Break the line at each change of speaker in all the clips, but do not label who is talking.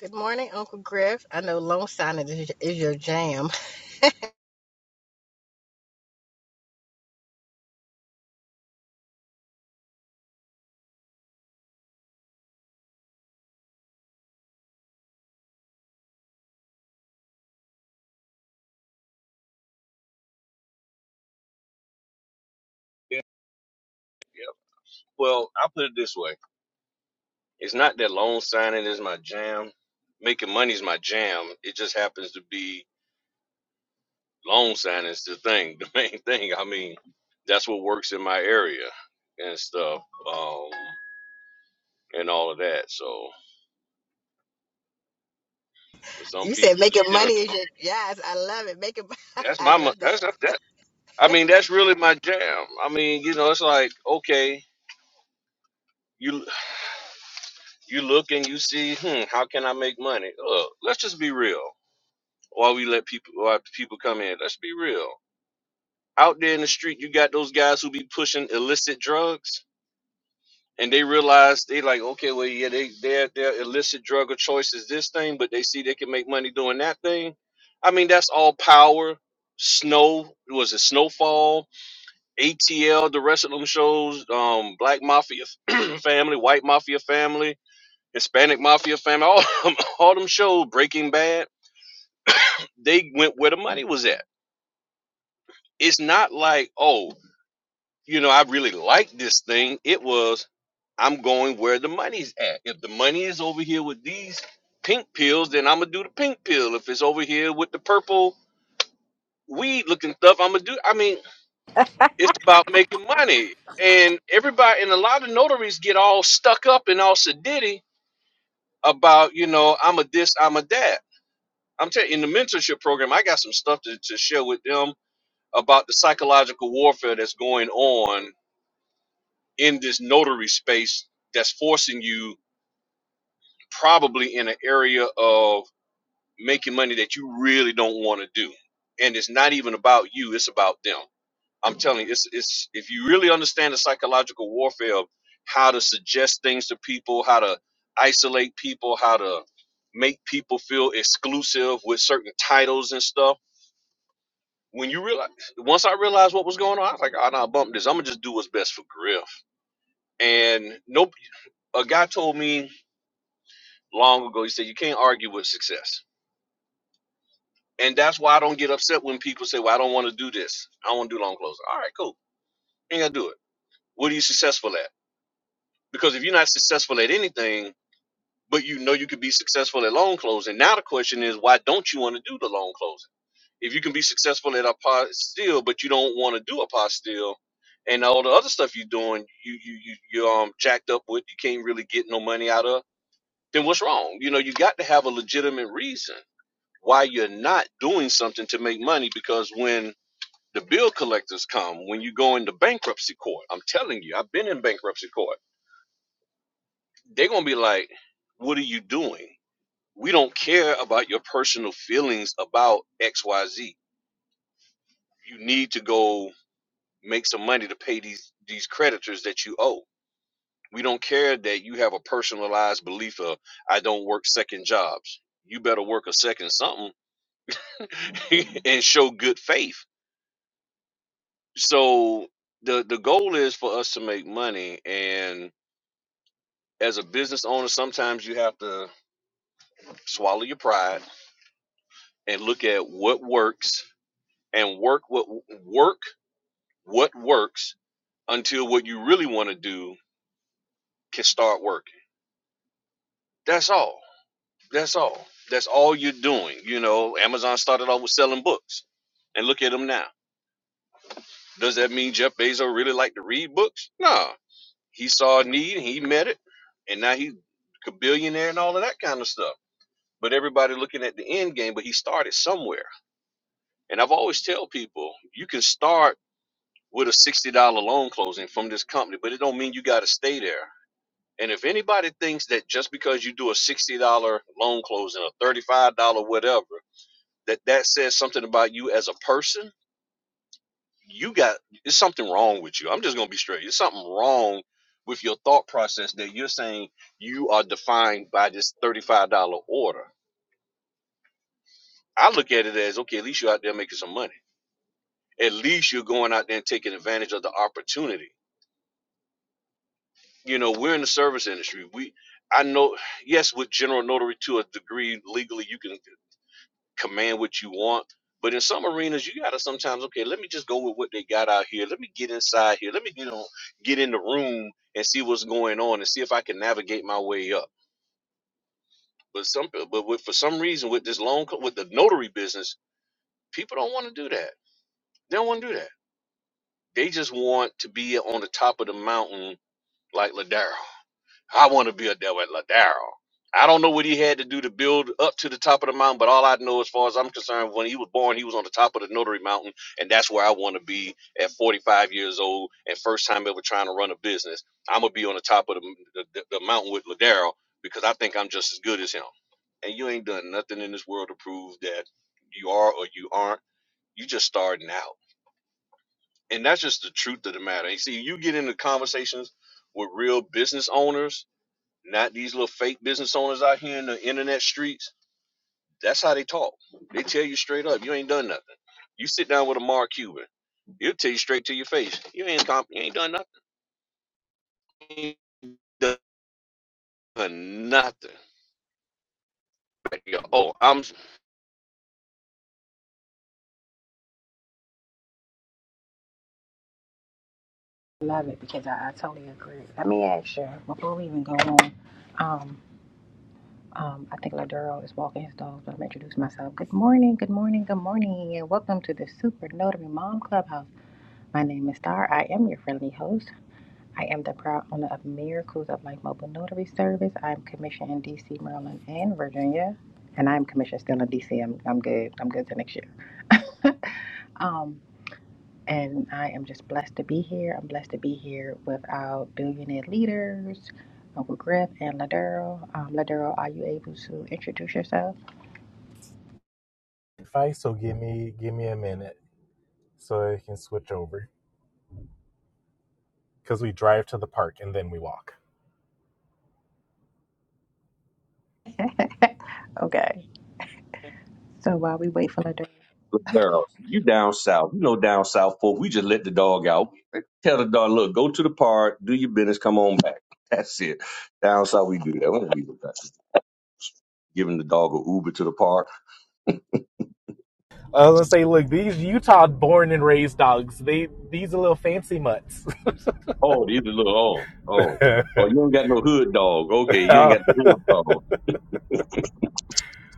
Good morning, Uncle Griff. I know loan signing is, is your jam.
Yeah, yeah. Well, I'll put it this way. It's not that loan signing is my jam. Making money is my jam. It just happens to be loan signing is the thing, the main thing. I mean, that's what works in my area and stuff, um, and all of that. So for some
You said
people, it's
making
general.
money is your yes. I love it. Making
That's
I
my
love
mo- that's
that.
that. I mean, that's really my jam. I mean, you know, it's like okay, you you look and you see, hmm, how can I make money? Look, let's just be real. Why we let people why people come in? Let's be real. Out there in the street, you got those guys who be pushing illicit drugs, and they realize they like, okay, well, yeah, they their their illicit drug of choice is this thing, but they see they can make money doing that thing. I mean, that's all power. Snow was it Snowfall, ATL, the rest of them shows, um, Black Mafia family, White Mafia family, Hispanic Mafia family, all all them shows, Breaking Bad, they went where the money was at It's not like, oh, you know, I really like this thing. It was, I'm going where the money's at. If the money is over here with these pink pills, then I'm gonna do the pink pill. If it's over here with the purple weed looking stuff, I'm gonna do. I mean, it's about making money. And everybody and a lot of notaries get all stuck up and all sedity about, you know, I'm a this, I'm a that. I'm telling you, in the mentorship program, I got some stuff to, to share with them about the psychological warfare that's going on in this notary space that's forcing you probably in an area of making money that you really don't want to do and it's not even about you it's about them i'm telling you it's it's if you really understand the psychological warfare of how to suggest things to people how to isolate people how to make people feel exclusive with certain titles and stuff when you realize once i realized what was going on i was like i'm not bump this i'm gonna just do what's best for griff and nope a guy told me long ago. He said, You can't argue with success. And that's why I don't get upset when people say, Well, I don't want to do this. I don't want to do loan closing. All right, cool. Ain't got to do it. What are you successful at? Because if you're not successful at anything, but you know you could be successful at loan closing, now the question is, why don't you want to do the loan closing? If you can be successful at a still, but you don't want to do a still, and all the other stuff you're doing, you you you you um jacked up with, you can't really get no money out of, then what's wrong? You know, you got to have a legitimate reason why you're not doing something to make money because when the bill collectors come, when you go into bankruptcy court, I'm telling you, I've been in bankruptcy court. They're going to be like, What are you doing? We don't care about your personal feelings about XYZ. You need to go make some money to pay these, these creditors that you owe. We don't care that you have a personalized belief of, I don't work second jobs. You better work a second something and show good faith so the the goal is for us to make money and as a business owner sometimes you have to swallow your pride and look at what works and work what work what works until what you really want to do can start working that's all that's all that's all you're doing you know amazon started off with selling books and look at them now does that mean jeff bezos really like to read books no He saw a need and he met it, and now he's a billionaire and all of that kind of stuff. But everybody looking at the end game, but he started somewhere. And I've always tell people you can start with a sixty dollar loan closing from this company, but it don't mean you got to stay there. And if anybody thinks that just because you do a sixty dollar loan closing, a thirty five dollar whatever, that that says something about you as a person, you got it's something wrong with you. I'm just gonna be straight. It's something wrong with your thought process that you're saying you are defined by this $35 order. I look at it as okay, at least you're out there making some money. At least you're going out there and taking advantage of the opportunity. You know, we're in the service industry. We I know yes, with general notary to a degree legally you can command what you want. But in some arenas, you gotta sometimes okay. Let me just go with what they got out here. Let me get inside here. Let me get on, get in the room and see what's going on and see if I can navigate my way up. But some, but with, for some reason, with this loan, with the notary business, people don't want to do that. They don't want to do that. They just want to be on the top of the mountain like Ladaro. I want to be a devil at Ladaro. I don't know what he had to do to build up to the top of the mountain, but all I know, as far as I'm concerned, when he was born, he was on the top of the Notary Mountain, and that's where I want to be at 45 years old and first time ever trying to run a business. I'm gonna be on the top of the the, the mountain with Ladaro because I think I'm just as good as him. And you ain't done nothing in this world to prove that you are or you aren't. You just starting out, and that's just the truth of the matter. You see, you get into conversations with real business owners not these little fake business owners out here in the internet streets. That's how they talk. They tell you straight up, you ain't done nothing. You sit down with a Mark Cuban, he'll tell you straight to your face, you ain't comp- you ain't done nothing. You ain't done nothing. Oh, I'm
Love it because I, I totally agree. Let me ask you before we even go on. Um, um, I think Laduro is walking his dog, so I'm introduce myself. Good morning, good morning, good morning, and welcome to the Super Notary Mom Clubhouse. My name is Star. I am your friendly host. I am the proud owner of Miracles of Life Mobile Notary Service. I am commissioned in DC, Maryland, and Virginia. And I am commissioned still in DC. I'm, I'm good. I'm good to next year. um, and I am just blessed to be here. I'm blessed to be here with our billionaire leaders, Uncle Griff and Ladero. Um, Ladero, are you able to introduce yourself?
advice, so give me give me a minute so I can switch over. Cause we drive to the park and then we walk.
Okay. So while we wait for the
Girl, you down south. You know down south folk. We just let the dog out. Tell the dog, look, go to the park, do your business, come on back. That's it. Down south we do that. We don't be giving the dog a Uber to the park.
I was gonna say, look, these Utah born and raised dogs, they these are little fancy mutts.
Oh, these are little. Oh, oh, oh. You don't got no hood dog. Okay, you ain't
oh,
got the hood dog.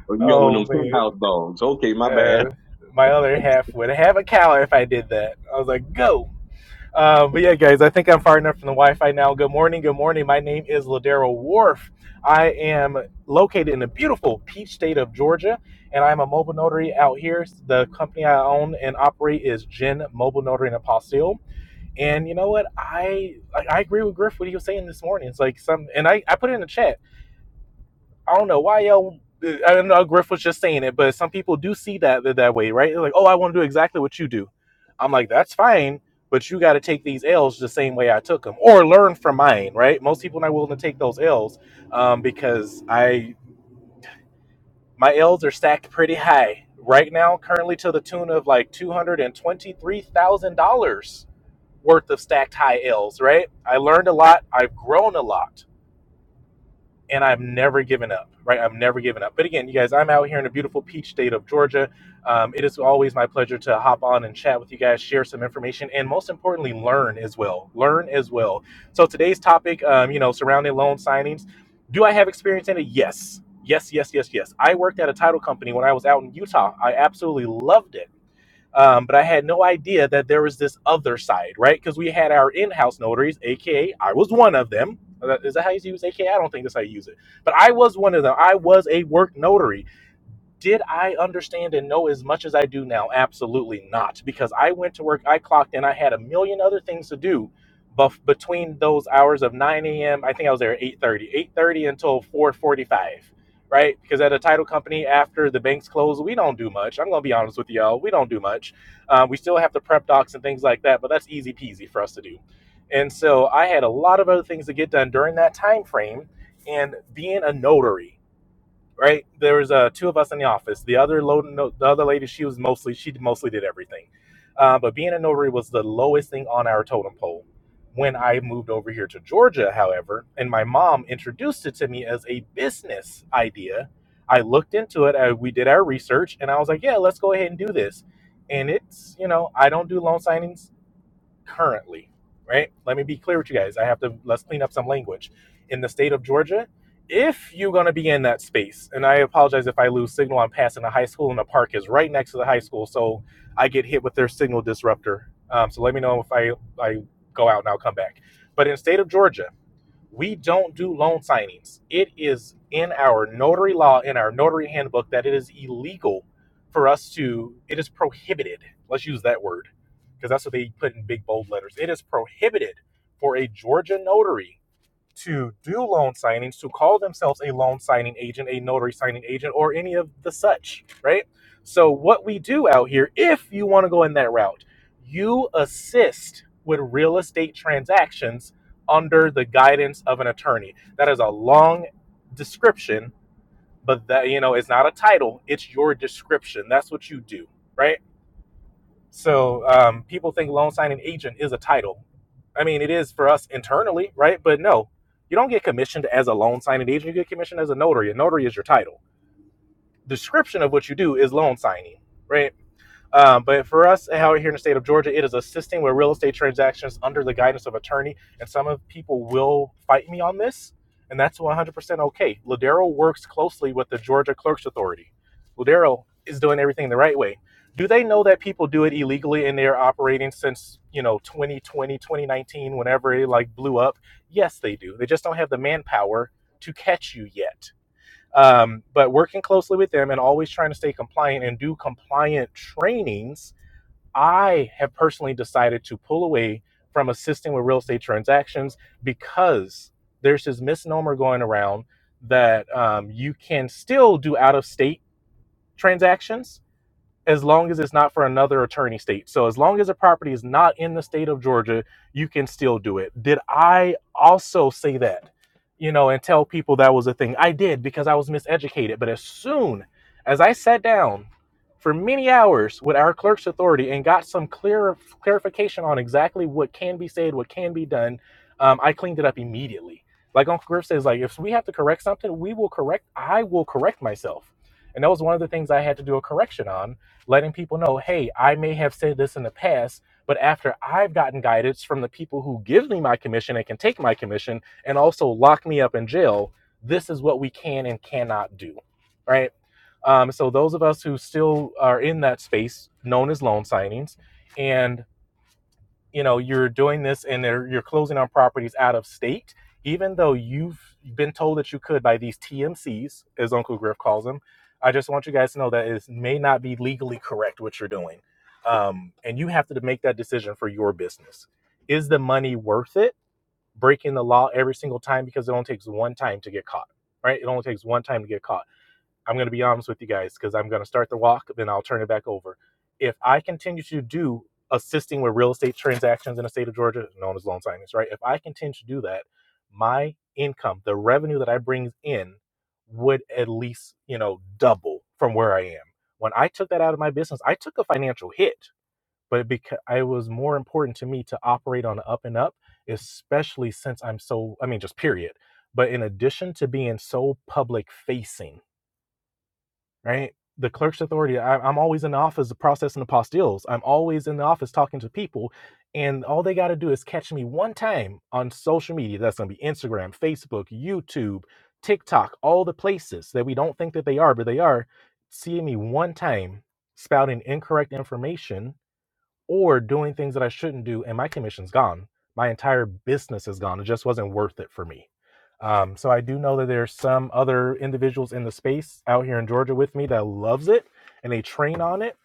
Oh, you got one
oh
of them
man.
penthouse dogs. Okay, my bad.
Uh, my other half would have a cow if I did that. I was like, go. Uh, but yeah, guys, I think I'm far enough from the Wi-Fi now. Good morning, good morning. My name is Ladero Wharf. I am located in the beautiful Peach State of Georgia, and I'm a mobile notary out here. The company I own and operate is Gen Mobile Notary and Apostille. And you know what? I I I agree with Griff what he was saying this morning. It's like some, and I I put it in the chat I don't know why y'all. I don't know Griff was just saying it, but some people do see that that, way, right? They're like, oh, I want to do exactly what you do. I'm like, that's fine, but you got to take these L's the same way I took them, or learn from mine, right? Most people are not willing to take those L's um, because I my L's are stacked pretty high right now, currently to the tune of like two hundred and twenty three thousand dollars worth of stacked high L's, right? I learned a lot, I've grown a lot and I've never given up, right? I've never given up. But again, you guys, I'm out here in the beautiful peach state of Georgia. Um, it is always my pleasure to hop on and chat with you guys, share some information, and most importantly, learn as well. Learn as well. So today's topic, um, you know, surrounding loan signings. Do I have experience in it? Yes. Yes, yes, yes, yes. I worked at a title company when I was out in Utah. I absolutely loved it um, but I had no idea that there was this other side, right? Because we had our in-house notaries, aka I was one of them. Uh, Is that how you use AKA? I don't think that's how you use it. But I was one of them. I was a work notary. Did I understand and know as much as I do now? Absolutely not. Because I went to work, I clocked in, I had a million other things to do. But between those hours of 9 a.m., I think I was there at 8.30, until 4.45, right? Because at a title company, after the banks close, we don't do much. I'm going to be honest with y'all. We don't do much. Um, we still have to prep docs and things like that, but that's easy peasy for us to do. And so I had a lot of other things to get done during that time frame. And being a notary, right? There was uh, two of us in the office. The other low, no, the other lady, she was mostly she mostly did everything, uh, but being a notary was the lowest thing on our totem pole. When I moved over here to Georgia, however, and my mom introduced it to me as a business idea, I looked into it. I, we did our research, and I was like, "Yeah, let's go ahead and do this." And it's you know I don't do loan signings currently, right? Let me be clear with you guys. I have to let's clean up some language. In the state of Georgia, if you're going to be in that space, and I apologize if I lose signal, I'm passing a high school and the park is right next to the high school, so I get hit with their signal disruptor. Um, so let me know if I I go out and I'll come back. But in the state of Georgia, we don't do loan signings. It is in our notary law, in our notary handbook, that it is illegal for us to, it is prohibited. Let's use that word because that's what they put in big bold letters. It is prohibited for a Georgia notary to do loan signings, to call themselves a loan signing agent, a notary signing agent, or any of the such, right? So, what we do out here, if you want to go in that route, you assist with real estate transactions under the guidance of an attorney. That is a long description, but that, you know, it's not a title, it's your description. That's what you do, right? So um, people think loan signing agent is a title. I mean, it is for us internally, right? But no, you don't get commissioned as a loan signing agent. You get commissioned as a notary. A notary is your title. Description of what you do is loan signing, right? Um, but for us out here in the state of Georgia, it is assisting with real estate transactions under the guidance of attorney. And some of people will fight me on this, and that's 100% okay. Ladero works closely with the Georgia Clerk's Authority. Ladero is doing everything the right way. Do they know that people do it illegally and they're operating since, you know, 2020, 2019, whenever it like blew up? Yes, they do. They just don't have the manpower to catch you yet um, but working closely with them and always trying to stay compliant and do compliant trainings i have personally decided to pull away from assisting with real estate transactions because there's this misnomer going around that um, you can still do out of state transactions as long as it's not for another attorney state. So as long as the property is not in the state of Georgia, you can still do it. Did I also say that? You know, and tell people that was a thing. I did because I was miseducated. But as soon as I sat down for many hours with our clerk's authority and got some clear clarification on exactly what can be said, what can be done, um, I cleaned it up immediately. Like Uncle Griff says, like if we have to correct something, we will correct. I will correct myself, and that was one of the things I had to do a correction on letting people know, hey, I may have said this in the past, but after I've gotten guidance from the people who give me my commission and can take my commission and also lock me up in jail, this is what we can and cannot do, right? Um, so those of us who still are in that space, known as loan signings, and you know you're doing this and you're closing on properties out of state even though you've been told that you could by these tmcs as uncle griff calls them i just want you guys to know that it may not be legally correct what you're doing um, and you have to make that decision for your business is the money worth it breaking the law every single time because it only takes one time to get caught right it only takes one time to get caught I'm going to be honest with you guys because I'm going to start the walk, then I'll turn it back over. If I continue to do assisting with real estate transactions in the state of Georgia, known as loan signings, right? If I continue to do that, my income, the revenue that I bring in, would at least you know double from where I am. When I took that out of my business, I took a financial hit, but because it was more important to me to operate on the up and up, especially since I'm so I mean just period. But in addition to being so public facing right? The clerk's authority, I, I'm always in the office processing apostilles. I'm always in the office talking to people. And all they got to do is catch me one time on social media. That's going to be Instagram, Facebook, YouTube, TikTok, all the places that we don't think that they are, but they are. Seeing me one time spouting incorrect information or doing things that I shouldn't do, and my commission's gone. My entire business is gone. It just wasn't worth it for me. Um, so I do know that there's some other individuals in the space out here in Georgia with me that loves it and they train on it.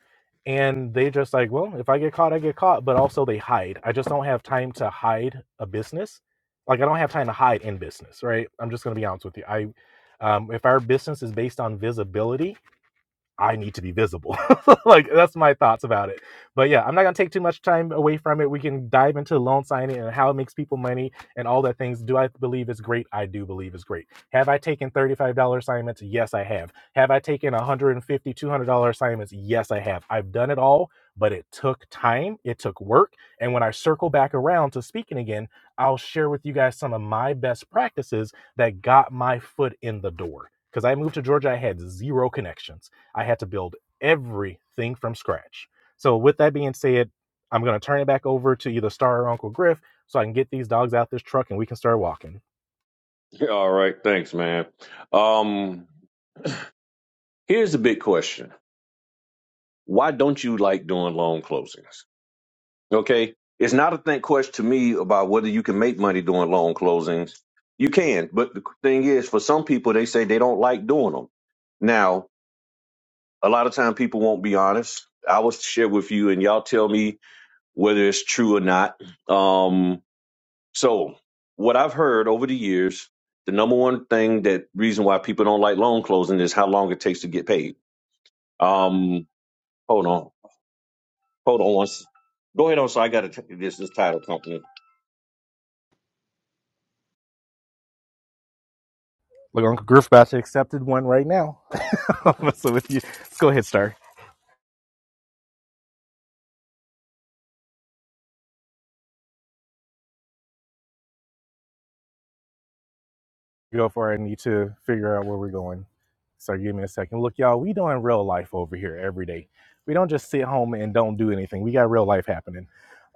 And they just like, well, if I get caught, I get caught. But also they hide. I just don't have time to hide a business. Like I don't have time to hide in business, right? I'm just gonna be honest with you. I, um, if our business is based on visibility, I need to be visible. like that's my thoughts about it. But yeah, I'm not gonna take too much time away from it. We can dive into loan signing and how it makes people money and all that things. Do I believe it's great? I do believe it's great. Have I taken $35 assignments? Yes, I have. Have I taken $150, $200 assignments? Yes, I have. I've done it all, but it took time. It took work. And when I circle back around to speaking again, I'll share with you guys some of my best practices that got my foot in the door. Because I moved to Georgia, I had zero connections I had to build everything from scratch. So, with that being said, I'm going to turn it back over to either Star or Uncle Griff so I can get these dogs out this truck and we can start walking.
All right, thanks, man. Um, here's the big question: Why don't you like doing loan closings? Okay. It's not a think question to me about whether you can make money doing loan closings. You can, but the thing is, for some people, they say they don't like doing them. Now, a lot of time people won't be honest. I was share with you, and y'all tell me whether it's true or not. Um, so, what I've heard over the years, the number one thing that reason why people don't like loan closing is how long it takes to get paid. Um, hold on, hold on. Once, go ahead on. So I got to this this title company.
Look, Uncle Griff about to accepted one right now. so, with you, let's go ahead, Star. go for it. I need to figure out where we're going. So give me a second. Look, y'all, we doing real life over here every day. We don't just sit home and don't do anything. We got real life happening.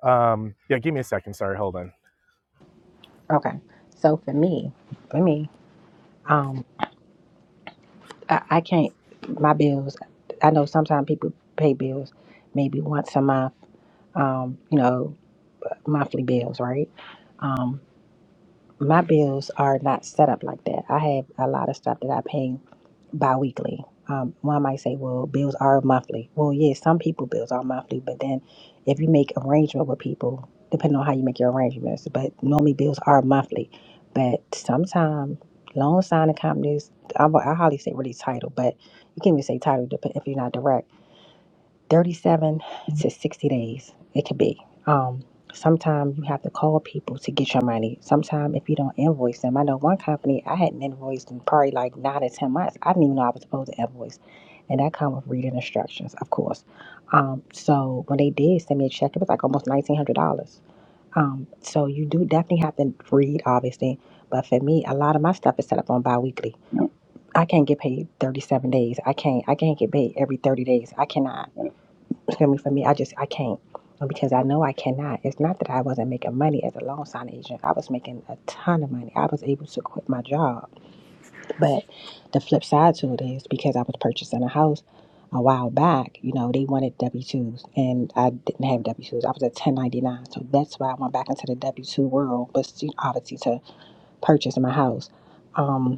Um, yeah, give me a second. Sorry, hold on.
okay. So for me, for me, um, I, I can't. My bills. I know sometimes people pay bills maybe once a month. Um, you know, monthly bills, right? Um, my bills are not set up like that. I have a lot of stuff that I pay bi-weekly. Um, one might say, well, bills are monthly. Well, yes, some people bills are monthly, but then if you make arrangement with people, depending on how you make your arrangements, but normally bills are monthly. But sometimes loan signing companies, I, I hardly say really title, but you can't even say title dep- if you're not direct 37 to 60 days it could be um sometimes you have to call people to get your money sometimes if you don't invoice them i know one company i hadn't invoiced in probably like nine to ten months i didn't even know i was supposed to invoice and that come with reading instructions of course um so when they did send me a check it was like almost $1900 um so you do definitely have to read obviously but for me a lot of my stuff is set up on biweekly. i can't get paid 37 days i can't i can't get paid every 30 days i cannot hear me for me. I just I can't um, because I know I cannot. It's not that I wasn't making money as a loan sign agent. I was making a ton of money. I was able to quit my job. But the flip side to it is because I was purchasing a house a while back, you know, they wanted W twos and I didn't have W twos. I was at ten ninety nine. So that's why I went back into the W two world, but obviously to purchase my house. Um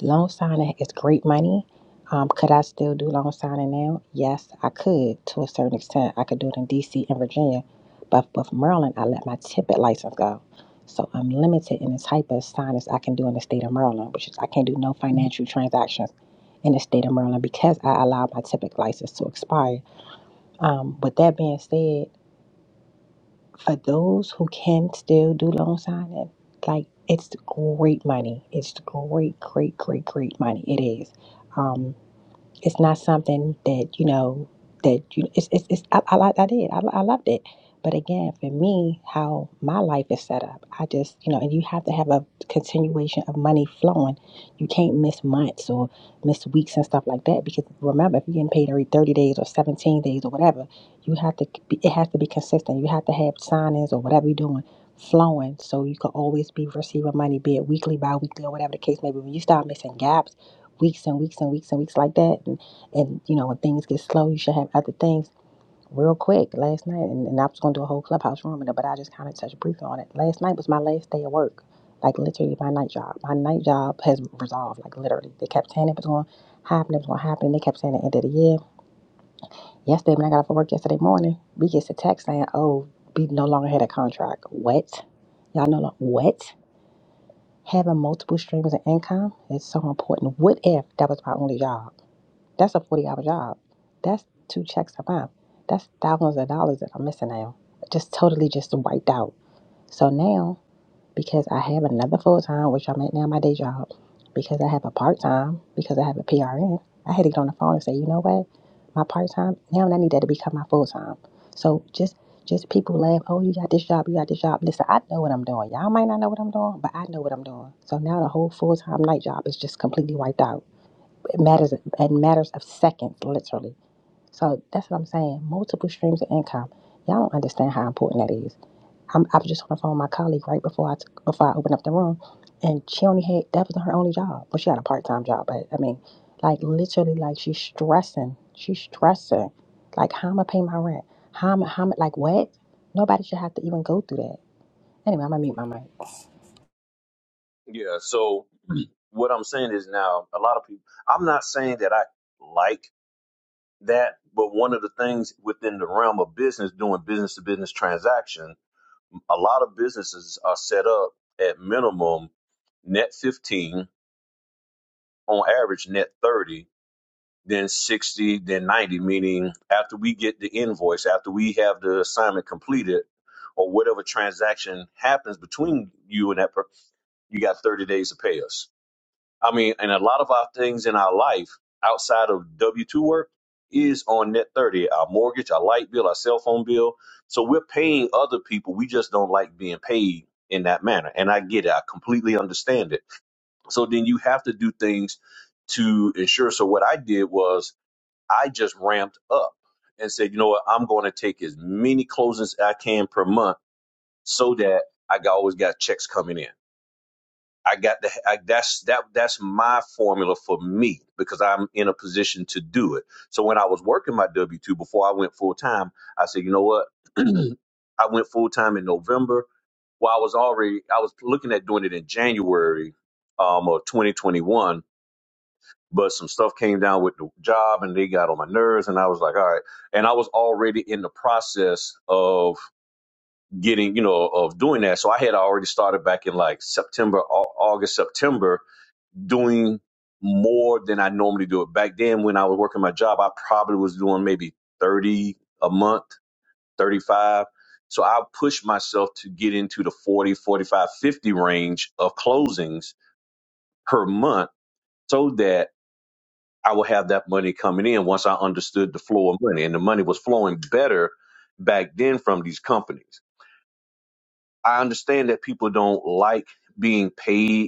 Loan signing is great money. Um, could I still do loan signing now? Yes, I could to a certain extent. I could do it in DC and Virginia, but with Maryland, I let my tippet license go. So I'm limited in the type of signings I can do in the state of Maryland, which is I can't do no financial transactions in the state of Maryland because I allowed my tippet license to expire. Um, with that being said, for those who can still do loan signing, like it's great money. It's great, great, great, great money. It is. Um, it's not something that you know that you it's it's, it's I, I like I did I, I loved it but again for me how my life is set up I just you know and you have to have a continuation of money flowing you can't miss months or miss weeks and stuff like that because remember if you're getting paid every 30 days or 17 days or whatever you have to be, it has to be consistent you have to have signings or whatever you're doing flowing so you can always be receiving money be it weekly bi-weekly or whatever the case may be when you start missing gaps weeks and weeks and weeks and weeks like that. And, and you know, when things get slow, you should have other things. Real quick, last night, and, and I was going to do a whole clubhouse room, in it, but I just kind of touched briefly on it. Last night was my last day of work, like literally my night job. My night job has resolved, like literally. They kept saying it was going to happen, it was going to happen. They kept saying the end of the year. Yesterday, when I got off of work yesterday morning, we get a text saying, oh, we no longer had a contract. What? Y'all no longer what? Having multiple streams of income is so important. What if that was my only job? That's a 40 hour job. That's two checks a month. That's thousands of dollars that I'm missing now. Just totally just wiped out. So now, because I have another full time, which I'm at now, my day job, because I have a part time, because I have a PRN, I had to get on the phone and say, you know what? My part time, now I need that to become my full time. So just just people laugh, oh, you got this job, you got this job. Listen, I know what I'm doing. Y'all might not know what I'm doing, but I know what I'm doing. So now the whole full time night job is just completely wiped out. It matters in matters of seconds, literally. So that's what I'm saying. Multiple streams of income. Y'all don't understand how important that is. I'm, I was just on the phone with my colleague right before I t- before I opened up the room, and she only had that was her only job. Well, she had a part time job, but I mean, like literally, like she's stressing. She's stressing. Like how am I pay my rent? How am I, how am I, like what? Nobody should have to even go through that. Anyway, I'm gonna mute my mic.
Yeah. So what I'm saying is now a lot of people. I'm not saying that I like that, but one of the things within the realm of business, doing business to business transaction, a lot of businesses are set up at minimum net 15, on average net 30, then 60, then 90. Meaning after we get the invoice, after we have the assignment completed, or whatever transaction happens between you and that, person, you got 30 days to pay us I mean, and a lot of our things in our life outside of W 2 work is on net 30 our mortgage, our light bill, our cell phone bill. So we're paying other people. We just don't like being paid in that manner. And I get it, I completely understand it. So then you have to do things to ensure. So what I did was I just ramped up and said, you know what, I'm going to take as many closings I can per month so that I got- always got checks coming in. I got the I, that's that. That's my formula for me because I'm in a position to do it. So when I was working my W two before I went full time, I said, you know what? I went full time in November. Well, I was already. I was looking at doing it in January, um, of 2021. But some stuff came down with the job, and they got on my nerves, and I was like, all right. And I was already in the process of getting, you know, of doing that. So I had already started back in like September, Au- August, September doing more than I normally do it. Back then, when I was working my job, I probably was doing maybe 30 a month, 35. So I pushed myself to get into the 40, 45, 50 range of closings per month so that I would have that money coming in once I understood the flow of money. And the money was flowing better back then from these companies. I understand that people don't like being paid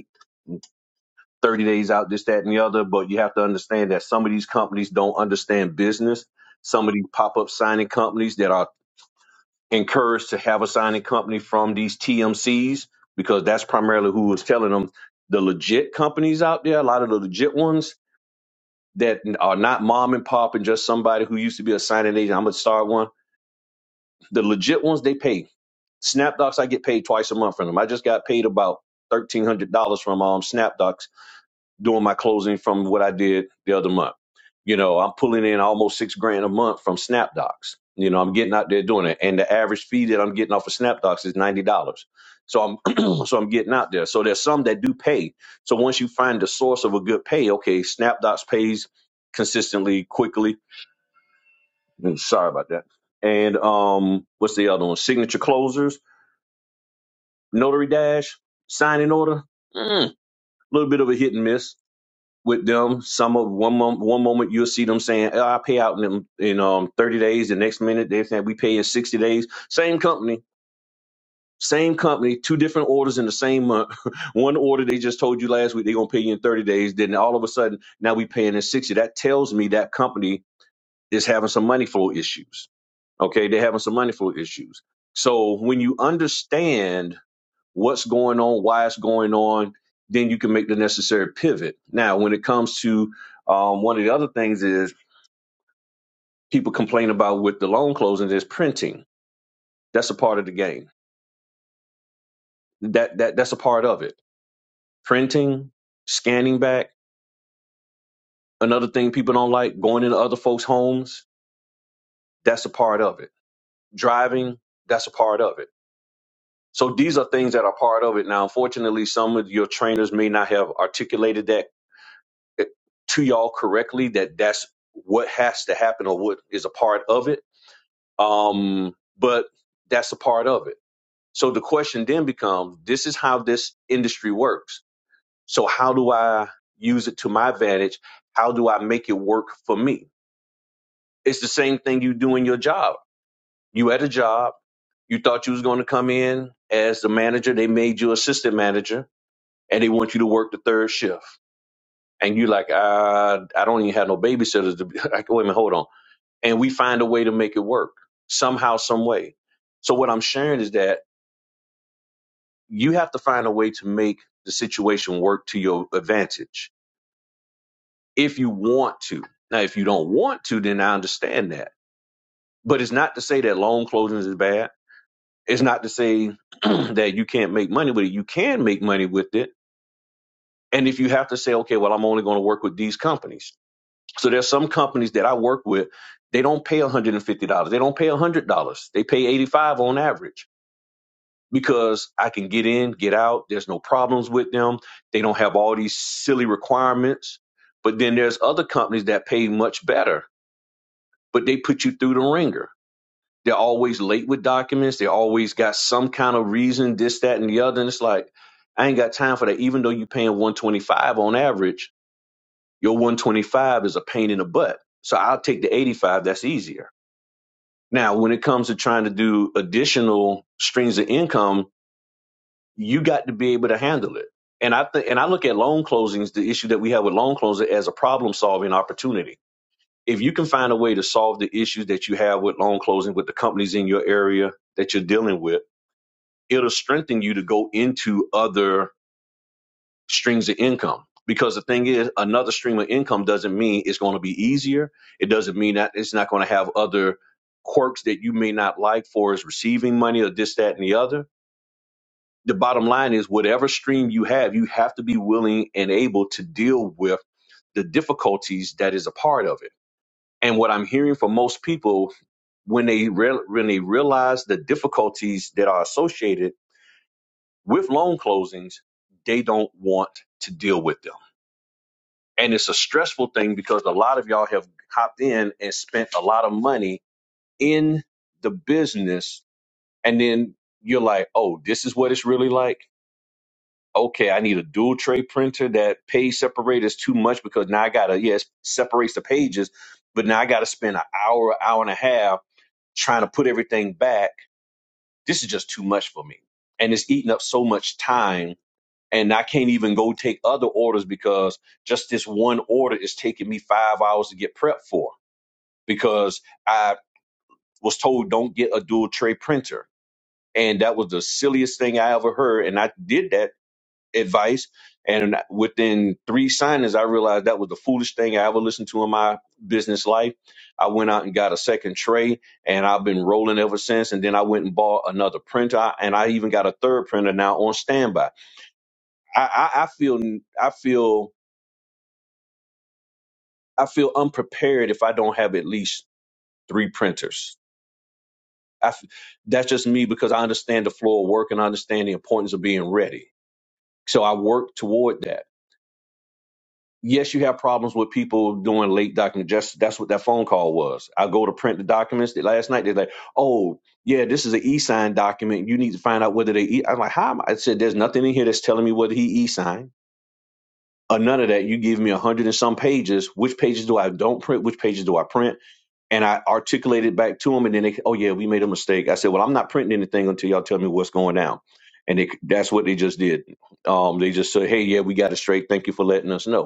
30 days out, this, that, and the other. But you have to understand that some of these companies don't understand business. Some of these pop up signing companies that are encouraged to have a signing company from these TMCs, because that's primarily who is telling them the legit companies out there, a lot of the legit ones that are not mom and pop and just somebody who used to be a signing agent. I'm going to start one. The legit ones, they pay. SnapDocs, I get paid twice a month from them. I just got paid about $1,300 from um, SnapDocs doing my closing from what I did the other month. You know, I'm pulling in almost six grand a month from SnapDocs. You know, I'm getting out there doing it, and the average fee that I'm getting off of SnapDocs is ninety dollars. So I'm so I'm getting out there. So there's some that do pay. So once you find the source of a good pay, okay, SnapDocs pays consistently, quickly. Mm, Sorry about that. And um, what's the other one? Signature closers, Notary Dash, signing order. A mm, little bit of a hit and miss with them. Some of one moment, one moment you'll see them saying, "Oh, "I pay out in them in um thirty days." The next minute they're saying, "We pay in sixty days." Same company, same company, two different orders in the same month. one order they just told you last week they're gonna pay you in thirty days. Then all of a sudden now we paying in sixty. That tells me that company is having some money flow issues. Okay, they're having some money flow issues. So when you understand what's going on, why it's going on, then you can make the necessary pivot. Now, when it comes to um, one of the other things is people complain about with the loan closing is printing. That's a part of the game. That that that's a part of it. Printing, scanning back. Another thing people don't like going into other folks' homes. That's a part of it. Driving. That's a part of it. So these are things that are part of it. Now, unfortunately, some of your trainers may not have articulated that to y'all correctly that that's what has to happen or what is a part of it. Um, but that's a part of it. So the question then becomes this is how this industry works. So how do I use it to my advantage? How do I make it work for me? It's the same thing you do in your job. You had a job, you thought you was going to come in as the manager, they made you assistant manager and they want you to work the third shift. And you are like, I, I don't even have no babysitters. To be, like, wait a minute, hold on. and we find a way to make it work somehow, some way. So what I'm sharing is that you have to find a way to make the situation work to your advantage if you want to. Now, if you don't want to, then I understand that. But it's not to say that loan closings is bad. It's not to say that you can't make money with it. You can make money with it. And if you have to say, okay, well, I'm only going to work with these companies. So there's some companies that I work with, they don't pay $150. They don't pay $100. They pay 85 dollars on average because I can get in, get out. There's no problems with them. They don't have all these silly requirements. But then there's other companies that pay much better, but they put you through the ringer. They're always late with documents. They always got some kind of reason, this, that, and the other. And it's like, I ain't got time for that. Even though you're paying 125 on average, your 125 is a pain in the butt. So I'll take the 85. That's easier. Now, when it comes to trying to do additional streams of income, you got to be able to handle it. And I think, and I look at loan closings, the issue that we have with loan closing as a problem solving opportunity. If you can find a way to solve the issues that you have with loan closing with the companies in your area that you're dealing with, it'll strengthen you to go into other streams of income. Because the thing is, another stream of income doesn't mean it's going to be easier. It doesn't mean that it's not going to have other quirks that you may not like for as receiving money or this, that, and the other the bottom line is whatever stream you have, you have to be willing and able to deal with the difficulties that is a part of it. And what I'm hearing from most people when they re- when they realize the difficulties that are associated with loan closings, they don't want to deal with them. And it's a stressful thing because a lot of y'all have hopped in and spent a lot of money in the business and then you're like, "Oh, this is what it's really like." okay, I need a dual tray printer. That page separator is too much because now I gotta yes separates the pages, but now I gotta spend an hour, hour and a half trying to put everything back. This is just too much for me, and it's eating up so much time. And I can't even go take other orders because just this one order is taking me five hours to get prepped for because I was told don't get a dual tray printer. And that was the silliest thing I ever heard. And I did that advice. And within three signings, I realized that was the foolish thing I ever listened to in my business life. I went out and got a second tray, and I've been rolling ever since. And then I went and bought another printer, and I even got a third printer now on standby. I, I, I feel, I feel, I feel unprepared if I don't have at least three printers. I f that's just me because I understand the flow of work and I understand the importance of being ready. So I work toward that yes, you have problems with people doing late document. Just that's what that phone call was. I go to print the documents. That last night they're like, "Oh, yeah, this is an e-sign document. You need to find out whether they." i I'm like, "How?" Am I? I said, "There's nothing in here that's telling me whether he e-signed." Or none of that. You give me a hundred and some pages. Which pages do I don't print? Which pages do I print? And I articulated back to him, and then they, oh yeah, we made a mistake. I said, well, I'm not printing anything until y'all tell me what's going down. And they, that's what they just did. Um, they just said, hey, yeah, we got it straight. Thank you for letting us know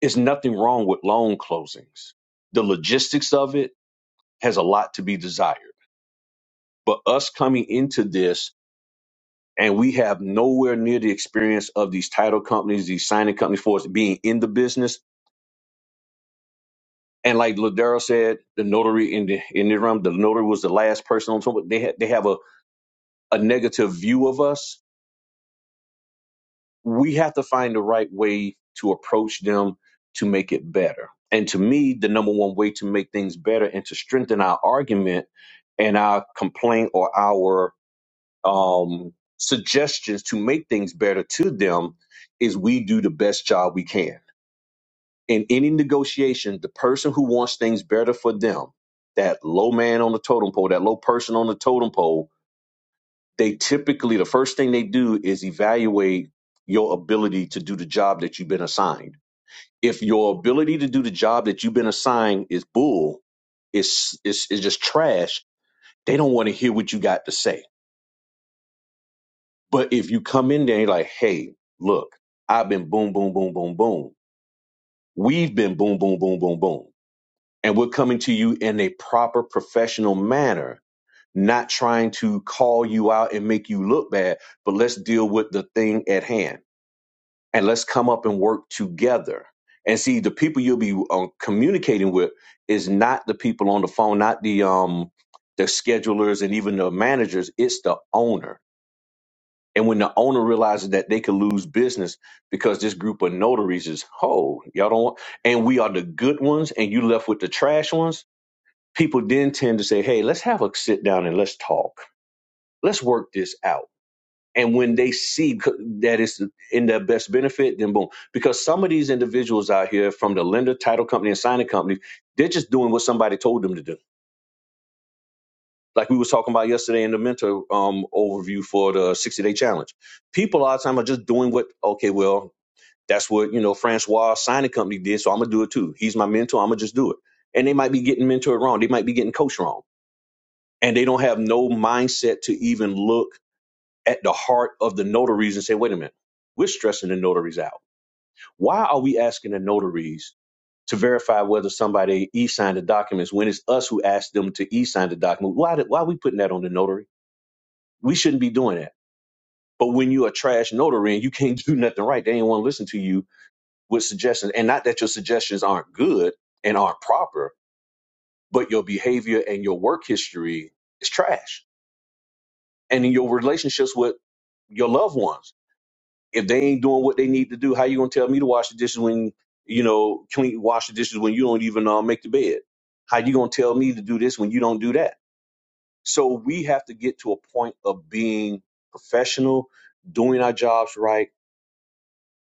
It's nothing wrong with loan closings. The logistics of it has a lot to be desired. But us coming into this and we have nowhere near the experience of these title companies, these signing companies for us being in the business. And like Ladero said, the notary in the in the room, the notary was the last person on top. They ha- they have a, a negative view of us we have to find the right way to approach them to make it better. And to me, the number one way to make things better and to strengthen our argument and our complaint or our um, suggestions to make things better to them is we do the best job we can. In any negotiation, the person who wants things better for them, that low man on the totem pole, that low person on the totem pole, they typically the first thing they do is evaluate your ability to do the job that you've been assigned. If your ability to do the job that you've been assigned is bull, it's it's, it's just trash. They don't want to hear what you got to say. But if you come in there and you're like, hey, look, I've been boom, boom, boom, boom, boom. We've been boom, boom, boom, boom, boom. And we're coming to you in a proper professional manner, not trying to call you out and make you look bad, but let's deal with the thing at hand and let's come up and work together. And see, the people you'll be uh, communicating with is not the people on the phone, not the um the schedulers and even the managers. It's the owner. And when the owner realizes that they could lose business because this group of notaries is ho, y'all don't want, and we are the good ones, and you left with the trash ones. People then tend to say, "Hey, let's have a sit down and let's talk. Let's work this out." And when they see that it's in their best benefit, then boom. Because some of these individuals out here from the lender, title company, and signing company, they're just doing what somebody told them to do. Like we was talking about yesterday in the mentor um, overview for the 60 day challenge. People a lot of time are just doing what, okay, well, that's what, you know, Francois signing company did. So I'm going to do it too. He's my mentor. I'm going to just do it. And they might be getting mentored wrong. They might be getting coached wrong. And they don't have no mindset to even look at the heart of the notaries and say, wait a minute, we're stressing the notaries out. Why are we asking the notaries to verify whether somebody e-signed the documents when it's us who asked them to e-sign the document? Why, did, why are we putting that on the notary? We shouldn't be doing that. But when you're a trash notary and you can't do nothing right, they ain't want to listen to you with suggestions. And not that your suggestions aren't good and aren't proper, but your behavior and your work history is trash. And in your relationships with your loved ones if they ain't doing what they need to do, how you gonna tell me to wash the dishes when you know clean wash the dishes when you don't even uh, make the bed? How you gonna tell me to do this when you don't do that? So we have to get to a point of being professional, doing our jobs right,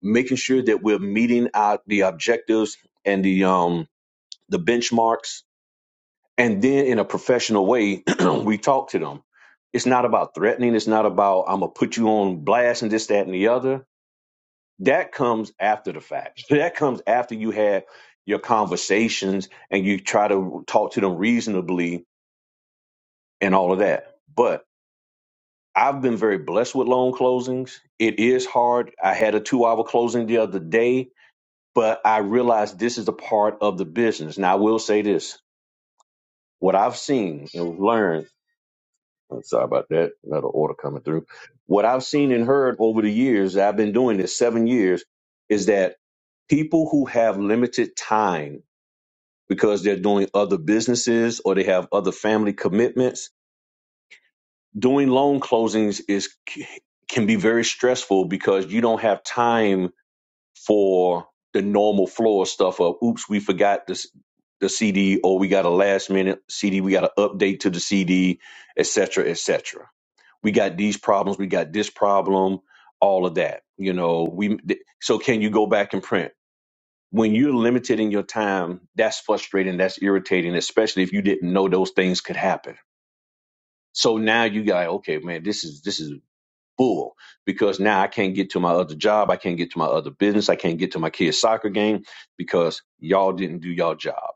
making sure that we're meeting our the objectives and the um the benchmarks, and then in a professional way, we talk to them. It's not about threatening. It's not about I'm gonna put you on blast and this, that, and the other that comes after the fact. That comes after you have your conversations and you try to talk to them reasonably and all of that. But I've been very blessed with loan closings. It is hard. I had a two hour closing the other day, but I realized this is a part of the business. Now, I will say this what I've seen and learned. I'm sorry about that. Another order coming through. What I've seen and heard over the years, I've been doing this seven years, is that people who have limited time because they're doing other businesses or they have other family commitments. Doing loan closings is can be very stressful because you don't have time for the normal flow of stuff of oops, we forgot this the CD or we got a last minute CD, we got an update to the CD, et cetera, et cetera. We got these problems, we got this problem, all of that. You know, we th- so can you go back and print? when you're limited in your time, that's frustrating, that's irritating, especially if you didn't know those things could happen. So now you got okay, man, this is this is bull because now I can't get to my other job, I can't get to my other business, I can't get to my kids' soccer game because y'all didn't do y'all job.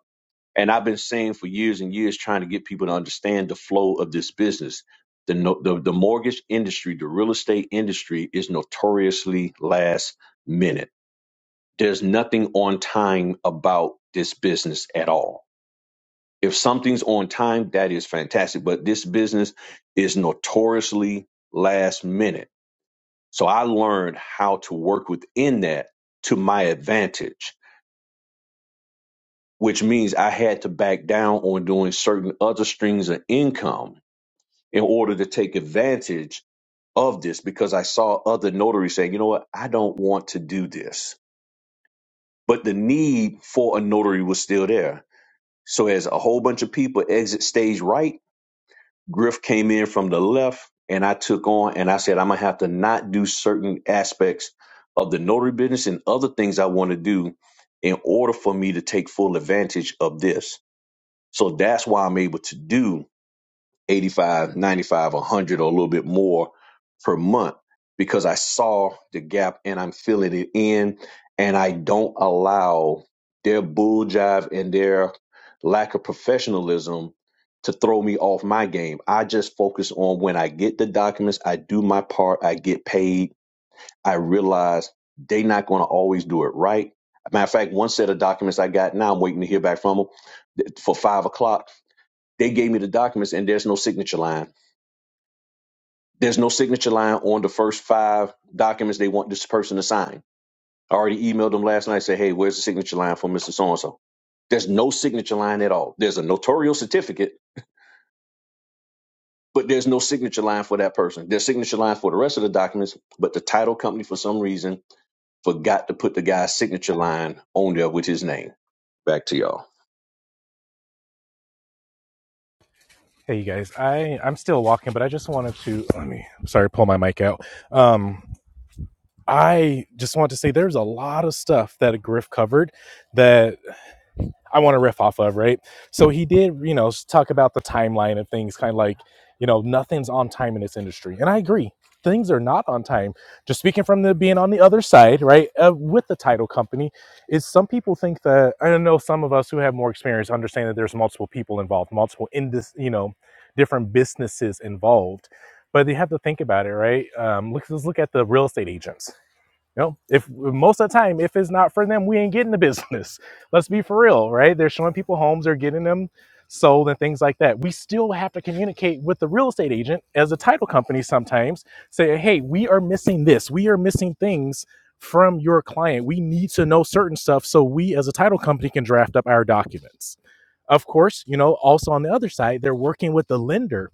And I've been saying for years and years trying to get people to understand the flow of this business. The, no, the the mortgage industry, the real estate industry is notoriously last minute there's nothing on time about this business at all. If something's on time, that is fantastic. But this business is notoriously last minute. So I learned how to work within that to my advantage, which means I had to back down on doing certain other streams of income in order to take advantage of this because I saw other notaries saying, you know what, I don't want to do this. But the need for a notary was still there So as a whole bunch of people exit stage right, Griff came in from the left and I took on and I said, I'm gonna have to not do certain aspects of the notary business and other things I want to do in order for me to take full advantage of this. So that's why I'm able to do Eighty-five, ninety-five, 95, 100 or a little bit more per month because I saw the gap and I'm filling it in and I don't allow their bull jive and their lack of professionalism to throw me off my game. I just focus on when I get the documents, I do my part, I get paid. I realize they are not going to always do it right. Matter of fact, one set of documents I got now, I'm waiting to hear back from them for five o'clock. They gave me the documents and there's no signature line there's no signature line on the first five documents they want this person to sign. I already emailed them last night, said, hey, where's the signature line for Mr. So and so? There's no signature line at all. There's a notarial certificate, but there's no signature line for that person. There's signature line for the rest of the documents, but the title company, for some reason, forgot to put the guy's signature line on there with his name. Back to y'all.
Hey, you guys. I I'm still walking, but I just wanted to let me. Sorry, pull my mic out. Um, I just want to say there's a lot of stuff that Griff covered. That I want to riff off of, right? So he did, you know, talk about the timeline of things, kind of like, you know, nothing's on time in this industry. And I agree, things are not on time. Just speaking from the being on the other side, right, uh, with the title company, is some people think that, I don't know, some of us who have more experience understand that there's multiple people involved, multiple in this, you know, different businesses involved. But they have to think about it, right? Um, look, let's look at the real estate agents you know, if most of the time, if it's not for them, we ain't getting the business. Let's be for real, right? They're showing people homes, they're getting them sold and things like that. We still have to communicate with the real estate agent as a title company sometimes, say, hey, we are missing this, we are missing things from your client. We need to know certain stuff so we as a title company can draft up our documents. Of course, you know, also on the other side, they're working with the lender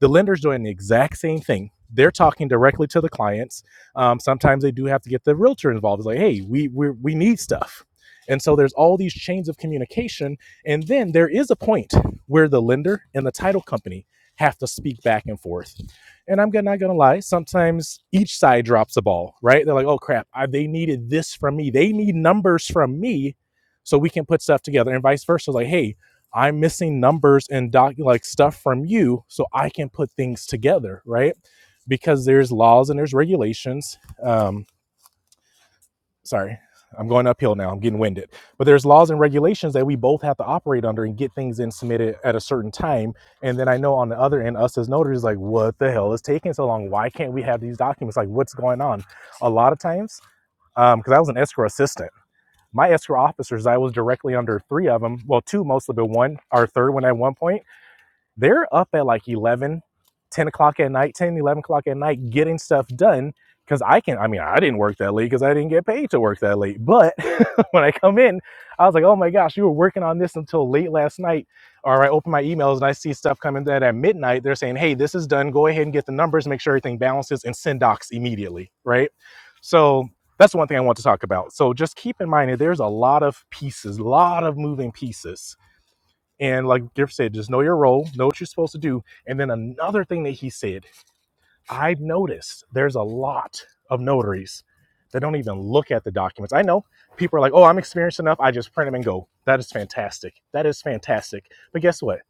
the lender's doing the exact same thing. They're talking directly to the clients. Um, sometimes they do have to get the realtor involved. It's like, hey, we we we need stuff, and so there's all these chains of communication. And then there is a point where the lender and the title company have to speak back and forth. And I'm not gonna lie, sometimes each side drops the ball, right? They're like, oh crap, I, they needed this from me. They need numbers from me so we can put stuff together, and vice versa. Like, hey, I'm missing numbers and doc like stuff from you so I can put things together, right? Because there's laws and there's regulations. Um, sorry, I'm going uphill now. I'm getting winded. But there's laws and regulations that we both have to operate under and get things in submitted at a certain time. And then I know on the other end, us as notaries, like, what the hell is taking so long? Why can't we have these documents? Like, what's going on? A lot of times, um, because I was an escrow assistant. My escrow officers, I was directly under three of them. Well, two mostly, but one, or third one at one point they're up at like 11, 10 o'clock at night 10, 11 o'clock at night getting stuff done because i can i mean i didn't work that late because i didn't get paid to work that late but when i come in i was like oh my gosh you were working on this until late last night or i open my emails and i see stuff coming in at midnight they're saying hey this is done go ahead and get the numbers make sure everything balances and send docs immediately right so that's one thing i want to talk about so just keep in mind that there's a lot of pieces a lot of moving pieces and like Griff said, just know your role, know what you're supposed to do. And then another thing that he said, I've noticed there's a lot of notaries that don't even look at the documents. I know people are like, oh, I'm experienced enough. I just print them and go. That is fantastic. That is fantastic. But guess what?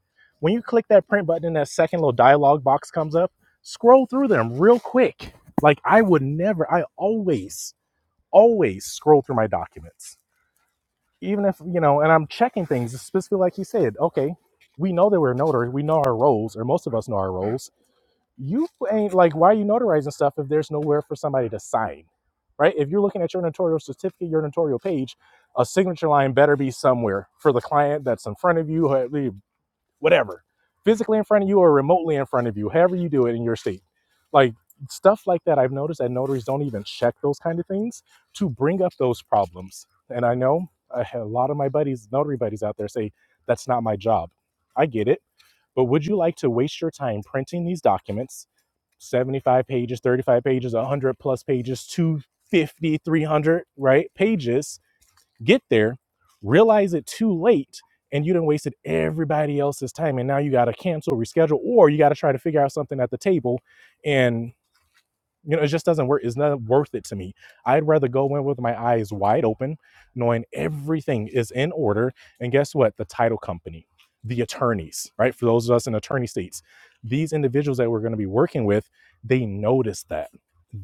When you click that print button and that second little dialogue box comes up, scroll through them real quick. Like I would never, I always, always scroll through my documents even if you know, and I'm checking things specifically, like you said. Okay, we know that we're notary. We know our roles, or most of us know our roles. You ain't like, why are you notarizing stuff if there's nowhere for somebody to sign, right? If you're looking at your notarial certificate, your notarial page, a signature line better be somewhere for the client that's in front of you, whatever, physically in front of you or remotely in front of you, however you do it in your state. Like stuff like that, I've noticed that notaries don't even check those kind of things to bring up those problems. And I know a lot of my buddies, notary buddies out there say, that's not my job. I get it. But would you like to waste your time printing these documents, 75 pages, 35 pages, 100 plus pages, 250, 300, right? Pages get there, realize it too late, and you done wasted everybody else's time. And now you got to cancel, reschedule, or you got to try to figure out something at the table and. You know, it just doesn't work. It's not worth it to me. I'd rather go in with my eyes wide open, knowing everything is in order. And guess what? The title company, the attorneys, right? For those of us in attorney states, these individuals that we're going to be working with, they notice that.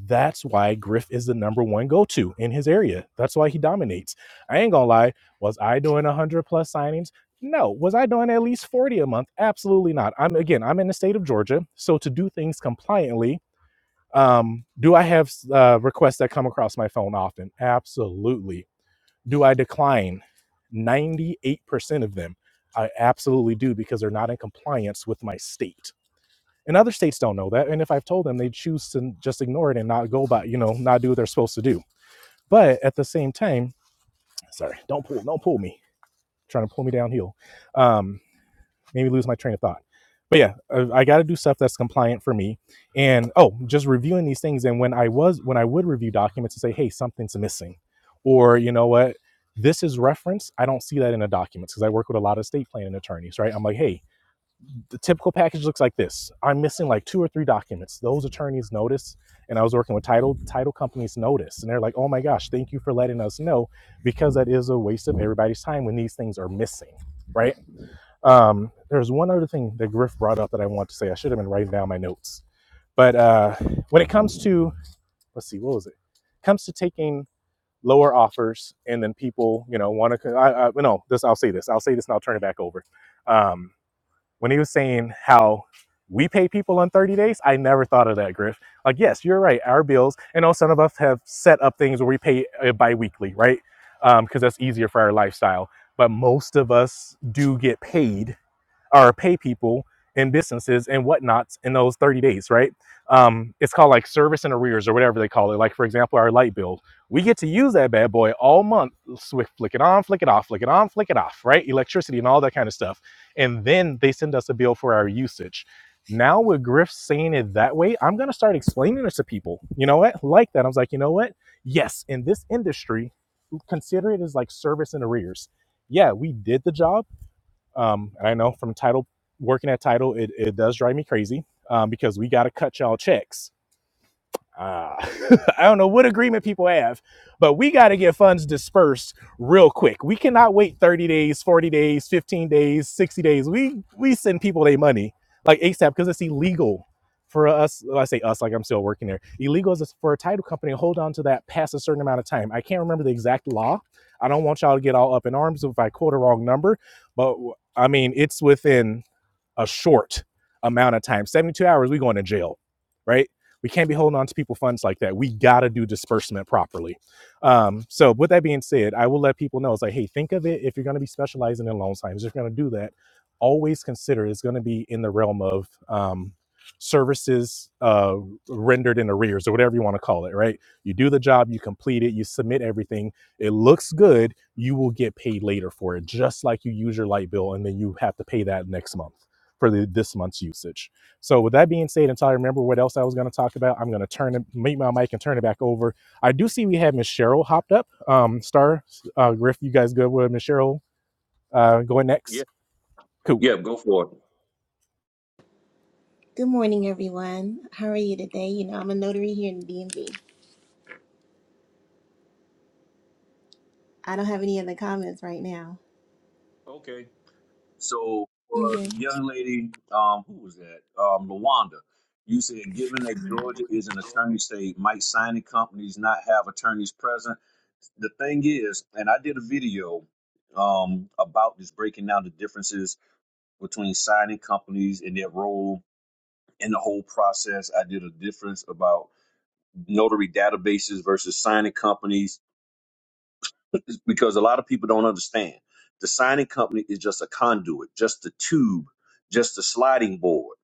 That's why Griff is the number one go to in his area. That's why he dominates. I ain't gonna lie. Was I doing 100 plus signings? No. Was I doing at least 40 a month? Absolutely not. I'm again, I'm in the state of Georgia. So to do things compliantly, um, do I have uh, requests that come across my phone often? Absolutely. Do I decline 98% of them? I absolutely do because they're not in compliance with my state. And other states don't know that. And if I've told them, they choose to just ignore it and not go by, you know, not do what they're supposed to do. But at the same time, sorry, don't pull, don't pull me, trying to pull me downhill. Um, made me lose my train of thought. But yeah, I, I got to do stuff that's compliant for me. And oh, just reviewing these things. And when I was, when I would review documents and say, hey, something's missing, or you know what, this is reference. I don't see that in the documents because I work with a lot of estate planning attorneys, right? I'm like, hey, the typical package looks like this. I'm missing like two or three documents. Those attorneys notice, and I was working with title title companies notice, and they're like, oh my gosh, thank you for letting us know because that is a waste of everybody's time when these things are missing, right? Um, there's one other thing that Griff brought up that I want to say. I should have been writing down my notes. But uh, when it comes to, let's see, what was it? Comes to taking lower offers and then people, you know, want to, I, I, no, this, I'll say this. I'll say this and I'll turn it back over. Um, when he was saying how we pay people on 30 days, I never thought of that, Griff. Like, yes, you're right. Our bills, and know some of us have set up things where we pay uh, bi-weekly, right? Because um, that's easier for our lifestyle. But most of us do get paid or pay people and businesses and whatnots in those 30 days, right? Um, it's called like service and arrears or whatever they call it. Like, for example, our light bill. We get to use that bad boy all month, swift flick it on, flick it off, flick it on, flick it off, right? Electricity and all that kind of stuff. And then they send us a bill for our usage. Now, with Griff saying it that way, I'm going to start explaining this to people. You know what? Like that. I was like, you know what? Yes, in this industry, consider it as like service and arrears. Yeah, we did the job um, and I know from title working at title, it, it does drive me crazy um, because we got to cut y'all checks uh, I don't know what agreement people have, but we got to get funds dispersed real quick. We cannot wait 30 days, 40 days, 15 days, 60 days. We we send people their money like ASAP because it's illegal for us. Well, I say us like I'm still working there. Illegal is for a title company to hold on to that past a certain amount of time. I can't remember the exact law. I don't want y'all to get all up in arms if I quote a wrong number, but I mean, it's within a short amount of time 72 hours we going to jail right we can't be holding on to people funds like that we gotta do disbursement properly um, so with that being said i will let people know it's like hey think of it if you're going to be specializing in loan signs if you're going to do that always consider it's going to be in the realm of um, services uh, rendered in arrears or whatever you want to call it right you do the job you complete it you submit everything it looks good you will get paid later for it just like you use your light bill and then you have to pay that next month for the, this month's usage. So with that being said, until I remember what else I was going to talk about, I'm going to turn it, mute my mic and turn it back over. I do see we have Miss Cheryl hopped up. Um, Star, uh, Griff, you guys good with Miss Cheryl uh, going
Yeah,
next? Cool.
yeah, go for it.
Good morning, everyone. How are you today? You know, I'm a notary here in DMV. I don't have any other comments right now.
Okay. So for the
Okay.
young lady, um, who was that? Um, Lawanda. You said, given that Georgia is an attorney state, might signing companies not have attorneys present? The thing is, and I did a video um, about this, breaking down the differences between signing companies and their role in the whole process. I did a difference about notary databases versus signing companies because a lot of people don't understand. The signing company is just a conduit, just the tube, just the sliding board,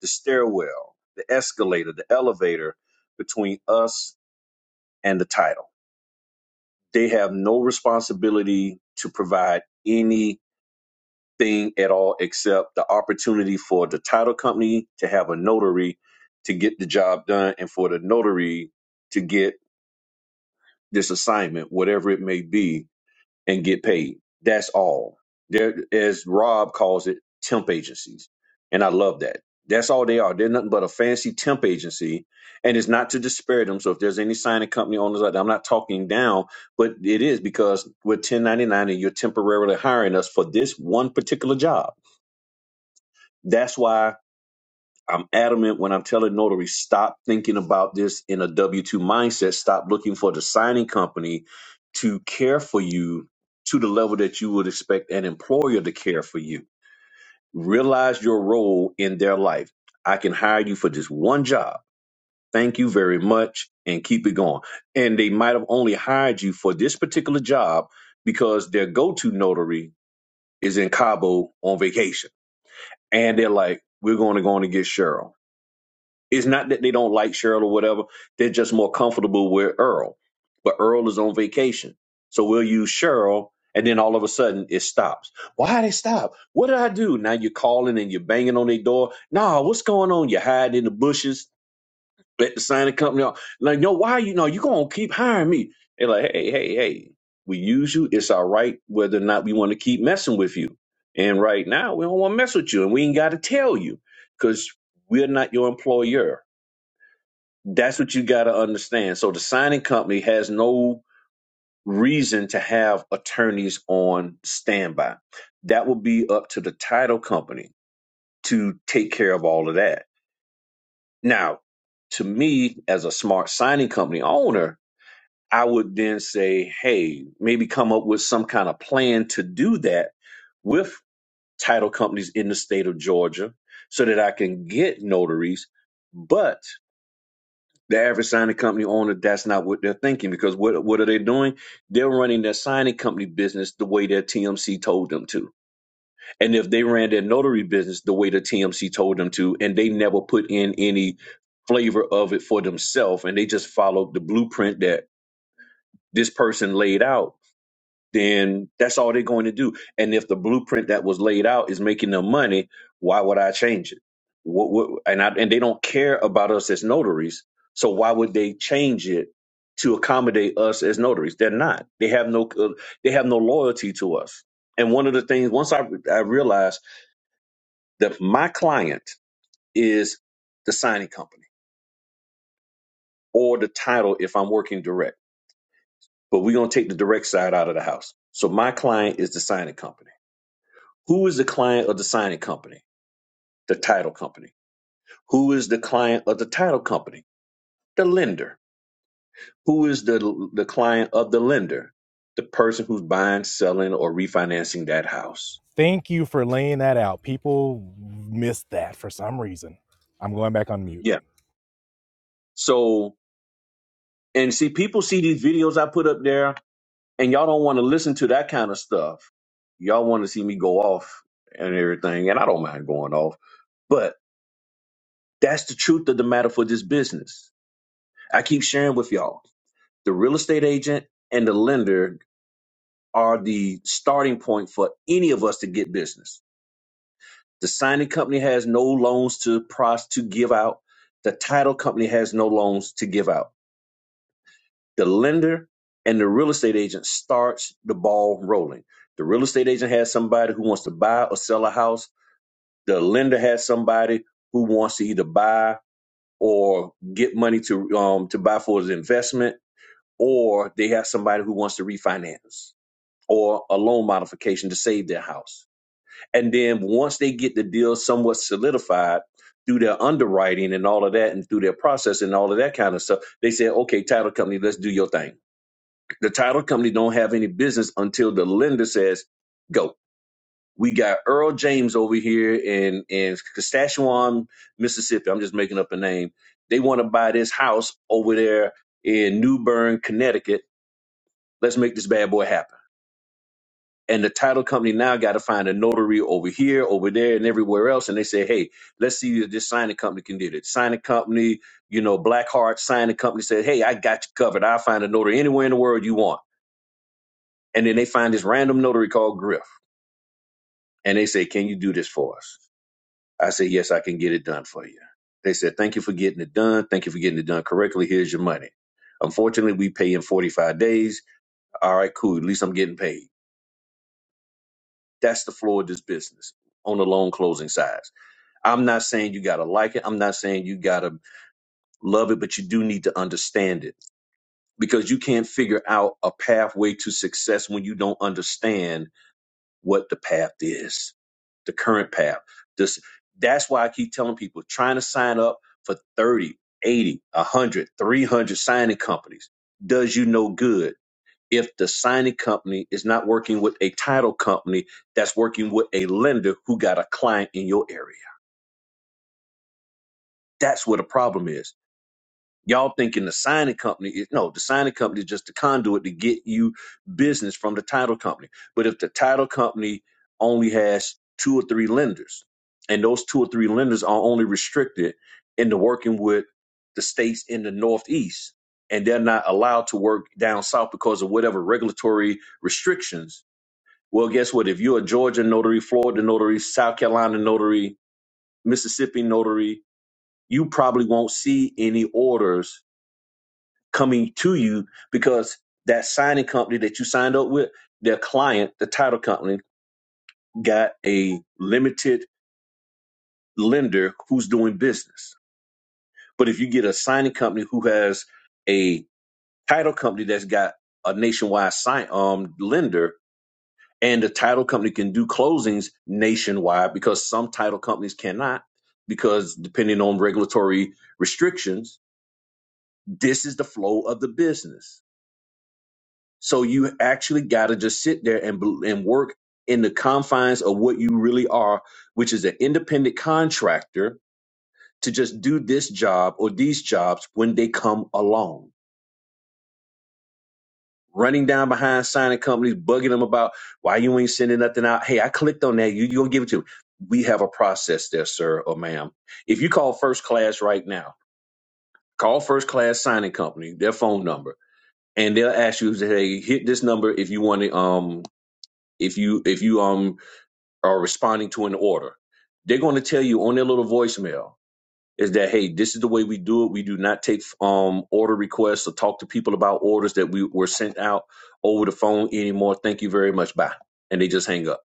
the stairwell, the escalator, the elevator between us and the title. They have no responsibility to provide anything at all except the opportunity for the title company to have a notary to get the job done and for the notary to get this assignment, whatever it may be, and get paid. That's all. There, as Rob calls it, temp agencies, and I love that. That's all they are. They're nothing but a fancy temp agency, and it's not to disparage them. So if there's any signing company owners out there, I'm not talking down, but it is because we're 1099 and you're temporarily hiring us for this one particular job. That's why I'm adamant when I'm telling notary stop thinking about this in a W two mindset. Stop looking for the signing company to care for you to the level that you would expect an employer to care for you. Realize your role in their life. I can hire you for just one job. Thank you very much, and keep it going. And they might have only hired you for this particular job because their go to notary is in Cabo on vacation, and they're like, "We're going to go on and get Cheryl." It's not that they don't like Cheryl or whatever. They're just more comfortable with Earl. But Earl is on vacation. So we'll use Cheryl and then all of a sudden it stops. Why did it stop? What did I do? Now you're calling and you're banging on their door. Nah, what's going on? You hide in the bushes, let the signing company off. Like, no, why you know you gonna keep hiring me? They're like, hey, hey, hey, we use you. It's our right whether or not we want to keep messing with you. And right now we don't want to mess with you and we ain't gotta tell you because we're not your employer that's what you got to understand. So the signing company has no reason to have attorneys on standby. That will be up to the title company to take care of all of that. Now, to me, as a smart signing company owner, I would then say, hey, maybe come up with some kind of plan to do that with title companies in the state of Georgia so that I can get notaries. But the average signing company owner, that's not what they're thinking because what what are they doing? They're running their signing company business the way their TMC told them to. And if they ran their notary business the way the TMC told them to, and they never put in any flavor of it for themselves, and they just followed the blueprint that this person laid out, then that's all they're going to do. And if the blueprint that was laid out is making them money, why would I change it? What, what, and I, and they don't care about us as notaries, so why would they change it to accommodate us as notaries? They're not. They have no uh, they have no loyalty to us. And one of the things once I I realized that my client is the signing company or the title if I'm working direct, but we're gonna take the direct side out of the house. So my client is the signing company Who is the client of the signing company? The title company. Who is the client of the title company? The lender. Who is the, the client of the lender? The person who's buying, selling, or refinancing that house.
Thank you for laying that out. People missed that for some reason. I'm going back on mute.
Yeah. So, and see, people see these videos I put up there, and y'all don't want to listen to that kind of stuff. Y'all want to see me go off and everything, and I don't mind going off, but that's the truth of the matter for this business. I keep sharing with y'all the real estate agent and the lender are the starting point for any of us to get business. The signing company has no loans to pros to give out. The title company has no loans to give out. The lender and the real estate agent starts the ball rolling. The real estate agent has somebody who wants to buy or sell a house. The lender has somebody who wants to either buy or get money to um, to buy for his investment, or they have somebody who wants to refinance or a loan modification to save their house And then once they get the deal somewhat solidified through their underwriting and all of that and through their process and all of that kind of stuff, they say, okay, title company, let's do your thing. The title company don't have any business until the lender says, go. We got Earl James over here in, in Saskatchewan, Mississippi. I'm just making up a name. They want to buy this house over there in New Bern, Connecticut. Let's make this bad boy happen and the title company now got to find a notary over here, over there, and everywhere else. And they say, hey, let's see if this signing company can do it. Signing company, you know, Blackheart signing company said, hey, I got you covered. I'll find a notary anywhere in the world you want. And then they find this random notary called Griff, and they say, can you do this for us? I say, yes, I can get it done for you. They said, thank you for getting it done. Thank you for getting it done correctly. Here's your money. Unfortunately, we pay in 45 days. All right, cool. At least I'm getting paid. That's the floor of this business on the loan closing side. I'm not saying you got to like it. I'm not saying you got to love it, but you do need to understand it because you can't figure out a pathway to success when you don't understand what the path is, the current path. This, that's why I keep telling people trying to sign up for 30, 80, 100, signing companies does you no good. If the signing company is not working with a title company that's working with a lender who got a client in your area, that's where the problem is Y'all thinking the signing company is no, the signing company is just the conduit to get you business from the title company. But if the title company only has two or three lenders, and those two or three lenders are only restricted into working with the states in the Northeast, and they're not allowed to work down south because of whatever regulatory restrictions. Well, guess what? If you're a Georgia notary, Florida notary, South Carolina notary, Mississippi notary, you probably won't see any orders coming to you because that signing company that you signed up with, their client, the title company, got a limited lender who's doing business. But if you get a signing company who has a title company that's got a nationwide sign um lender and the title company can do closings nationwide because some title companies cannot because depending on regulatory restrictions, this is the flow of the business So you actually got to just sit there and bel- and work in the confines of what you really are, which is an independent contractor to just do this job or these jobs when they come along. Running down behind signing companies, bugging them about why you ain't sending nothing out. Hey, I clicked on that. You you gonna give it to me? We have a process there, sir or ma'am. If you call first class right now, call first class signing company, their phone number, and they'll ask you, hey, hit this number if you want to um if you if you um or responding to an order, they're going to tell you on their little voicemail is that hey, this is the way we do it. We do not take um, order requests or talk to people about orders that we were sent out over the phone anymore. Thank you very much. Bye. And they just hang up.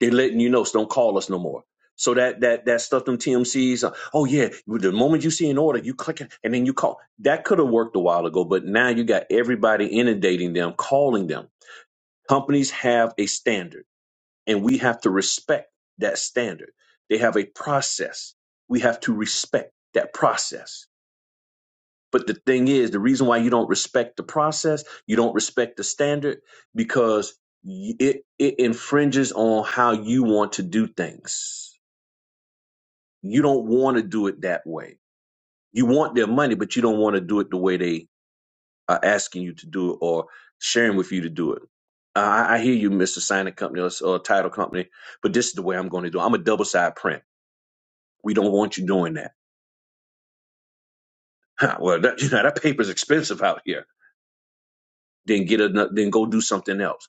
They're letting you know, so don't call us no more. So that that that stuff them TMCs. uh, Oh yeah, the moment you see an order, you click it and then you call. That could have worked a while ago, but now you got everybody inundating them, calling them. Companies have a standard and we have to respect that standard. They have a process. We have to respect that process. But the thing is, the reason why you don't respect the process, you don't respect the standard, because y- it it infringes on how you want to do things. You don't want to do it that way. You want their money, but you don't want to do it the way they are asking you to do it or sharing with you to do it. I, I hear you, Mr. Signing Company or, or Title Company, but this is the way I'm going to do it. I'm a double side print. We don't want you doing that. Huh, well, that, you know, that paper's expensive out here. Then get another, then go do something else.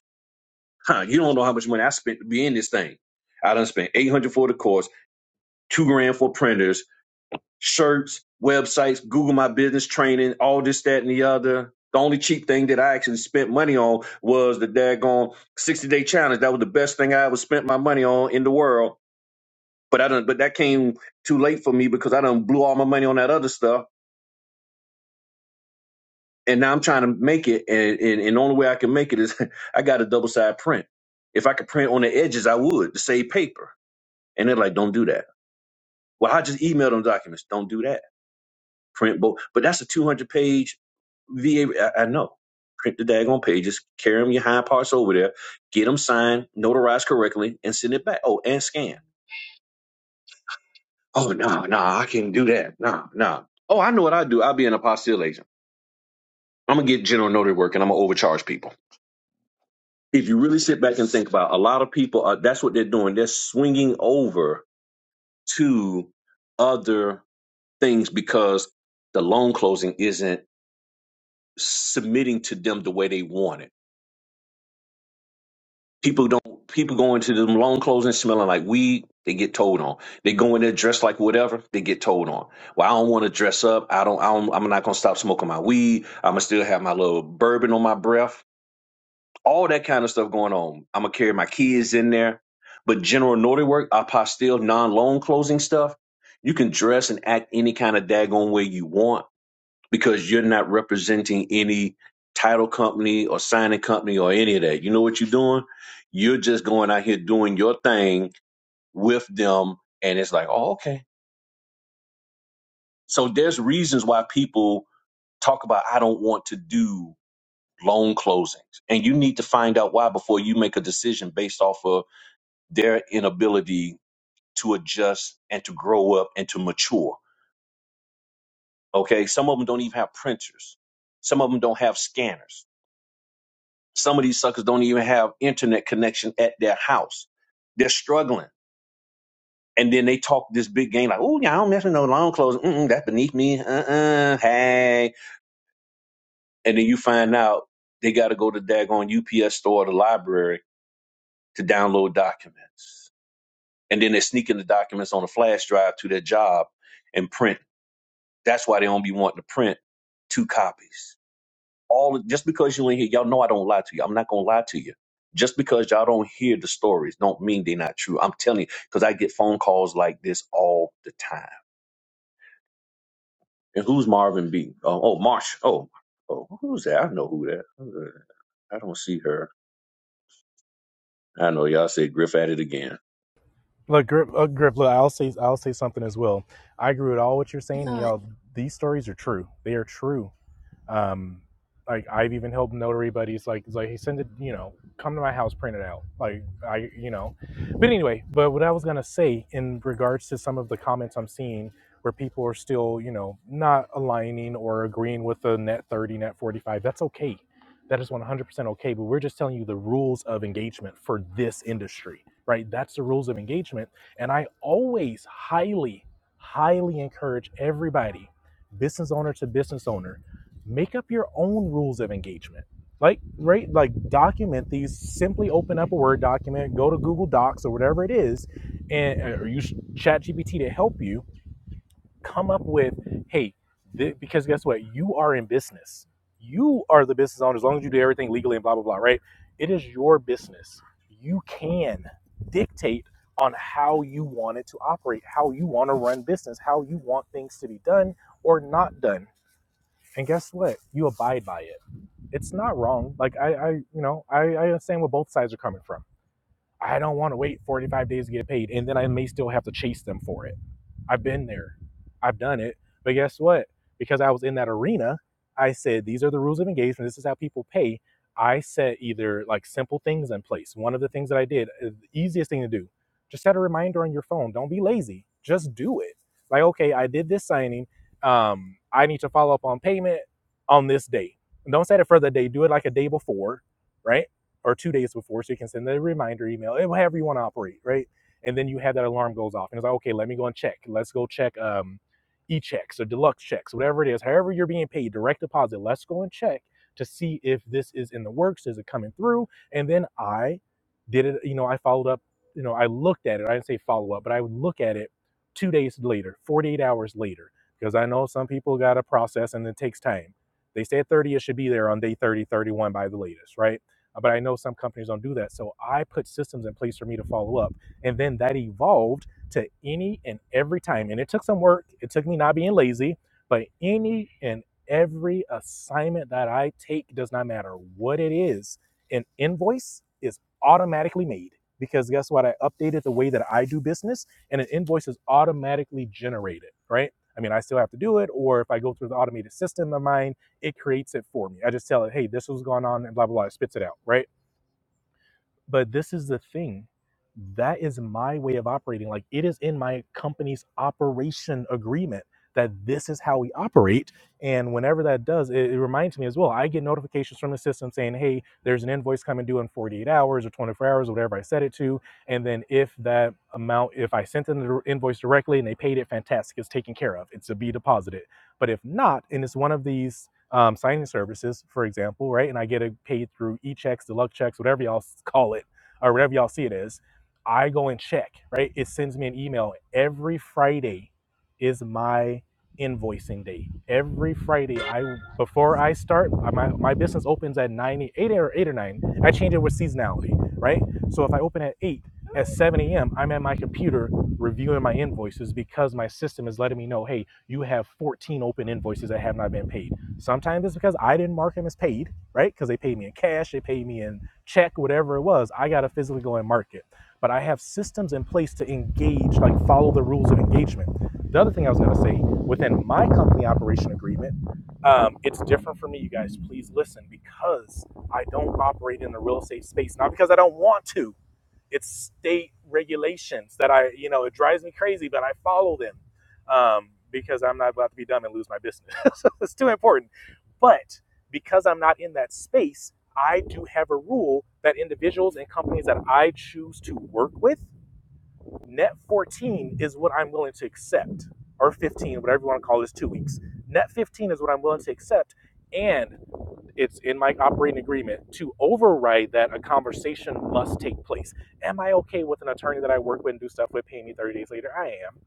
Huh, you don't know how much money I spent to be in this thing. I done spent 800 for the course, two grand for printers, shirts, websites, Google My Business training, all this, that, and the other. The only cheap thing that I actually spent money on was the daggone 60 day challenge. That was the best thing I ever spent my money on in the world. But I done, but that came too late for me because I done blew all my money on that other stuff and now I'm trying to make it, and and, and the only way I can make it is I got a double side print. If I could print on the edges, I would to save paper. And they're like, don't do that. Well, I just email them documents. Don't do that. Print both, but that's a 200 page VA. I, I know. Print the daggone pages, carry them your hind parts over there, get them signed, notarized correctly, and send it back. Oh, and scan. Oh no, nah, no, nah, I can't do that. No, nah, no. Nah. Oh, I know what I do. I'll be an apostille agent. I'm gonna get general notary work, and I'm gonna overcharge people. if you really sit back and think about it, a lot of people are that's what they're doing they're swinging over to other things because the loan closing isn't submitting to them the way they want it people don't people go into them loan closing smelling like weed they get told on they go in there dressed like whatever they get told on well i don't want to dress up i don't, I don't i'm not going to stop smoking my weed i'm going to still have my little bourbon on my breath all that kind of stuff going on. I'm gonna carry my kids in there. But general naughty work, apostille, non-loan closing stuff, you can dress and act any kind of daggone way you want because you're not representing any title company or signing company or any of that. You know what you're doing? You're just going out here doing your thing with them, and it's like, oh, okay. So there's reasons why people talk about I don't want to do loan closings, and you need to find out why before you make a decision based off of their inability to adjust and to grow up and to mature. Okay. Some of them don't even have printers. Some of them don't have scanners. Some of these suckers don't even have internet connection at their house. They're struggling. And then they talk this big game like, oh, yeah, I don't mess with no lawn clothes. Mm-mm, that's beneath me. Uh-uh. Hey. And then you find out they got to go to daggone UPS store or the library to download documents. And then they're sneaking the documents on a flash drive to their job and print That's why they don't be wanting to print two copies. All just because you ain't here, y'all know I don't lie to you. I'm not gonna lie to you. Just because y'all don't hear the stories, don't mean they're not true. I'm telling you, because I get phone calls like this all the time. And who's Marvin B? Oh, oh Marsh. Oh, oh, who's that? I know who that. I don't see her. I know y'all said Griff at it again.
Look, grip, uh, grip. Look, I'll say, I'll say something as well. I agree with all what you're
I
saying, and
thought
y'all. These stories are true. They are true. Um, like I've even helped notary buddies like it's like hey send it you know come to my house print it out like I you know, but anyway but what I was gonna say in regards to some of the comments I'm seeing where people are still you know not aligning or agreeing with the net thirty net forty five that's okay that is one hundred percent okay but we're just telling you the rules of engagement for this industry right that's the rules of engagement and I always highly highly encourage everybody business owner to business owner make up your own rules of engagement. Like, right, like document these. Simply open up a Word document, go to Google Docs or whatever it is, and uh, or use ChatGPT to help you come up with, hey, thi- because guess what, you are in business. You are the business owner as long as you do everything legally and blah blah blah. Right? It is your business. You can dictate on how you want it to operate, how you want to run business, how you want things to be done or not done. And guess what? You abide by it it's not wrong. Like I, I you know, I, I understand where both sides are coming from. I don't want to wait 45 days to get paid, and then I may still have to chase them for it. I've been there. I've done it. But guess what? Because I was in that arena, I said, these are the rules of engagement. This is how people pay. I set either like simple things in place. One of the things that I did, uh, the easiest thing to do, just set a reminder on your phone. Don't be lazy. Just do it. Like, okay, I did this signing. Um, I need to follow up on payment on this day. And Don't set it for the day. Do it like a day before, right? Or two days before, so you can send the reminder email, eh, however you want to operate, right? and then you have that alarm goes off and it's like okay let me go and check let's go check um e-checks or deluxe checks whatever it is however you're being paid direct deposit let's go and check to see if this is in the works is it coming through and then i did it you know i followed up you know i looked at it i didn't say follow up but i would look at it two days later 48 hours later because i know some people got to process and it takes time they said 30 it should be there on day 30, 31 by the latest right but i know some companies don't do that so i put systems in place for me to follow up and then that evolved to any and every time. And it took some work. It took me not being lazy, but any and every assignment that I take does not matter what it is. An invoice is automatically made because guess what? I updated the way that I do business and an invoice is automatically generated, right? I mean, I still have to do it, or if I go through the automated system of mine, it creates it for me. I just tell it, hey, this was going on, and blah, blah, blah, it spits it out, right? But this is the thing. That is my way of operating. Like it is in my company's operation agreement that this is how we operate. And whenever that does, it, it reminds me as well. I get notifications from the system saying, hey, there's an invoice coming due in 48 hours or 24 hours, whatever I set it to. And then if that amount, if I sent them the invoice directly and they paid it, fantastic, it's taken care of. It's to be deposited. But if not, and it's one of these um, signing services, for example, right? And I get it paid through e checks, deluxe checks, whatever y'all call it, or whatever y'all see it as. I go and check, right? It sends me an email. Every Friday is my invoicing day. Every Friday, I before I start, uh, my, my business opens at 9, 8 or 8 or 9. I change it with seasonality, right? So if I open at 8, at 7 a.m., I'm at my computer reviewing my invoices because my system is letting me know, hey, you have 14 open invoices that have not been paid Sometimes it's because I didn't mark him as paid, right? Because they paid me in cash, they paid me in check, whatever it was. I got to physically go and mark it. But I have systems in place to engage, like follow the rules of engagement. The other thing I was going to say within my company operation agreement, um, it's different for me, you guys. Please listen because I don't operate in the real estate space, not because I don't want to it's state regulations that I, you know, it drives me crazy, but I follow them um, because I'm not about to be dumb and lose my business. so it's too important. But because I'm not in that space, I do have a rule that individuals and companies that I choose to work with, net 14 is what I'm willing to accept, or 15, whatever you want to call this, two weeks. Net 15 is what I'm willing to accept. And it's in my operating agreement to override that a conversation must take place. Am I okay with an attorney that I work with and do stuff with paying me 30 days later? I am.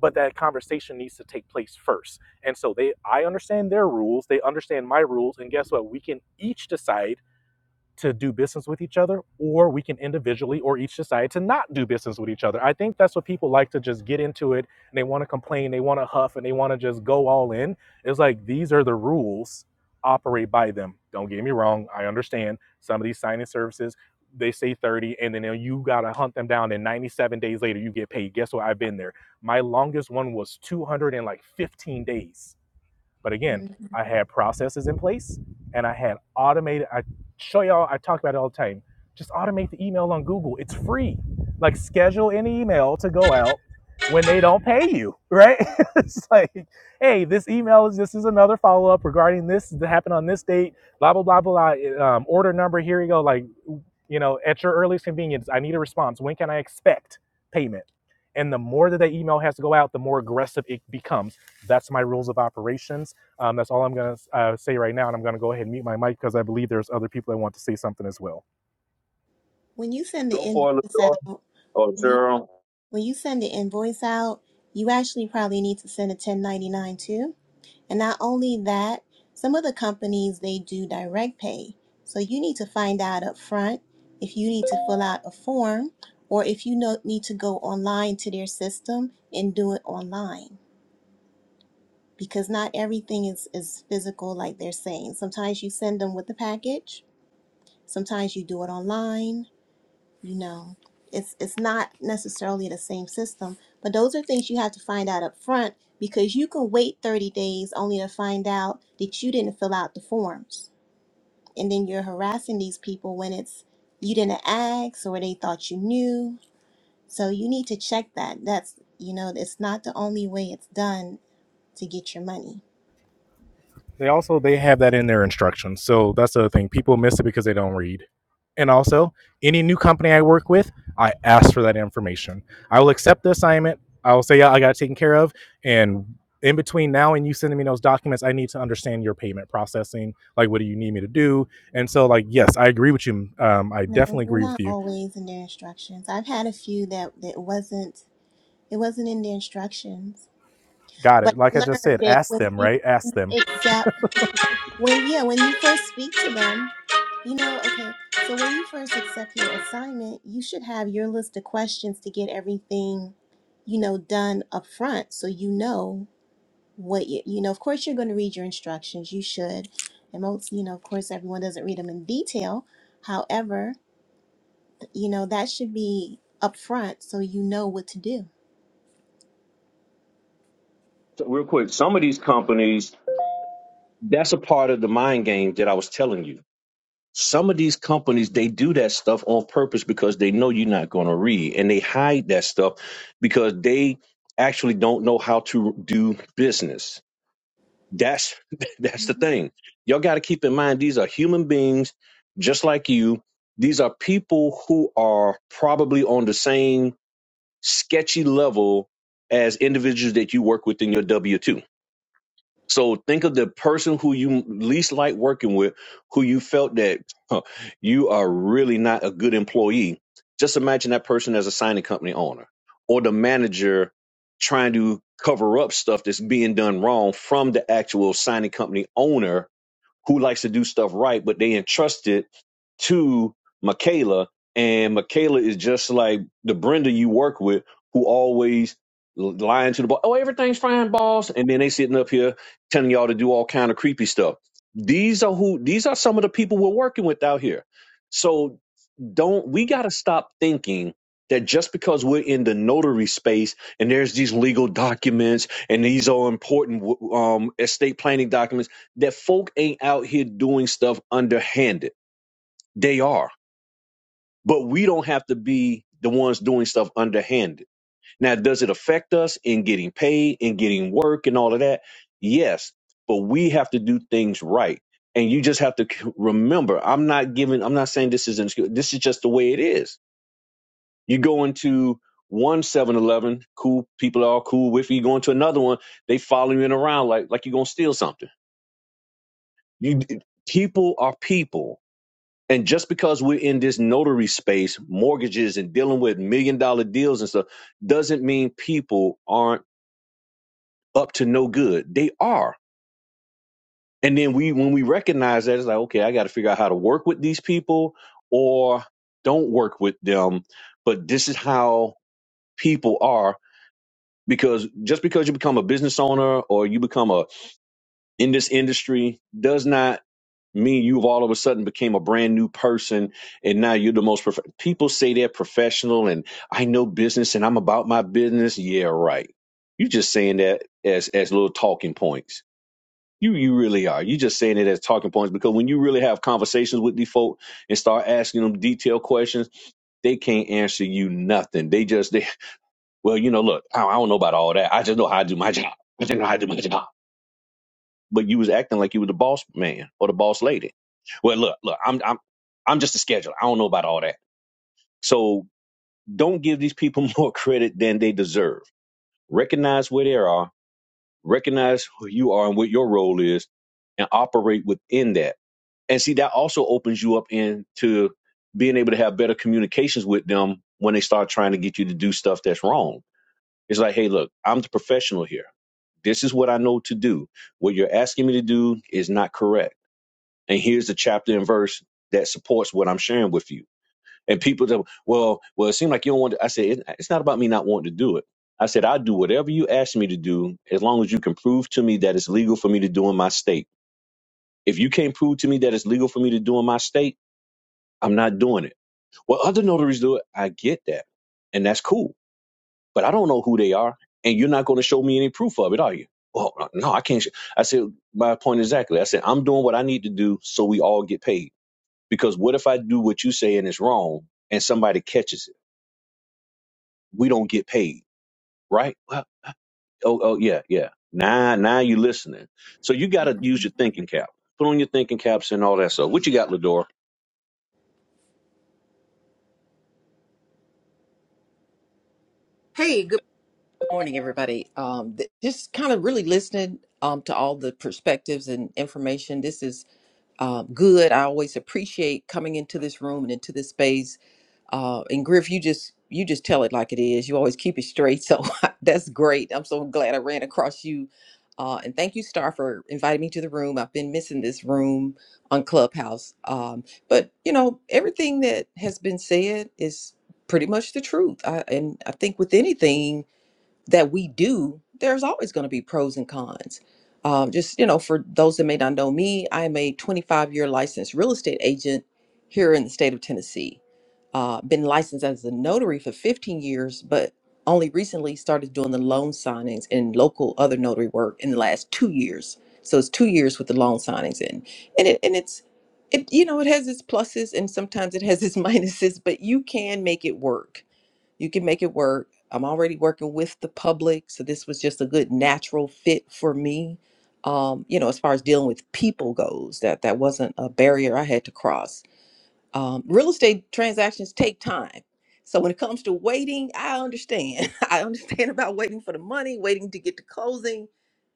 But that conversation needs to take place first. And so they I understand their rules, they understand my rules, and guess what? We can each decide to do business with each other, or we can individually or each decide to not do business with each other. I think that's what people like to just get into it and they want to complain, they want to huff, and they want to just go all in. It's like these are the rules, operate by them. Don't get me wrong, I understand some of these signing services. They say 30, and then you got to hunt them down. And 97 days later, you get paid. Guess what? I've been there. My longest one was 200 and like 15 days but again,
mhm.
I had processes in place and I had automated. I show y'all, I talk about it all the time. Just automate the email on Google. It's free. Like schedule an email to go out when they don't pay you, right? it's like, hey, this email is this is another follow up regarding this that happened on this date. Blah blah blah blah. Um, order number. Here you go. Like, you know, at your earliest convenience, I need a response. When can I expect payment? And the more that that email has to go out, the more aggressive it becomes. That's my rules of operations um, that's all I'm going to uh, say right now, and I'm going to go ahead and mute my mic because I believe there's other people that want to say something as well.
when you send the
Go
invoice out,
for it,
you, when you send the invoice out, you actually probably need to send a 1099 too. And not only that, some of the companies they do direct pay. So you need to find out up front if you need to fill out a form or if you know, need to go online to their system and do it online because not everything is, is physical like they're saying. Sometimes you send them with the package, sometimes you do it online, you know. It's it's not necessarily the same system, but those are things you have to find out up front because you can wait 30 days only to find out that you didn't fill out the forms. And then you're harassing these people when it's you didn't ask or they thought you knew. So you need to check that. That's you know, it's not the only way it's done to get your money.
They also they have that in their instructions. So that's the other thing. People miss it because they don't read. And also, any new company I work with, I ask for that information. I will accept the assignment. I will say, yeah, I got it taken care of. And in between now and you sending me those documents, I need to understand your payment processing. Like, what do you need me to do? And so, like, yes, I agree with you. Um, I
No,
definitely
they're
agree with
not
you.
always in their instructions. I've had a few that that wasn't it wasn't in the instructions.
Got
But
it. Like
I
I just
learned
said,
that
ask
when
them,
you
right? Ask them.
accept when yeah, when you first speak to them, you know, okay, so when you first accept your assignment, you should have your list of questions to get everything, you know, done up front so you know what you you know, of course you're going to read your instructions, you should. And most, you know, of course everyone doesn't read them in detail. However, you know, that should be upfront so you know what to do.
So Real quick, some of these companies That's a part of the mind game that I was telling you. Some of these companies they do that stuff on purpose because they know you're not going to read, and they hide that stuff because they actually don't know how to do business. That's that's the
Mhm.
thing. Y'all got to keep in mind these are human beings just like you. These are people who are probably on the same sketchy level as individuals that you work with in your W two so think of the person who you least like working with, who you felt that huh, you are really not a good employee. Just imagine that person as a signing company owner or the manager trying to cover up stuff that's being done wrong from the actual signing company owner who likes to do stuff right, but they entrust it to Michaela, and Michaela is just like the Brenda you work with, who always lying to the boss. Oh, everything's fine, boss. And then they sitting up here telling y'all to do all kind of creepy stuff. These are who. These are some of the people we're working with out here. So don't we got to stop thinking that just because we're in the notary space and there's these legal documents and these are important w- um, estate planning documents that folk ain't out here doing stuff underhanded they are but we don't have to be the ones doing stuff underhanded now does it affect us in getting paid and getting work and all of that yes but we have to do things right and you just have to c- remember i'm not giving i'm not saying this is an excuse this is just the way it is you go into one Seven Eleven, cool people are all cool with you. You go into another one, they follow you around like like you're gonna steal something. You people are people. And just because we're in this notary space, mortgages and dealing with million dollar deals and stuff, doesn't mean people aren't up to no good. They are. And then we when we recognize that, it's like, okay, I gotta figure out how to work with these people or don't work with them. But this is how people are because just because you become a business owner or you become a in this industry does not mean you've all of a sudden became a brand new person and now you're the most prof- people say they're professional and I know business and I'm about my business. Yeah, right. You're just saying that as as little talking points. You you really are. You're just saying it as talking points because when you really have conversations with these folk and start asking them detailed questions, they can't answer you nothing. They just they Well, you know, look, I I don't know about all that. I just know how I do my job. I just know how I do my job. But you was acting like you were the boss man or the boss lady. Well, look, look, I'm I'm I'm just a scheduler. I don't know about all that. So don't give these people more credit than they deserve. Recognize where they are, recognize who you are and what your role is, and operate within that. And see, that also opens you up into being able to have better communications with them when they start trying to get you to do stuff that's wrong It's like, hey, look, I'm the professional here. This is what I know to do. What you're asking me to do is not correct. And here's the chapter and verse that supports what I'm sharing with you. And people that, well, well, it seemed like you don't want to. I said, it, it's not about me not wanting to do it. I said, I'll do whatever you ask me to do as long as you can prove to me that it's legal for me to do in my state. If you can't prove to me that it's legal for me to do in my state, I'm not doing it. Well, other notaries do it. I get that. And that's cool but I don't know who they are, and you're not going to show me any proof of it, are you? Oh, uh, no, I can't. sh-" I said, my point exactly. I said, I'm doing what I need to do so we all get paid. Because what if I do what you say and it's wrong, and somebody catches it? We don't get paid, right? Well, oh, oh, yeah, yeah. Now, now you listening. So you got to use your thinking cap. Put on your thinking caps and all that stuff. What you got, Lador?
Hey, good morning, everybody. Um, th- just kind of really listening um, to all the perspectives and information. This is uh, good. I always appreciate coming into this room and into this space. Uh, and Griff, you just you just tell it like it is. You always keep it straight, so that's great. I'm so glad I ran across you. Uh, and thank you, Star, for inviting me to the room. I've been missing this room on Clubhouse. Um, but you know, everything that has been said is pretty much the truth. I, and I think with anything that we do, there's always going to be pros and cons. Um, just, you know, for those that may not know me, I'm a 25 year licensed real estate agent here in the state of Tennessee. Uh, been licensed as a notary for 15 years, but only recently started doing the loan signings and local other notary work in the last two years. So it's two years with the loan signings in, and it and it's, it you know, it has its pluses and sometimes it has its minuses, but you can make it work you can make it work. I'm already working with the public, so this was just a good natural fit for me. Um, you know, as far as dealing with people goes, that that wasn't a barrier I had to cross um, real estate transactions take time. So when it comes to waiting, I understand. I understand about waiting for the money, waiting to get to closing.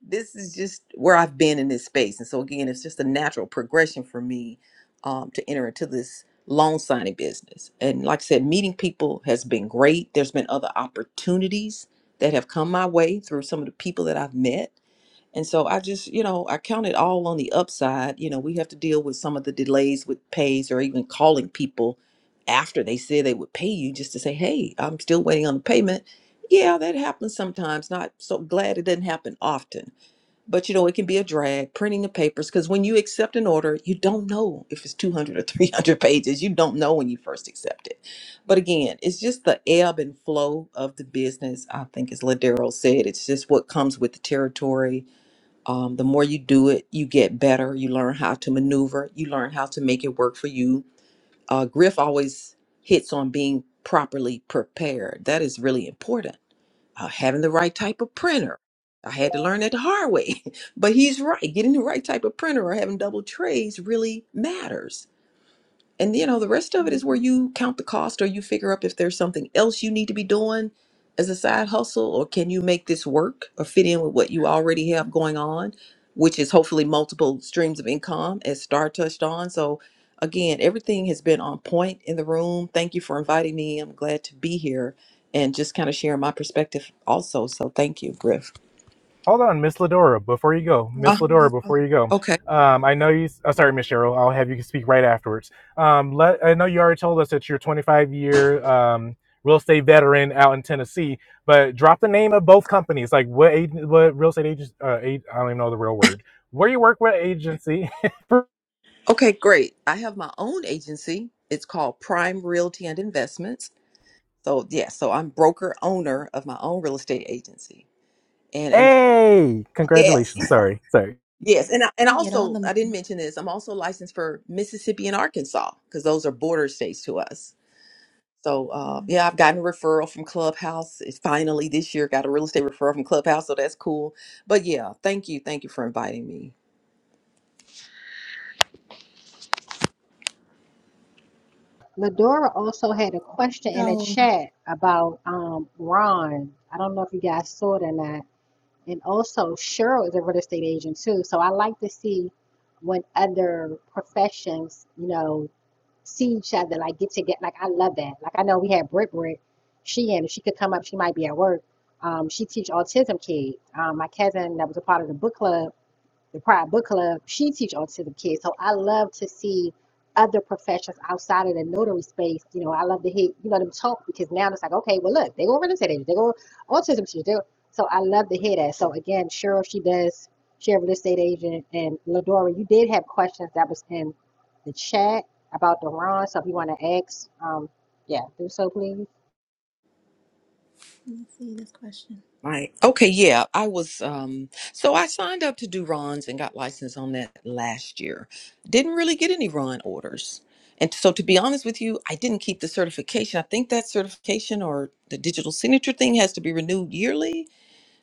This is just where I've been in this space. And so again, it's just a natural progression for me um, to enter into this loan signing business. And like I said, meeting people has been great. There's been other opportunities that have come my way through some of the people that I've met and so I just, you know, I count it all on the upside. You know, we have to deal with some of the delays with pays or even calling people after they said they would pay you just to say, hey, I'm still waiting on the payment. Yeah, that happens sometimes. Not so glad it doesn't happen often. But, you know, it can be a drag printing the papers because when you accept an order, you don't know if it's 200 or 300 pages. You don't know when you first accept it. But again, it's just the ebb and flow of the business. I think, as Ladero said, it's just what comes with the territory um, the more you do it, you get better. You learn how to maneuver. You learn how to make it work for you. Uh, Griff always hits on being properly prepared. That is really important. Uh, having the right type of printer. I had to learn that the hard way, but he's right. Getting the right type of printer or having double trays really matters and you know, the rest of it is where
Mhm.
you count the cost or you figure up if there's something else you need to be doing as a side hustle or can you make this work or fit in with what you already have going on, which is hopefully multiple streams of income as Star touched on. So again, everything has been on point in the room. Thank you for inviting me. I'm glad to be here and just kind of sharing my perspective also. So thank you, Griff.
Hold on, Miss Ladora, before you go,
Well,
Miss
Ah,
Ladora,
listen,
before you go,
okay.
um, I know you. Oh, sorry, Miss Cheryl. I'll have you speak right afterwards. Um, let, I know you already told us that you're a 25 year um, real estate veteran out in Tennessee, but drop the name of both companies. Like what? Ag- what real estate agents? Uh, ag- I don't even know the real word. Where you work with agency?
Okay, great. I have my own agency. It's called Prime Realty and Investments So yes, so I'm broker owner of my own real estate agency. And and
Hey,
yes,
congratulations. Sorry, sorry.
yes, and I- and
you get all the
also I didn't mention this. I'm also licensed for Mississippi and Arkansas because those are border states to us. So
money.
uh, yeah, I've gotten a referral from Clubhouse. It's finally this year got a real estate referral from Clubhouse, so that's cool. But yeah, thank you, thank you for inviting me.
Ladora also had a question in the
So,
chat about um, Ron. I don't know if you guys saw it or not. And also, Cheryl is a real estate agent too. So I like to see when other professions, you know, see each other, like get together. Like I love that. Like I know we had Britt Britt. She and if she could come up, she might be at work. Um, she teach autism kids. Um, my cousin that was a part of the book club the Pride Book Club, she teach autism kids. So I love to see other professions outside of the notary space. You know, I love to hear you know them talk because now it's like, okay, well look, they go representative, they go autism teacher. They go. So I love to hear that. So again, Cheryl, she does. She a real estate agent, and Ladora, you did have questions that was in the chat about the Ron. So if you want to ask, um, yeah, do so please.
let's see this question.
Right. Okay. Yeah. I was, um, so I signed up to do runs and got licensed on that last year. Didn't really get any run orders. And so, to be honest with you, I didn't keep the certification. I think that certification or the digital signature thing has to be renewed yearly.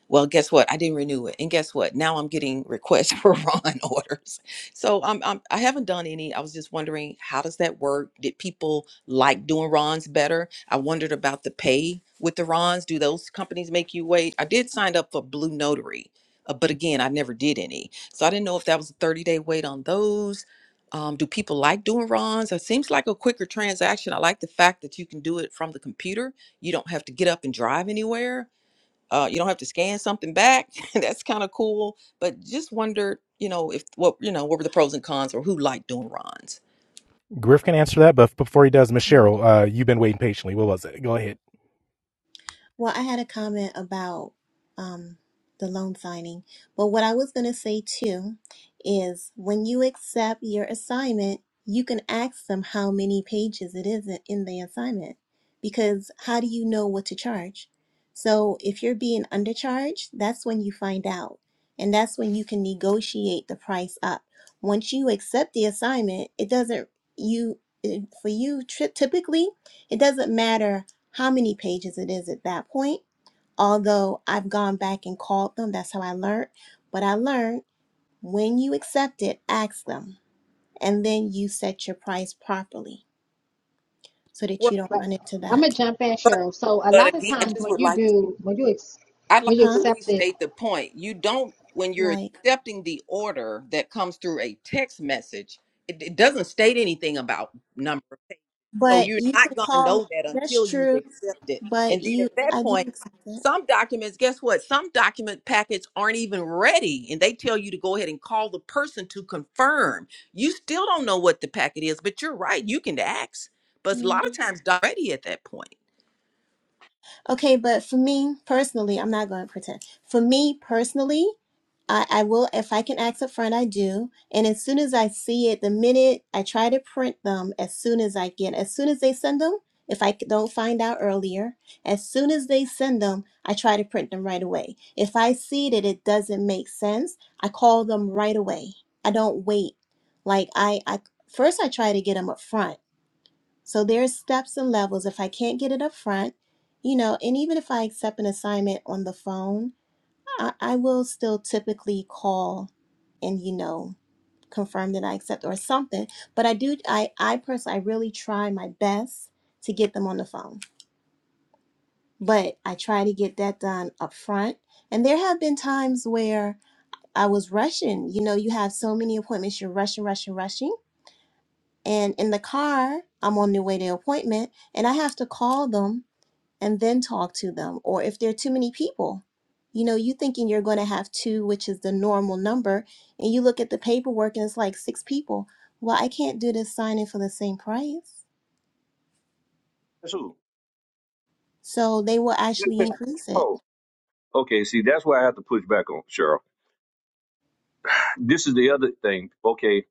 Well, guess what? I didn't renew it. And guess what? Now I'm getting requests for Ron orders. So I'm, I'm I haven't done any. I was just wondering how does that work? Did people like doing Ron's better? I wondered about the pay with the Rons. Do those companies make you wait? I did sign up for Blue Notary, uh, but again, I never did any. So I didn't know if that was a 30 day wait on those. Um, do people like doing Rons? It seems like a quicker transaction. I like the fact that you can do it from the computer. You don't have to get up and drive anywhere uh, you don't have to scan something back. That's kind of cool. But just wondered, you know, if what you know, what were the pros and cons, or who liked doing Ron's?
Griff can answer that, but before he does, Miss Cheryl, uh, you've been waiting patiently. What was it? Go ahead.
Well, I had a comment about um, the loan signing, but what I was going to say too is when you accept your assignment, you can ask them how many pages it is in the assignment because how do you know what to charge? So if you're being undercharged, that's when you find out. And that's when you can negotiate the price up. Once you accept the assignment, it doesn't you it- for you tri- typically it doesn't matter how many pages it is at that point. Although I've gone back and called them, that's how I learned. But I learned when you accept it, ask them, and then you set your price properly so that you don't
But
run into
I'm
that,
gonna jump in,
Well,
Cheryl. So a
But
lot of
again, I
times
just
when
would
you
like to,
do, when you ex-
I'd like
when you
to
huh?
accept the
restate the point. You don't, when you're
Like,
accepting the order that comes through a text message, it, it doesn't state anything about number of pages. So
but
you're
you
not
could
going to
call.
know that
That's
until you've
true,
accepted.
but
And then
you,
at that
I do
point,
accept it.
some documents, guess what? Some document packets aren't even ready and they tell you to go ahead and call the person to confirm. You still don't know what the packet is, but you're right. You can ask. But a
Yeah.
lot of times, not ready at that point.
Okay, but for me personally, I'm not going to pretend. For me personally, I, I will if I can ask up front, I do. And as soon as I see it, the minute I try to print them, as soon as I get, as soon as they send them, if I c- don't find out earlier, as soon as they send them, I try to print them right away. If I see that it doesn't make sense, I call them right away. I don't wait. Like I, I first I try to get them up front so there's steps and levels. If I can't get it up front, you know, and even if I accept an assignment on the phone, I, I will still typically call and, you know, confirm that I accept or something. But I do I, I personally I really try my best to get them on the phone. But I try to get that done up front. And there have been times where I was rushing. You know, you have so many appointments, you're rushing, rushing, rushing. And in the car, I'm on the way to the appointment and I have to call them and then talk to them. Or if there are too many people, you know, you thinking you're going to have two, which is the normal number, and you look at the paperwork and it's like six people. Well, I can't do this signing for the same price.
That's who.
So they will actually increase it.
Oh, okay. See, that's where I have to push back on, Cheryl. This is the other thing. Okay,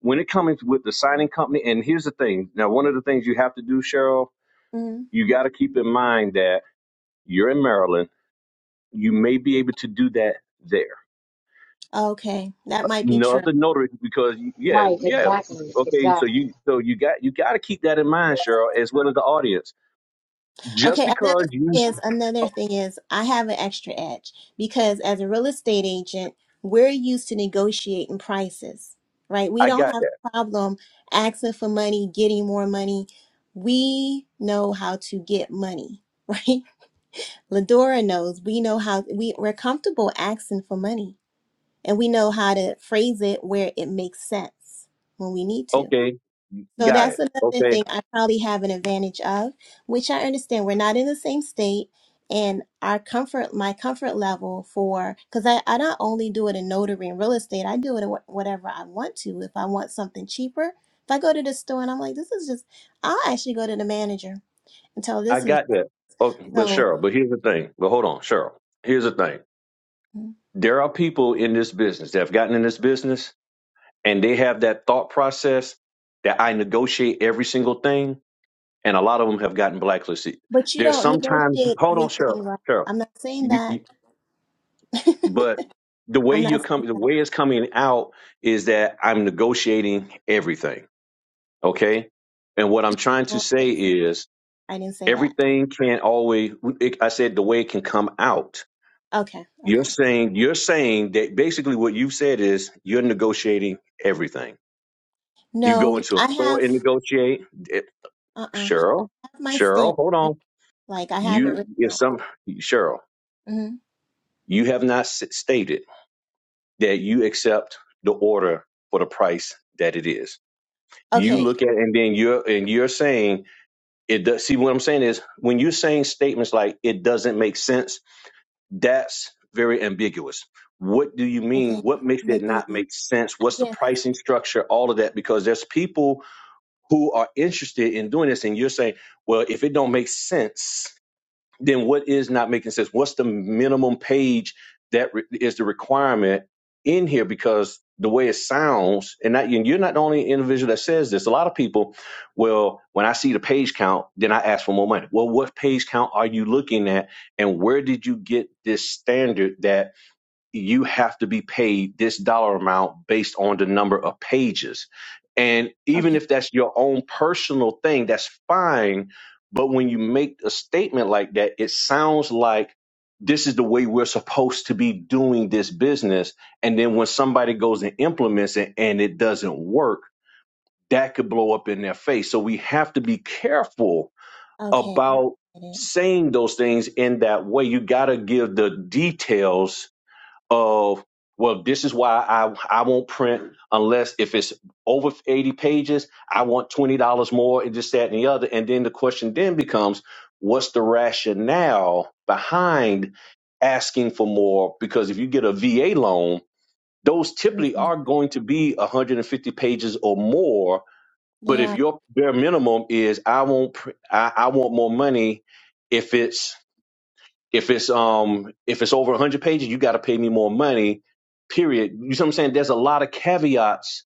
when it comes with the signing company, and here's the thing. Now, one of the things you have to do, Cheryl,
Mm.
you got to keep in mind that you're in Maryland. You may be able to do that there.
Okay, that might be
No
true.
other notary, because yeah,
Right,
yeah,
exactly,
okay. So
exactly.
you, so you got, you got to keep that in mind, Cheryl, as well as the audience. Just
Okay, another
because you,
thing is another thing is I have an extra edge because as a real estate agent, we're used to negotiating prices, right? We
I
don't
got
have
that.
a problem asking for money, getting more money. We know how to get money, right? Ladora knows we know how we, we're comfortable asking for money and we know how to phrase it where it makes sense when we need to.
Okay,
So
got
that's
it.
another
Okay,
thing I probably have an advantage of, which I understand we're not in the same state and our comfort, my comfort level for, because I, I not only do it in notary and real estate, I do it in wh- whatever I want to. If I want something cheaper, if I go to the store and I'm like, this is just, I'll actually go to the manager and tell
I
this is
got that. Okay, but
so,
Cheryl, but here's the thing. But hold on, Cheryl. Here's the thing. There are people in this business that have gotten in this business and they have that thought process that I negotiate every single thing, and a lot of them have gotten blacklisted.
but you
There's
don't
sometimes
negotiate
hold on, Cheryl,
everything right.
Cheryl,
I'm not saying
you,
that.
you but the way
I'm
you're
not saying
coming, the way it's coming out is that I'm negotiating everything, okay? And what I'm trying to say is
I didn't say that.
everything can't always. It, I said the way it can come out.
Okay, okay.
You're saying you're saying that basically what you've said is you're negotiating everything. You go
No,
into a
I
store
have.
and negotiate. eh,
Uh uh
Cheryl,
have my
Cheryl,
standard.
hold on.
Like I have it
You,
written
if
out.
some, Cheryl,
hmm
you have not s- stated that you accept the order for the price that it is. You
Okay.
look at, and then you're, and you're saying it does. See, what I'm saying is when you're saying statements like it doesn't make sense, that's very ambiguous. What do you mean?
Okay.
What makes it
Let me.
not make sense?
I
What's the
guess.
pricing structure? All of that, because there's people who are interested in doing this, and you're saying, well, if it don't make sense, then what is not making sense? What's the minimum page that re- is the requirement in here? Because the way it sounds, and not, and you're not the only individual that says this. A lot of people, well, when I see the page count, then I ask for more money. Well, what page count are you looking at, and where did you get this standard that? you have to be paid this dollar amount based on the number of pages. And even
Okay.
if that's your own personal thing, that's fine. But when you make a statement like that, it sounds like this is the way we're supposed to be doing this business. And then when somebody goes and implements it and it doesn't work, that could blow up in their face. So we have to be careful
Okay.
about
I get it.
saying those things in that way. You got to give the details of well this is why i i won't print unless if it's over 80 pages i want $20 more and this that and the other and then the question then becomes what's the rationale behind asking for more because if you get a va loan those typically
Mm-mm.
are going to be 150 pages or more but
They
if
are
your bare minimum is i won't pr- I, I want more money if it's if it's um if it's over 100 pages you got to pay me more money period you see what i'm saying there's a lot of caveats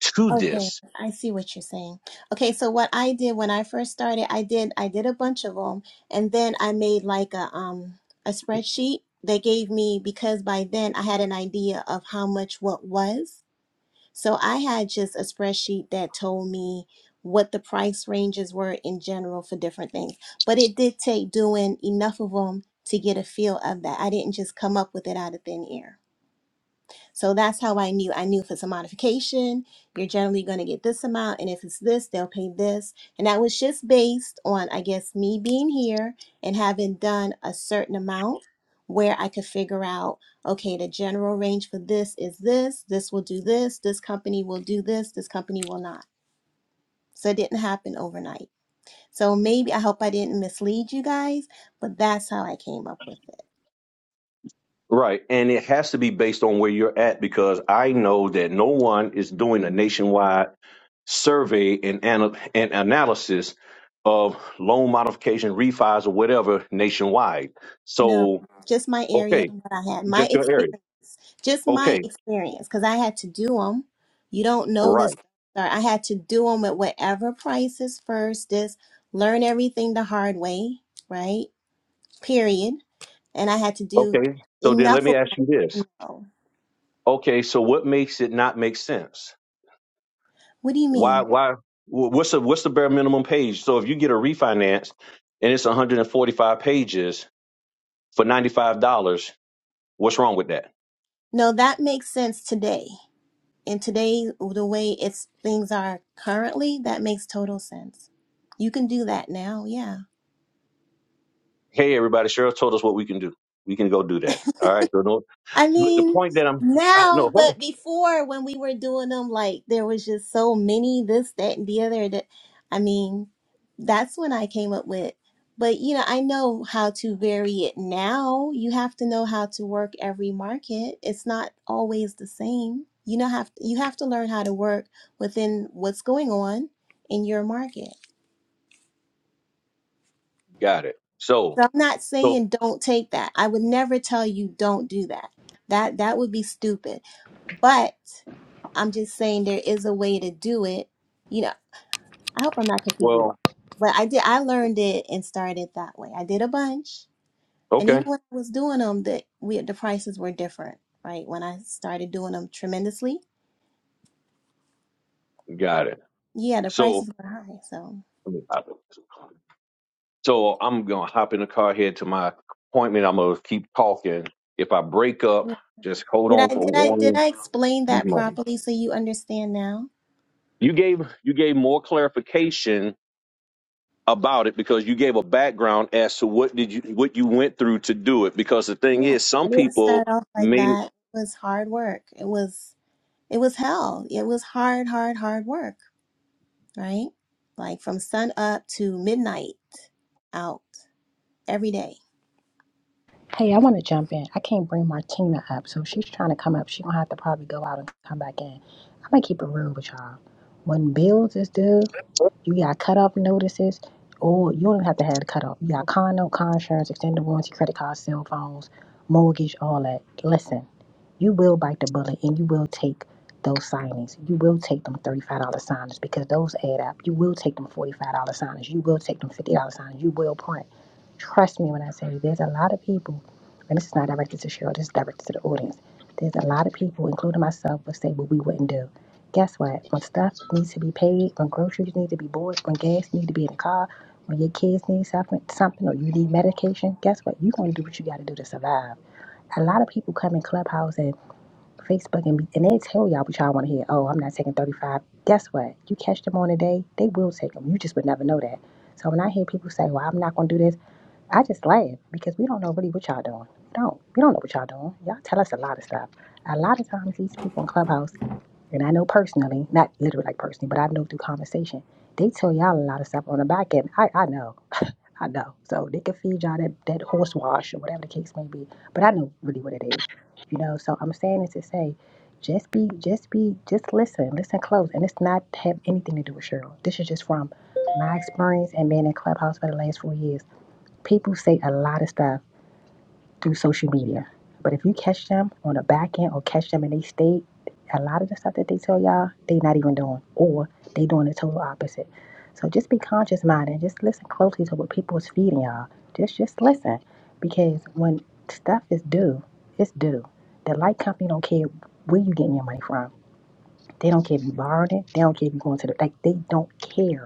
to
okay.
this
I see what you're saying. Okay. So what I did when I first started, I did I did a bunch of them, and then I made like a um a spreadsheet. They gave me because by then I had an idea of how much what was. So I had just a spreadsheet that told me what the price ranges were in general for different things. But it did take doing enough of them to get a feel of that. I didn't just come up with it out of thin air. So that's how I knew. I knew if it's a modification, you're generally going to get this amount. And if it's this, they'll pay this. And that was just based on, I guess, me being here and having done a certain amount where I could figure out, okay, the general range for this is this, this will do this, this company will do this, this company will not. So it didn't happen overnight. So maybe I hope I didn't mislead you guys, but that's how I came up with it.
right and it has to be based on where you're at because i know that no one is doing a nationwide survey and, ana- and analysis of loan modification refis or whatever nationwide
No,
so
just my area,
okay
what I had, my
just your area
experience, just my
okay
experience, because I had to do them. You don't know this.
right
Or I had to do them at whatever prices first. Just learn everything the hard way, right? Period. And I had to do
okay so then let
enough
me
of
ask you this
no.
okay so what makes it not make sense
What do you
why
mean?
why wh- what's the what's the bare minimum page so if you get a refinance and it's 145 pages for $95 what's wrong with that
No, that makes sense today. And today, the way it's things are currently, that makes total sense. You can do that now, yeah.
hey everybody cheryl told us what we can do we can go do that all right so no,
I
but the
mean,
point that i'm i no
now,
hold
but before when we were doing them, like there was just so many this, that, and the other. That I mean, that's when I came up with. But you know, I know how to vary it now. You have to know how to work every market. It's not always the same. You know, have you have to learn how to work within what's going on in your market.
on. got it so
So I'm not
so
saying don't take that. I would never tell you don't do that. That that would be stupid But I'm just saying there is a way to do it. You know, I hope I'm not confusing you.
well
all. But I did. I learned it and started that way. I did a bunch, and even
okay
when I was doing them, the we the prices were different, right? When I started doing them tremendously,
got it
yeah, the
so
prices were high. So
let me hop in. so i'm gonna hop in the car head to my appointment i'm gonna keep talking if i break up
yeah.
just hold
did
on
I
for
did I did I
one
explain that properly so you understand now?
You gave you gave more clarification about it because you gave a background as to what did you what you went through to do it. Because the thing
Yeah,
is, some
I didn't
people
start off like
may
that. It was hard work. It was it was hell. It was hard, hard, hard work. right? Like from sun up to midnight out every day.
Hey, I want to jump in. I can't bring Martina up, so if she's trying to come up, she gonna have to probably go out and come back in. I'm gonna keep it real with y'all. When bills is due, you got cutoff notices, or you don't even have to have the cutoff. You got car note, car insurance, extended warranty, credit cards, cell phones, mortgage, all that. Listen, you will bite the bullet and you will take those signings. You will take them $35 signings because those add up. You will take them $45 signings. You will take them $50 signings. You will print. Trust me when I say there's a lot of people and this is not directed to Cheryl, this is directed to the audience. There's a lot of people, including myself, would say what we wouldn't do. Guess what? When stuff needs to be paid, when groceries need to be bought, when gas need to be in the car, when your kids need something, something, or you need medication, guess what? You're gonna do what you gotta do to survive. A lot of people come in Clubhouse and Facebook and, and they tell y'all what y'all wanna hear. Oh, I'm not taking 35. Guess what? You catch them on a day, they will take them. You just would never know that. So when I hear people say, well, I'm not gonna do this, I just laugh because we don't know really what y'all doing. don't. We don't know what y'all doing. Y'all tell us a lot of stuff. A lot of times these people in Clubhouse, and I know personally, not literally like personally, but I know through conversation, they tell y'all a lot of stuff on the back end. I, I know. I know. So they can feed y'all that, that horse wash or whatever the case may be. But I know really what it is. You know, so I'm saying it to say, just be, just be, just listen, listen close. And it's not have anything to do with Cheryl. This is just from my experience and being in Clubhouse for the last four years people say a lot of stuff through social media, but if you catch them on the back end or catch them and they state, a lot of the stuff that they tell y'all, they not even doing, or they doing the total opposite. So just be conscious minded and just listen closely to what people is feeding y'all. Just just listen, because when stuff is due, it's due. The light company don't care where you getting your money from. They don't care if you borrowed it. They don't care if you going to the like. They don't care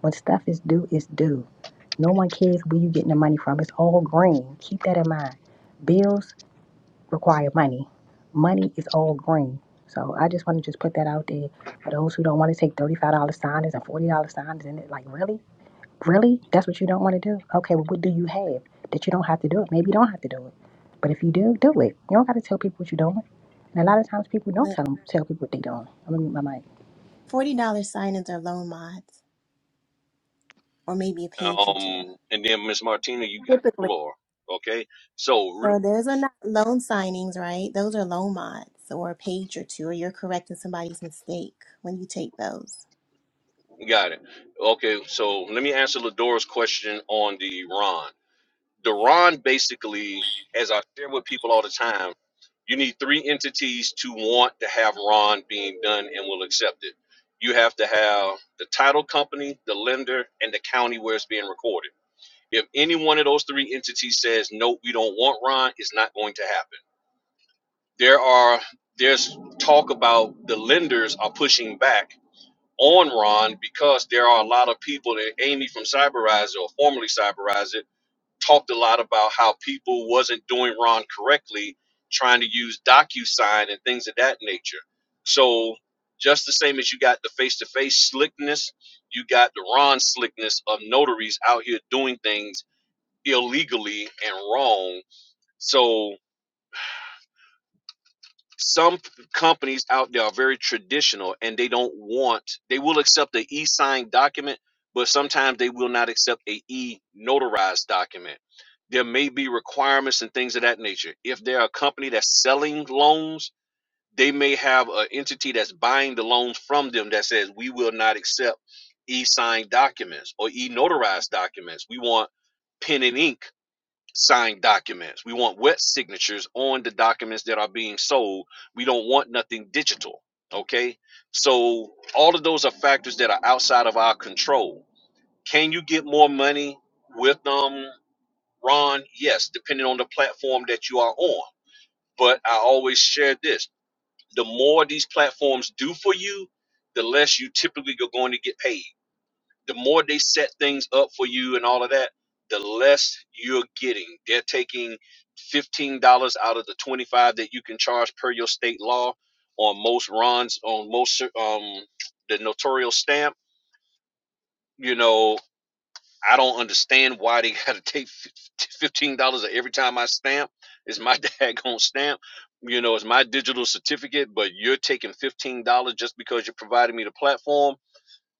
when stuff is due, it's due. No one cares where you getting the money from. It's all green. Keep that in mind. Bills require money. Money is all green. So I just want to just put that out there for those who don't want to take thirty-five dollar signings and forty dollar signings and it like really, really, that's what you don't want to do. Okay, well, what do you have that you don't have to do it? Maybe you don't have to do it, but if you do, do it. You don't got to tell people what you're doing. And a lot of times people don't
But
tell them, tell people what they're doing. I'm gonna mute my mic.
$40 sign ins are loan mods or maybe a page or two
um and then Miss Martina, you got the
typically.
floor. Okay, so re-
So those are not loan signings, right? Those are loan mods or a page or two, or you're correcting somebody's mistake when you take those.
got it. Okay, so let me answer Ladora's question on the Ron. Duran basically, as I share with people all the time, you need three entities to want to have Ron being done and will accept it. You have to have the title company, the lender, and the county where it's being recorded. If any one of those three entities says no, we don't want Ron, it's not going to happen. There are there's talk about the lenders are pushing back on Ron because there are a lot of people that Amy from Cyberizer or formerly Cyberizer talked a lot about how people wasn't doing Ron correctly, trying to use DocuSign and things of that nature. So just the same as you got the face-to-face slickness, you got the Ron slickness of notaries out here doing things illegally and wrong. So some companies out there are very traditional and they don't want they will accept an e e-signed document but sometimes they will not accept a e-notarized document there may be requirements and things of that nature if they're a company that's selling loans they may have an entity that's buying the loans from them that says we will not accept e-signed documents or e-notarized documents we want pen and ink signed documents. We want wet signatures on the documents that are being sold. We don't want nothing digital. Okay. So all of those are factors that are outside of our control. Can you get more money with um Ron? Yes, depending on the platform that you are on. But I always share this. The more these platforms do for you, the less you typically are going to get paid the more they set things up for you and all of that, the less you're getting. They're taking fifteen dollars out of the twenty-five that you can charge per your state law on most runs on most um the notarial stamp. You know, I don't understand why they got to take fif- fifteen dollars every time I stamp. It's my daggone stamp. You know, it's my digital certificate, but you're taking fifteen dollars just because you're providing me the platform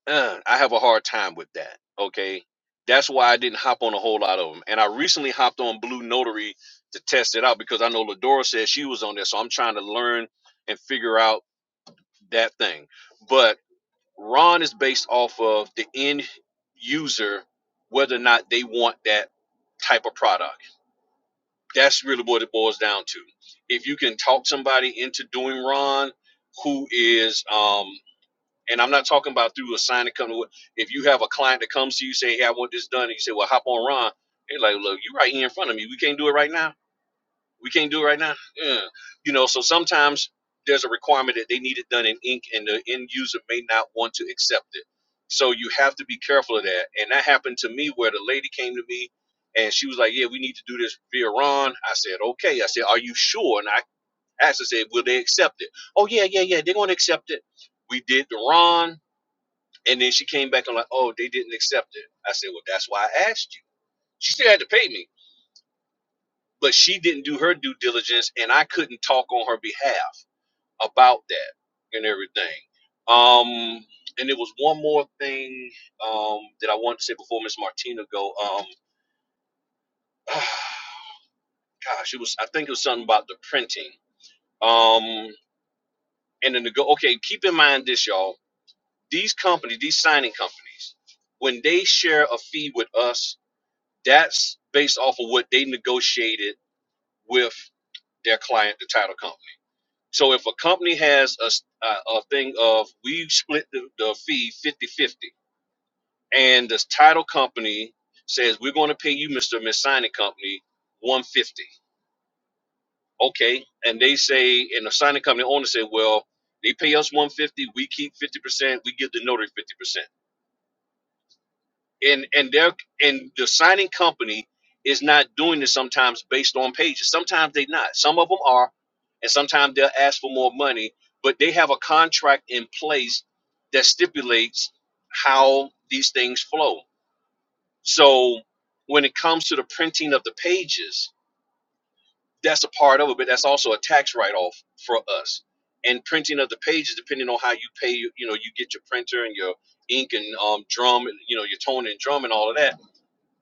uh, I have a hard time with that. Okay. That's why I didn't hop on a whole lot of them. And I recently hopped on Blue Notary to test it out because I know Ladora said she was on there. So I'm trying to learn and figure out that thing. But Ron is based off of the end user, whether or not they want that type of product. That's really what it boils down to. If you can talk somebody into doing Ron, who is um, and I'm not talking about through a sign that comes. to if you have a client that comes to you say, Hey, I want this done, and you say, Well, hop on Ron, they're like, Look, you're right here in front of me. We can't do it right now. We can't do it right now. Yeah. You know, so sometimes there's a requirement that they need it done in ink and the end user may not want to accept it. So you have to be careful of that. And that happened to me where the lady came to me and she was like, Yeah, we need to do this via Ron. I said, Okay. I said, Are you sure? And I asked, I said, Will they accept it? Oh yeah, yeah, yeah. They're gonna accept it. We did the Ron and then she came back and like, oh, they didn't accept it. I said, well, that's why I asked you. She still had to pay me, but she didn't do her due diligence, and I couldn't talk on her behalf about that and everything. Um, and there was one more thing um, that I wanted to say before Miss Martina go. Um, gosh, it was I think it was something about the printing. Um, and then the go. Okay, keep in mind this, y'all. These companies, these signing companies, when they share a fee with us that's based off of what they negotiated with their client, the title company. So if a company has a a a thing of we split the, the fee 50 50, and the title company says we're going to pay you, Mr. and Miss Signing Company, 150. Okay. And they say, and the signing company owner said, well, they pay us 150, we keep 50%, we give the notary 50%. and and they're and the signing company is not doing this sometimes based on pages. Sometimes they not. Some of them are, and sometimes they'll ask for more money, but they have a contract in place that stipulates how these things flow. So when it comes to the printing of the pages, that's a part of it, but that's also a tax write-off for us. And printing of the pages, depending on how you pay, you know, you get your printer and your ink and um, drum, you know, your toner and drum and all of that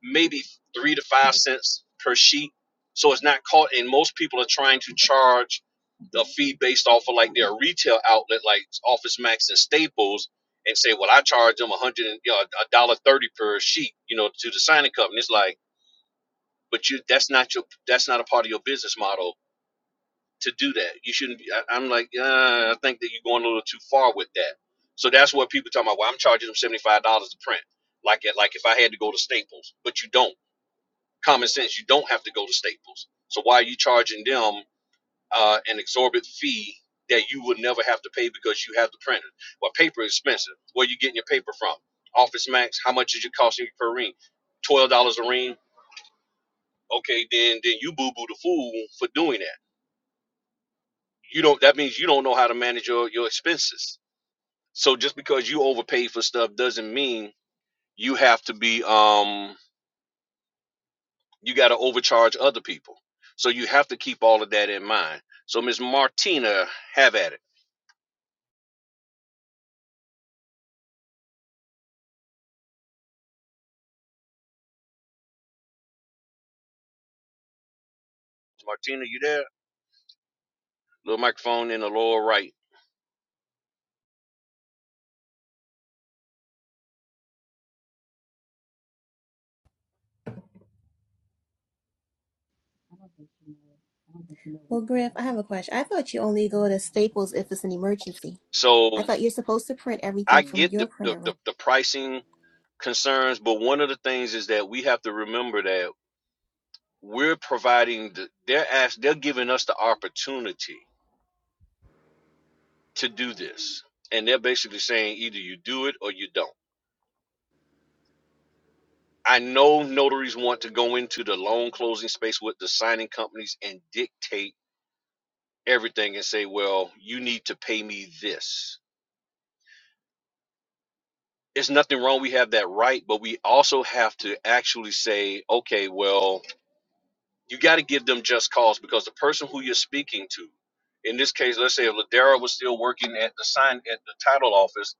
maybe three to five cents per sheet. So it's not caught. And most people are trying to charge the fee based off of like their retail outlet, like Office Max and Staples, and say, well, I charge them a hundred and you know, a dollar thirty per sheet, you know, to the signing company. It's like, but you that's not your that's not a part of your business model to do that. You shouldn't be. I, I'm like, uh, I think that you're going a little too far with that. So that's what people talking about. Well, I'm charging them seventy five dollars to print, like it, like if I had to go to Staples, but you don't common sense. You don't have to go to Staples. So why are you charging them uh, an exorbitant fee that you would never have to pay because you have the printer? Well, paper is expensive. Where are you getting your paper from? Office Max. How much is it costing you per ream? Twelve dollars a ream. Okay, then then you boo boo the fool for doing that. You don't. That means you don't know how to manage your your expenses. So just because you overpay for stuff doesn't mean you have to be um you got to overcharge other people. So you have to keep all of that in mind. So Miss Martina, have at it. Martina, you there? Little microphone in the lower right.
Well, Griff, I have a question. I thought you only go to Staples if it's an emergency.
So
I thought you're supposed to print
I
everything from
get
your
the the,
printer.
the,
right?
the pricing concerns, but one of the things is that we have to remember that we're providing the, they're asked they're giving us the opportunity to do this. And they're basically saying either you do it or you don't. I know notaries want to go into the loan closing space with the signing companies and dictate everything and say, well, you need to pay me this. It's nothing wrong. We have that right, but we also have to actually say, okay, well, you got to give them just cause because the person who you're speaking to, in this case, let's say if Ladero was still working at the sign at the title office,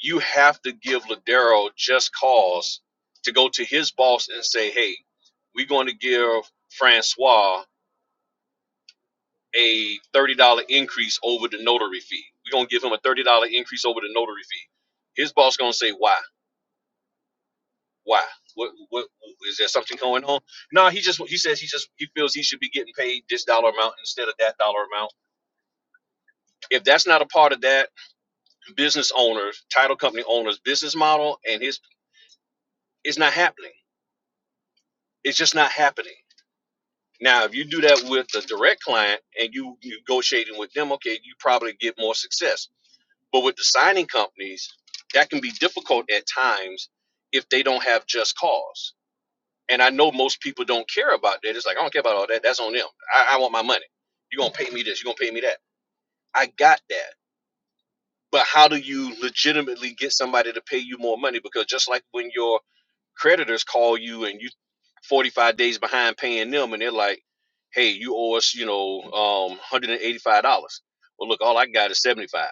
you have to give Ladero just cause to go to his boss and say, hey, we're going to give Francois a $30 increase over the notary fee. We're going to give him a $30 increase over the notary fee. His boss going to say, why? Why? What, what, is there something going on? No, he just, he says he just, he feels he should be getting paid this dollar amount instead of that dollar amount. If that's not a part of that business owners, title company owners, business model and his, it's not happening. It's just not happening. Now, if you do that with the direct client and you negotiating with them, okay, you probably get more success But with the signing companies, that can be difficult at times if they don't have just cause. And I know most people don't care about that. It's like, I don't care about all that. That's on them. I, I want my money. You're going to pay me this. You're going to pay me that. I got that. But how do you legitimately get somebody to pay you more money? Because just like when your creditors call you and you 45 days behind paying them and they're like hey you owe us you know um, $185 well look all i got is 75 dollars.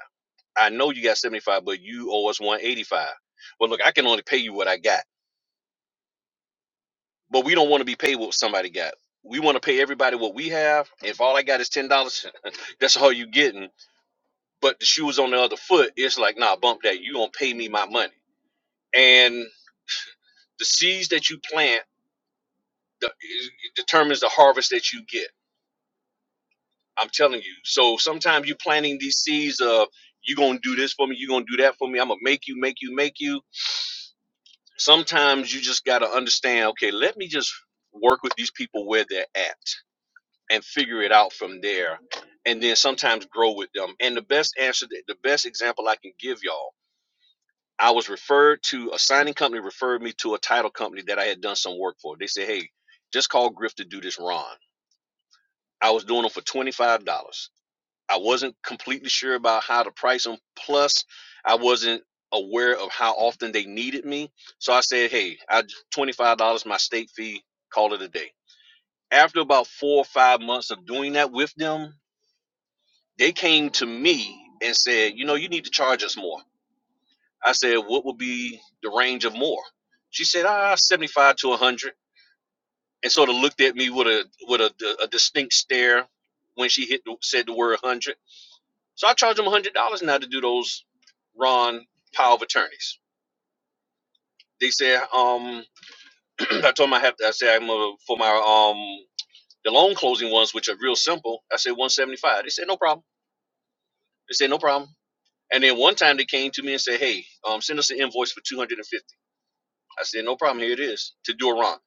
i know you got 75 dollars, but you owe us 185 well look i can only pay you what i got but we don't want to be paid what somebody got we want to pay everybody what we have if all i got is $10 that's all you getting but the shoe is on the other foot it's like nah bump that you gonna pay me my money and the seeds that you plant the, determines the harvest that you get I'm telling you. So sometimes you're planting these seeds of you're gonna do this for me, you're gonna do that for me, I'm gonna make you, make you, make you. Sometimes you just gotta understand, okay, let me just work with these people where they're at and figure it out from there. And then sometimes grow with them. And the best answer that the best example I can give y'all, I was referred to a signing company referred me to a title company that I had done some work for. They said, Hey, just call Griff to do this Ron. I was doing them for twenty five dollars. I wasn't completely sure about how to price them. Plus, I wasn't aware of how often they needed me. So I said, hey, I $25 my state fee, call it a day. After about four or five months of doing that with them, they came to me and said, you know, you need to charge us more. I said, what would be the range of more? She said, ah, 75 to 100 and sort of looked at me with a with a, a distinct stare when she hit the, said the word 100 So I charge them one hundred dollars now to do those Ron power of attorneys. They said, um, I told them I have to, I said I'm uh, for my um the loan closing ones, which are real simple. I said one seventy five. They said no problem. They said no problem. And then one time they came to me and said, hey, um, send us an invoice for two hundred and fifty. I said no problem. Here it is to do a Ron.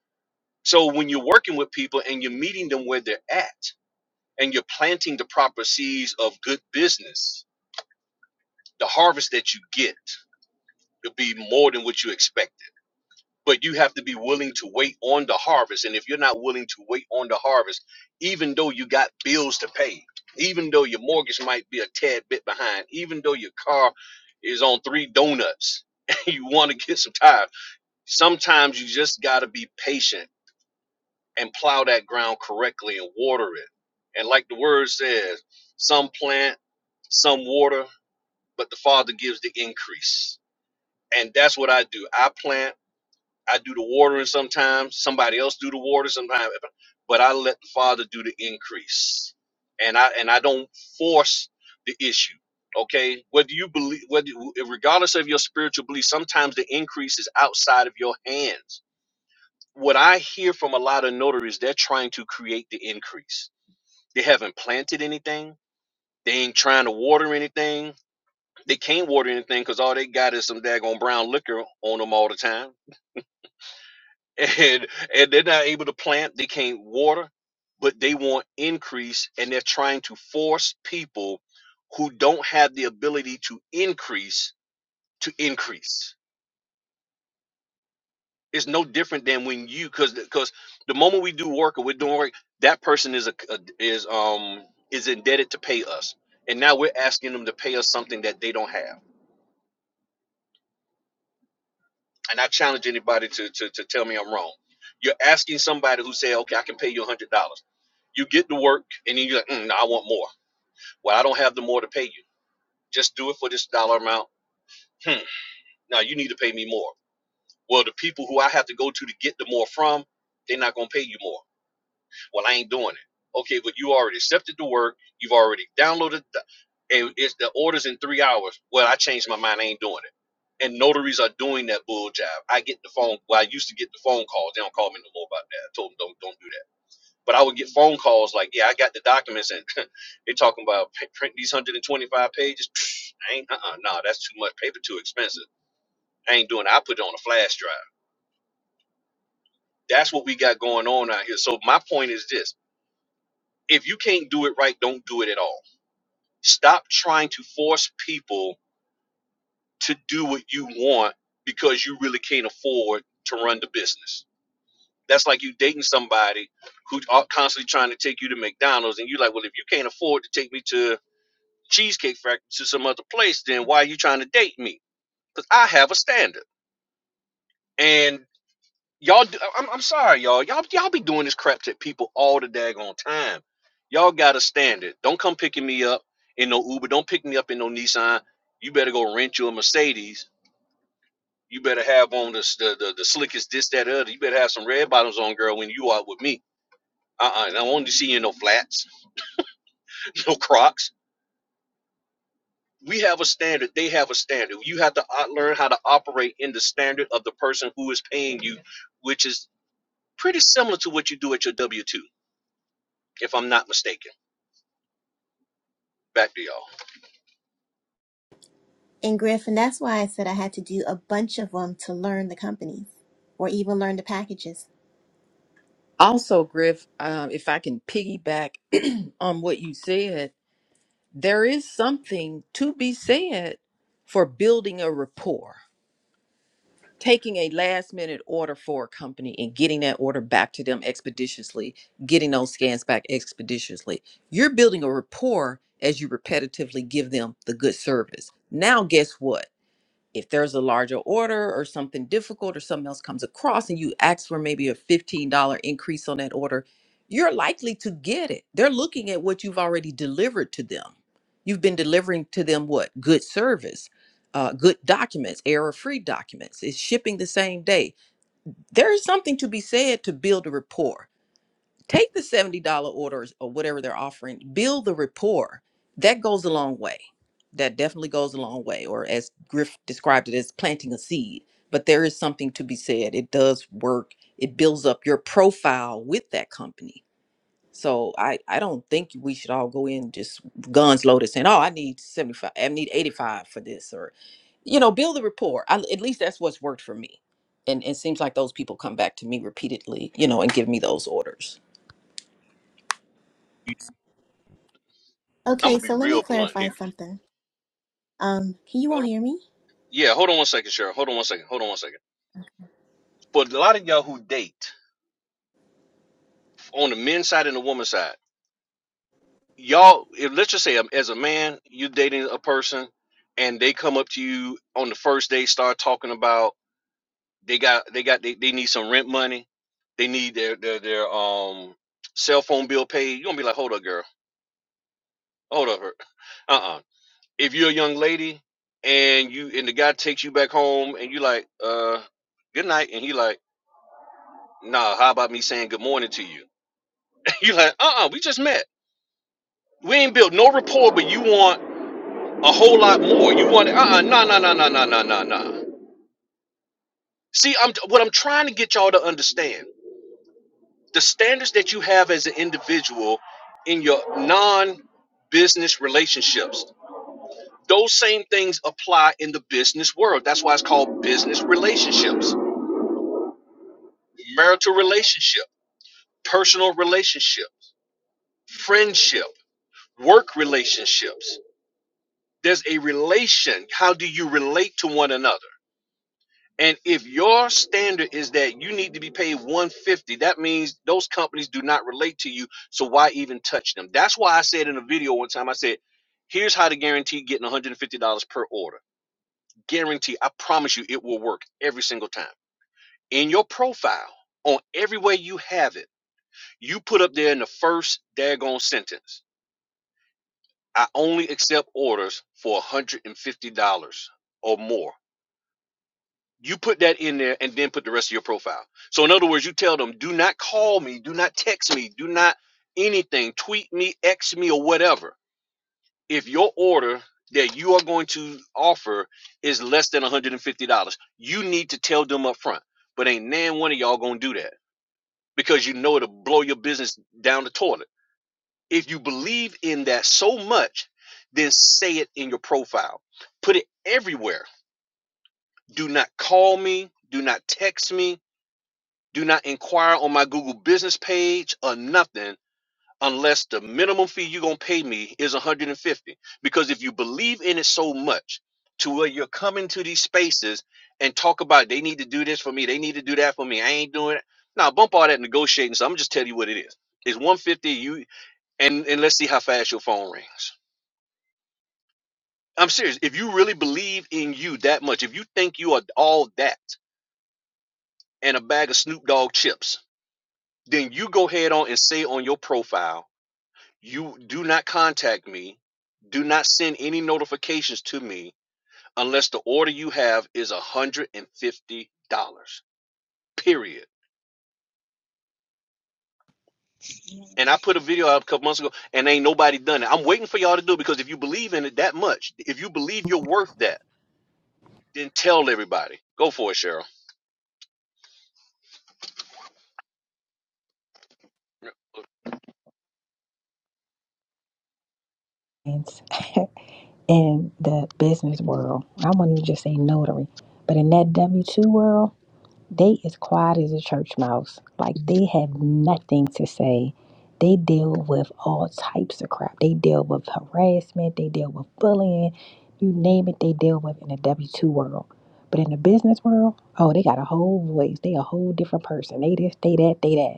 So when you're working with people and you're meeting them where they're at and you're planting the proper seeds of good business, the harvest that you get will be more than what you expected but you have to be willing to wait on the harvest and if you're not willing to wait on the harvest even though you got bills to pay even though your mortgage might be a tad bit behind even though your car is on three donuts and you want to get some tires sometimes you just got to be patient and plow that ground correctly and water it and like the word says some plant some water but the father gives the increase and that's what i do i plant I do the watering sometimes. Somebody else do the water sometimes, but I let the Father do the increase, and I and I don't force the issue. Okay, whether you believe, whether regardless of your spiritual belief, sometimes the increase is outside of your hands. What I hear from a lot of notaries, they're trying to create the increase. They haven't planted anything. They ain't trying to water anything. They can't water anything because all they got is some daggone brown liquor on them all the time and and they're not able to plant they can't water but they want increase and they're trying to force people who don't have the ability to increase to increase it's no different than when you because because the moment we do work or we're doing work that person is a, a is um is indebted to pay us and now we're asking them to pay us something that they don't have and i challenge anybody to to, to tell me i'm wrong you're asking somebody who say okay i can pay you $100 You get to work and you're like, mm, no, I want more. Well, I don't have the more to pay you. Just do it for this dollar amount. Hmm. Now you need to pay me more. Well, the people who I have to go to to get the more from, they're not going to pay you more. Well, I ain't doing it. Okay, but you already accepted the work. You've already downloaded the, and it's the orders in three hours. Well, I changed my mind. I ain't doing it. And notaries are doing that bull job. I get the phone. Well, I used to get the phone calls. They don't call me no more about that. I told them don't don't do that But I would get phone calls like, "Yeah, I got the documents, and they're talking about print these 125 pages. I ain't, uh-uh, no, nah, that's too much paper, too expensive. I ain't doing. It. I put it on a flash drive. That's what we got going on out here. So my point is this: if you can't do it right, don't do it at all. Stop trying to force people to do what you want because you really can't afford to run the business. That's like you dating somebody who's constantly trying to take you to McDonald's, and you're like, "Well, if you can't afford to take me to Cheesecake Factory to some other place, then why are you trying to date me? Because I have a standard. And y'all, do, I'm, I'm sorry, y'all. Y'all, y'all be doing this crap to people all the daggone time. Y'all got a standard. Don't come picking me up in no Uber. Don't pick me up in no Nissan. You better go rent you a Mercedes. You better have on the, the, the, the slickest this, that, other. You better have some red bottoms on, girl, when you out with me. Uh-uh. I don't want to see you in no flats, no Crocs. we have a standard they have a standard you have to o- learn how to operate in the standard of the person who is paying you which is pretty similar to what you do at your w2 if i'm not mistaken back to y'all
And Griff, and that's why I said I had to do a bunch of them to learn the companies or even learn the packages.
Also, Griff, um, if I can piggyback on what you said, there is something to be said for building a rapport. taking a last minute order for a company and getting that order back to them expeditiously, getting those scans back expeditiously. You're building a rapport as you repetitively give them the good service. Now, guess what? if there's a larger order or something difficult or something else comes across and you ask for maybe a $15 increase on that order, you're likely to get it. They're looking at what you've already delivered to them. You've been delivering to them what? Good service, uh, good documents, error free documents. It's shipping the same day. There is something to be said to build a rapport Take the $70 orders or whatever they're offering, build the rapport. That goes a long way. That definitely goes a long way, or as Griff described it, as planting a seed. But there is something to be said. It does work, it builds up your profile with that company. So I, I don't think we should all go in just guns loaded saying, oh, I need 75, I need 85 for this, or, you know, build the rapport. I, at least that's what's worked for me and it seems like those people come back to me repeatedly, you know, and give me those orders.
i'm
Okay,
gonna be
so let me
real blunt
clarify
here
something. Um, can you all
hold on.
hear me?
yeah hold on one second Cheryl. hold on one second hold on one second for a lot of y'all who date on the men's side and the woman's side y'all if, let's just say um, as a man you're dating a person and they come up to you on the first day start talking about They got they got they, they need some rent money. They need their their their um cell phone bill paid. You're gonna be like, hold up, girl, hold up, her. Uh-uh. If you're a young lady and you and the guy takes you back home and you like, uh, good night, and he like, nah, how about me saying good morning to you? you like, uh-uh, we just met. We ain't built no rapport, but you want a whole lot more. You want uh-uh, nah, nah, nah, nah, nah, nah, nah, nah. See, I'm what I'm trying to get y'all to understand the standards that you have as an individual in your non-business relationships those same things apply in the business world that's why it's called business relationships marital relationship personal relationship friendship work relationships there's a relation how do you relate to one another And if your standard is that you need to be paid 150, that means those companies do not relate to you. So why even touch them? That's why I said in a video one time, I said, here's how to guarantee getting $150 per order. Guarantee, I promise you it will work every single time. In your profile, on every way you have it, you put up there in the first daggone sentence, I only accept orders for $150 or more You put that in there and then put the rest of your profile. So in other words, you tell them, do not call me, do not text me, do not anything, tweet me, X me, or whatever. If your order that you are going to offer is less than $150, you need to tell them up front. But ain't nan one of y'all gonna do that because you know it'll blow your business down the toilet. If you believe in that so much, then say it in your profile. Put it everywhere. Do not call me, do not text me, Do not inquire on my Google business page or nothing unless the minimum fee you're gonna pay me is 150. Because if you believe in it so much to where you're coming to these spaces and talk about they need to do this for me, they need to do that for me, I ain't doing it. Now bump all that negotiating. So I'm just telling you what it is. It's 150 you and and let's see how fast your phone rings. I'm serious. If you really believe in you that much, if you think you are all that and a bag of Snoop Dogg chips, then you go ahead on and say on your profile You do not contact me. Do not send any notifications to me unless the order you have is $150. Period. And I put a video out a couple months ago and ain't nobody done it. I'm waiting for y'all to do it because if you believe in it that much, if you believe you're worth that, then tell everybody. Go for it, Cheryl.
friends in the business world. I won't even just say notary, but in that W two world, they as quiet as a church mouse. Like they have nothing to say. They deal with all types of crap. They deal with harassment. They deal with bullying. You name it, they deal with in the W two world. But in the business world, oh, they got a whole voice. They a whole different person. They this, they that, they that.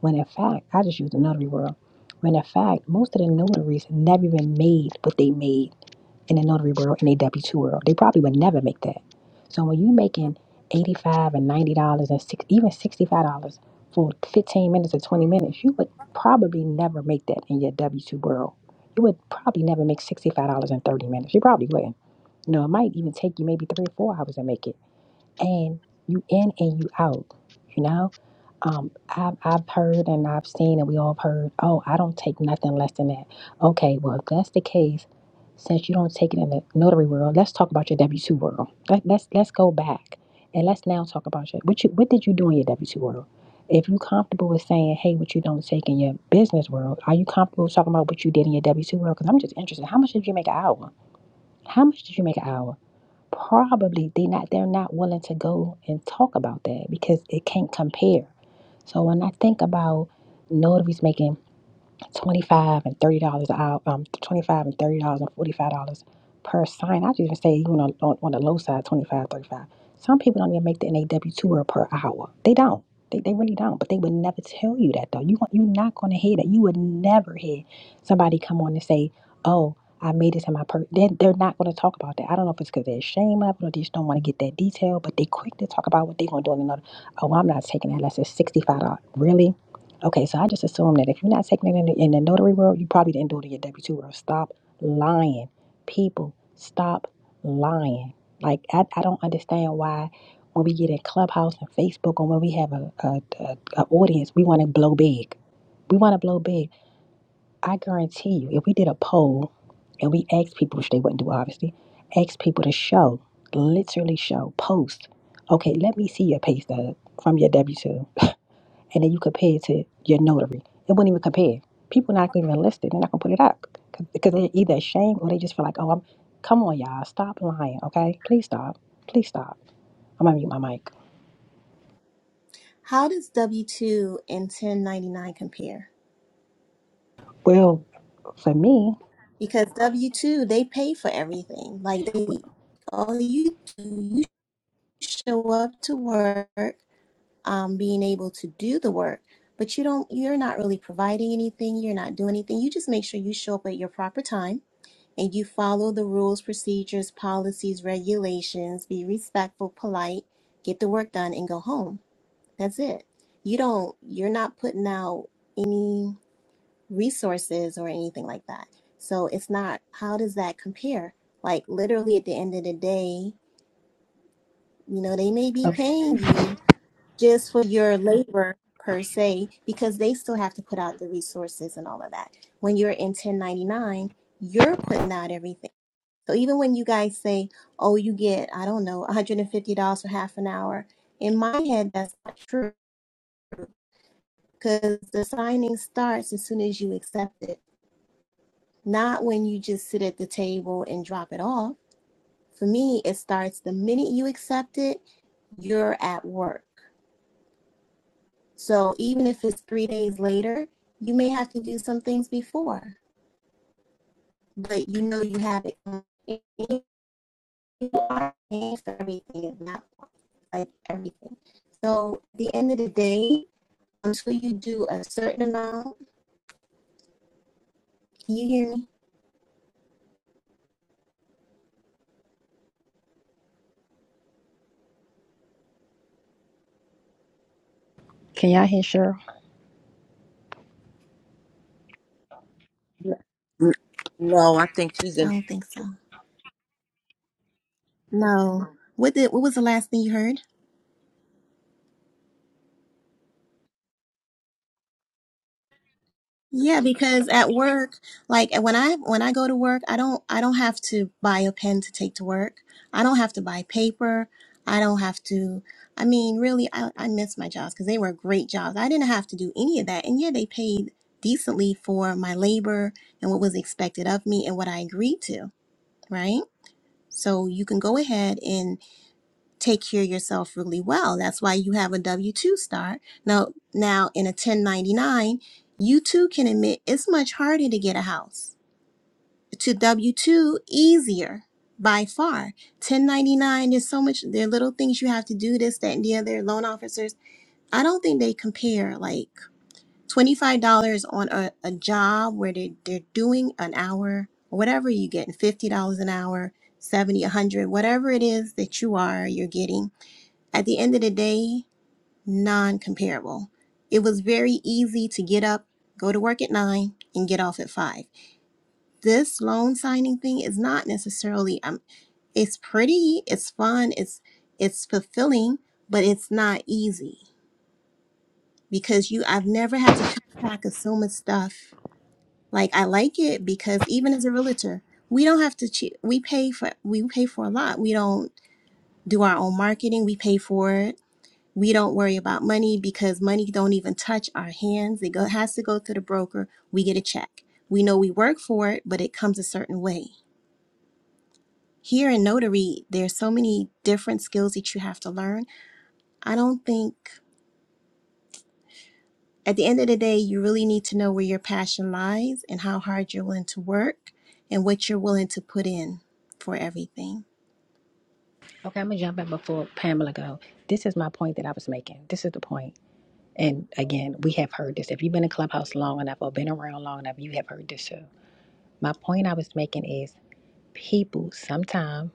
When in fact, I just use the notary world. When in fact, most of the notaries never even made what they made in the notary world in a W two world. They probably would never make that. So when you making eighty five and ninety dollars and six, even sixty five dollars for fifteen minutes or twenty minutes, you would probably never make that in your W two world. You would probably never make sixty five dollars in thirty minutes. You probably wouldn't. You know, it might even take you maybe three or four hours to make it and you in and you out you know um I've, I've heard and i've seen and we all have heard oh i don't take nothing less than that okay well if that's the case since you don't take it in the notary world let's talk about your w2 world Let, let's let's go back and let's now talk about your what you what did you do in your w2 world if you're comfortable with saying hey what you don't take in your business world are you comfortable talking about what you did in your w2 world because i'm just interested how much did you make an hour how much did you make an hour probably they not they're not willing to go and talk about that because it can't compare. So when I think about notaries making 25 and $30 an hour, um, 25 and $30 and $45 per sign. I just even say even on, on, on the low side, 25, 35. Some people don't even make the naw tour per hour. They don't. They, they really don't. But they would never tell you that though. You want you're not gonna hear that. You would never hear somebody come on and say, Oh, I made this in my per they they're not gonna talk about that. I don't know if it's because they're ashamed of it or they just don't want to get that detail, but they quick to talk about what they're gonna do in another oh I'm not taking that unless it's sixty five dollars. Really? Okay, so I just assume that if you're not taking it in the, in the notary world, you probably didn't do it in your W two world. Stop lying, people. Stop lying. Like I, I don't understand why when we get in Clubhouse and Facebook and when we have a a, a, a audience, we want to blow big. We want to blow big. I guarantee you, if we did a poll and we asked people, which they wouldn't do obviously, asked people to show, literally show, post. Okay, let me see your pay stub from your W two. and then you compare it to your notary. It wouldn't even compare. People not gonna even list it. They're not gonna put it up because they're either ashamed or they just feel like, oh, I'm. Come on, y'all, stop lying, okay? Please stop. Please stop. I'm gonna mute my mic.
How does W 2 and 1099 compare?
Well, for me,
Because W 2, they pay for everything. Like, they, all you do, you show up to work, um, being able to do the work, but you don't, you're not really providing anything. You're not doing anything. You just make sure you show up at your proper time and you follow the rules, procedures, policies, regulations, be respectful, polite, get the work done, and go home That's it. You don't, you're not putting out any resources or anything like that. So it's not, how does that compare? Like literally at the end of the day, you know, they may be
oh,
paying you just for your labor per se, because they still have to put out the resources and all of that. When you're in 1099, you're putting out everything. So even when you guys say, oh, you get, I don't know, $150 for half an hour, in my head, that's not true because the signing starts as soon as you accept it, not when you just sit at the table and drop it off. For me, it starts the minute you accept it, you're at work. So even if it's three days later, you may have to do some things before, but you know you have it. You are paying for everything at that point, like everything. So at the end of the day, until you do a certain amount, can you hear me?
can y'all hear Cheryl?
N- n- No, I think she's
I
in
don't think so. No. What did what was the last thing you heard? Yeah, because at work, like when I when I go to work, I don't I don't have to buy a pen to take to work. I don't have to buy paper. I don't have to I mean, really I, I miss my jobs because they were great jobs. I didn't have to do any of that. And yeah, they paid decently for my labor and what was expected of me and what I agreed to, right? So you can go ahead and. take care of yourself really well. That's why you have a W two start. Now, now in a ten ninety nine, you too can admit it's much harder to get a house. To W two, easier by far. Ten ninety nine, there's so much. There are little things you have to do. This, that, and the other. Loan officers. I don't think they compare. Like twenty five dollars on a, a job where they they're doing an hour or whatever you get, fifty dollars an hour. 70, a 100, whatever it is that you are, you're getting at the end of the day, non comparable. It was very easy to get up, go to work at nine, and get off at five. This loan signing thing is not necessarily um it's pretty, it's fun, it's it's fulfilling, but it's not easy because you I've never had to keep track of so much stuff. Like I like it because even as a realtor, we don't have to che- we pay for we pay for a lot. We don't do our own marketing, we pay for it We don't worry about money because money don't even touch our hands. It go, has to go through the broker. We get a check. We know we work for it, but it comes a certain way. Here in notary, there's so many different skills that you have to learn. I don't think at the end of the day, you really need to know where your passion lies and how hard you're willing to work and what you're willing to put in for everything.
Okay, I'm gonna jump in before Pamela go. This is my point that I was making. This is the point. And again, we have heard this. If you've been in Clubhouse long enough or been around long enough, you have heard this too. My point I was making is people sometime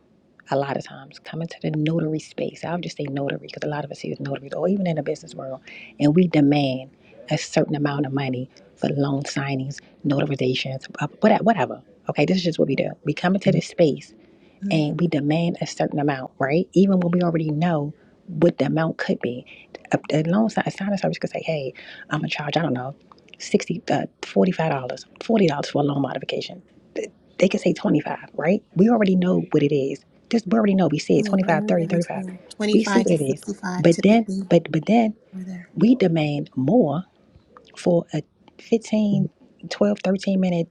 a lot of times come into the notary space. I'll just say notary because a lot of us use notaries or even in the business world, and we demand a certain amount of money for loan signings, notarizations, uh, what- whatever. Okay, this is just what we do. We come into this space
Mm-hmm.
and we demand a certain amount, right? Even when we already know what the amount could be. A, a loan sign, a signing service could say, hey, I'm going to charge, I don't know, 60 uh, $45, dollars, $40 for a loan modification. Th- They could say 25 right? We already know what it is. Just we already know. We see it
Yeah,
25, 30,
anywhere
35.
between
We see
25
what
to
it is.
65
But then,
typically
but but then
over there.
we demand more for a fifteen, twelve, thirteen minute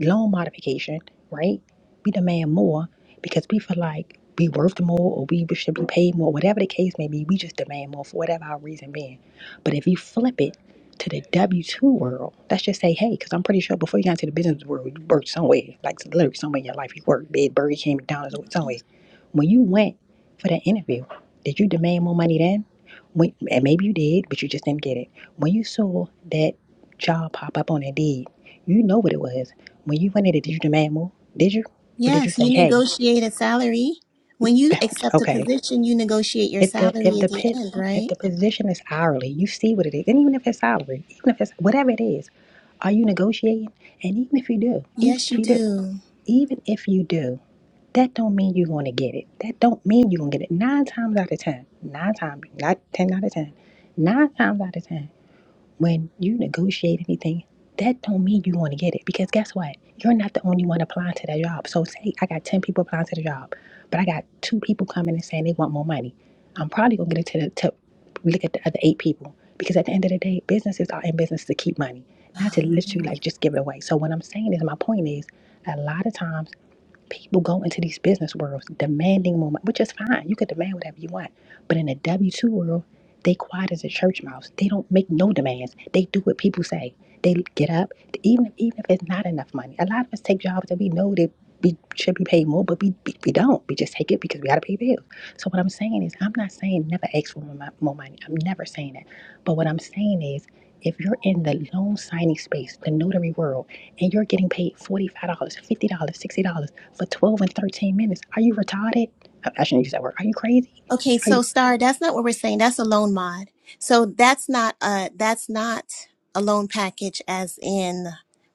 loan modification, right? We demand more because we feel like we worth more or we should be paid more, whatever the case may be, we just demand more for whatever our reason being. But if you flip it to the W 2 world, let's just say, hey, because I'm pretty sure before you got into the business world, you worked somewhere, like literally somewhere in your life, you worked, big Burger King, McDonald's, or somewhere. When you went for that interview, did you demand more money then? When, and maybe you did, but you just didn't get it. When you saw that job pop up on Indeed, you know what it was. When you went in it, did you demand more? Did you? Or did you
Yes,
say,
you
hey,
negotiate a salary. When you accept a
okay,
position, you negotiate your
if the if
salary at
the
the
pit
end,
if
right?
the position is hourly, you see what it is. And even if it's salary, even if it's whatever it is, are you negotiating? And even if you do, even
Yes,
if
you
you do,
do.
even if you do, that don't mean you're gonna get it. That don't mean you're gonna get it. Nine times out of ten, nine times, not ten out of ten, nine times out of ten. when you negotiate anything, that don't mean you want to get it because guess what? You're not the only one applying to that job. So say I got ten people applying to the job, but I got two people coming and saying they want more money. I'm probably gonna get it to the to look at the other eight people because at the end of the day, businesses are in business to keep money, not to literally like just give it away. So what I'm saying is my point is, a lot of times People go into these business worlds demanding more money, which is fine. You can demand whatever you want. But in the W 2 world, they quiet as a church mouse. They don't make no demands. They do what people say. They get up, even, if, even if it's not enough money. A lot of us take jobs that we know that we should be paid more, but we, we, we don't. We just take it because we got to pay bills. So, what I'm saying is, I'm not saying never ask for more, mon- more money. I'm never saying that. But what I'm saying is, if you're in the loan signing space, the notary world, and you're getting paid $45, dollars, $50, dollars, $60 for 12 and 13 minutes. Are you retarded? I shouldn't use that word. Are you crazy?
Okay,
Are
so
you
Star, that's not what we're saying. That's a loan mod. So that's not uh that's not a loan package as in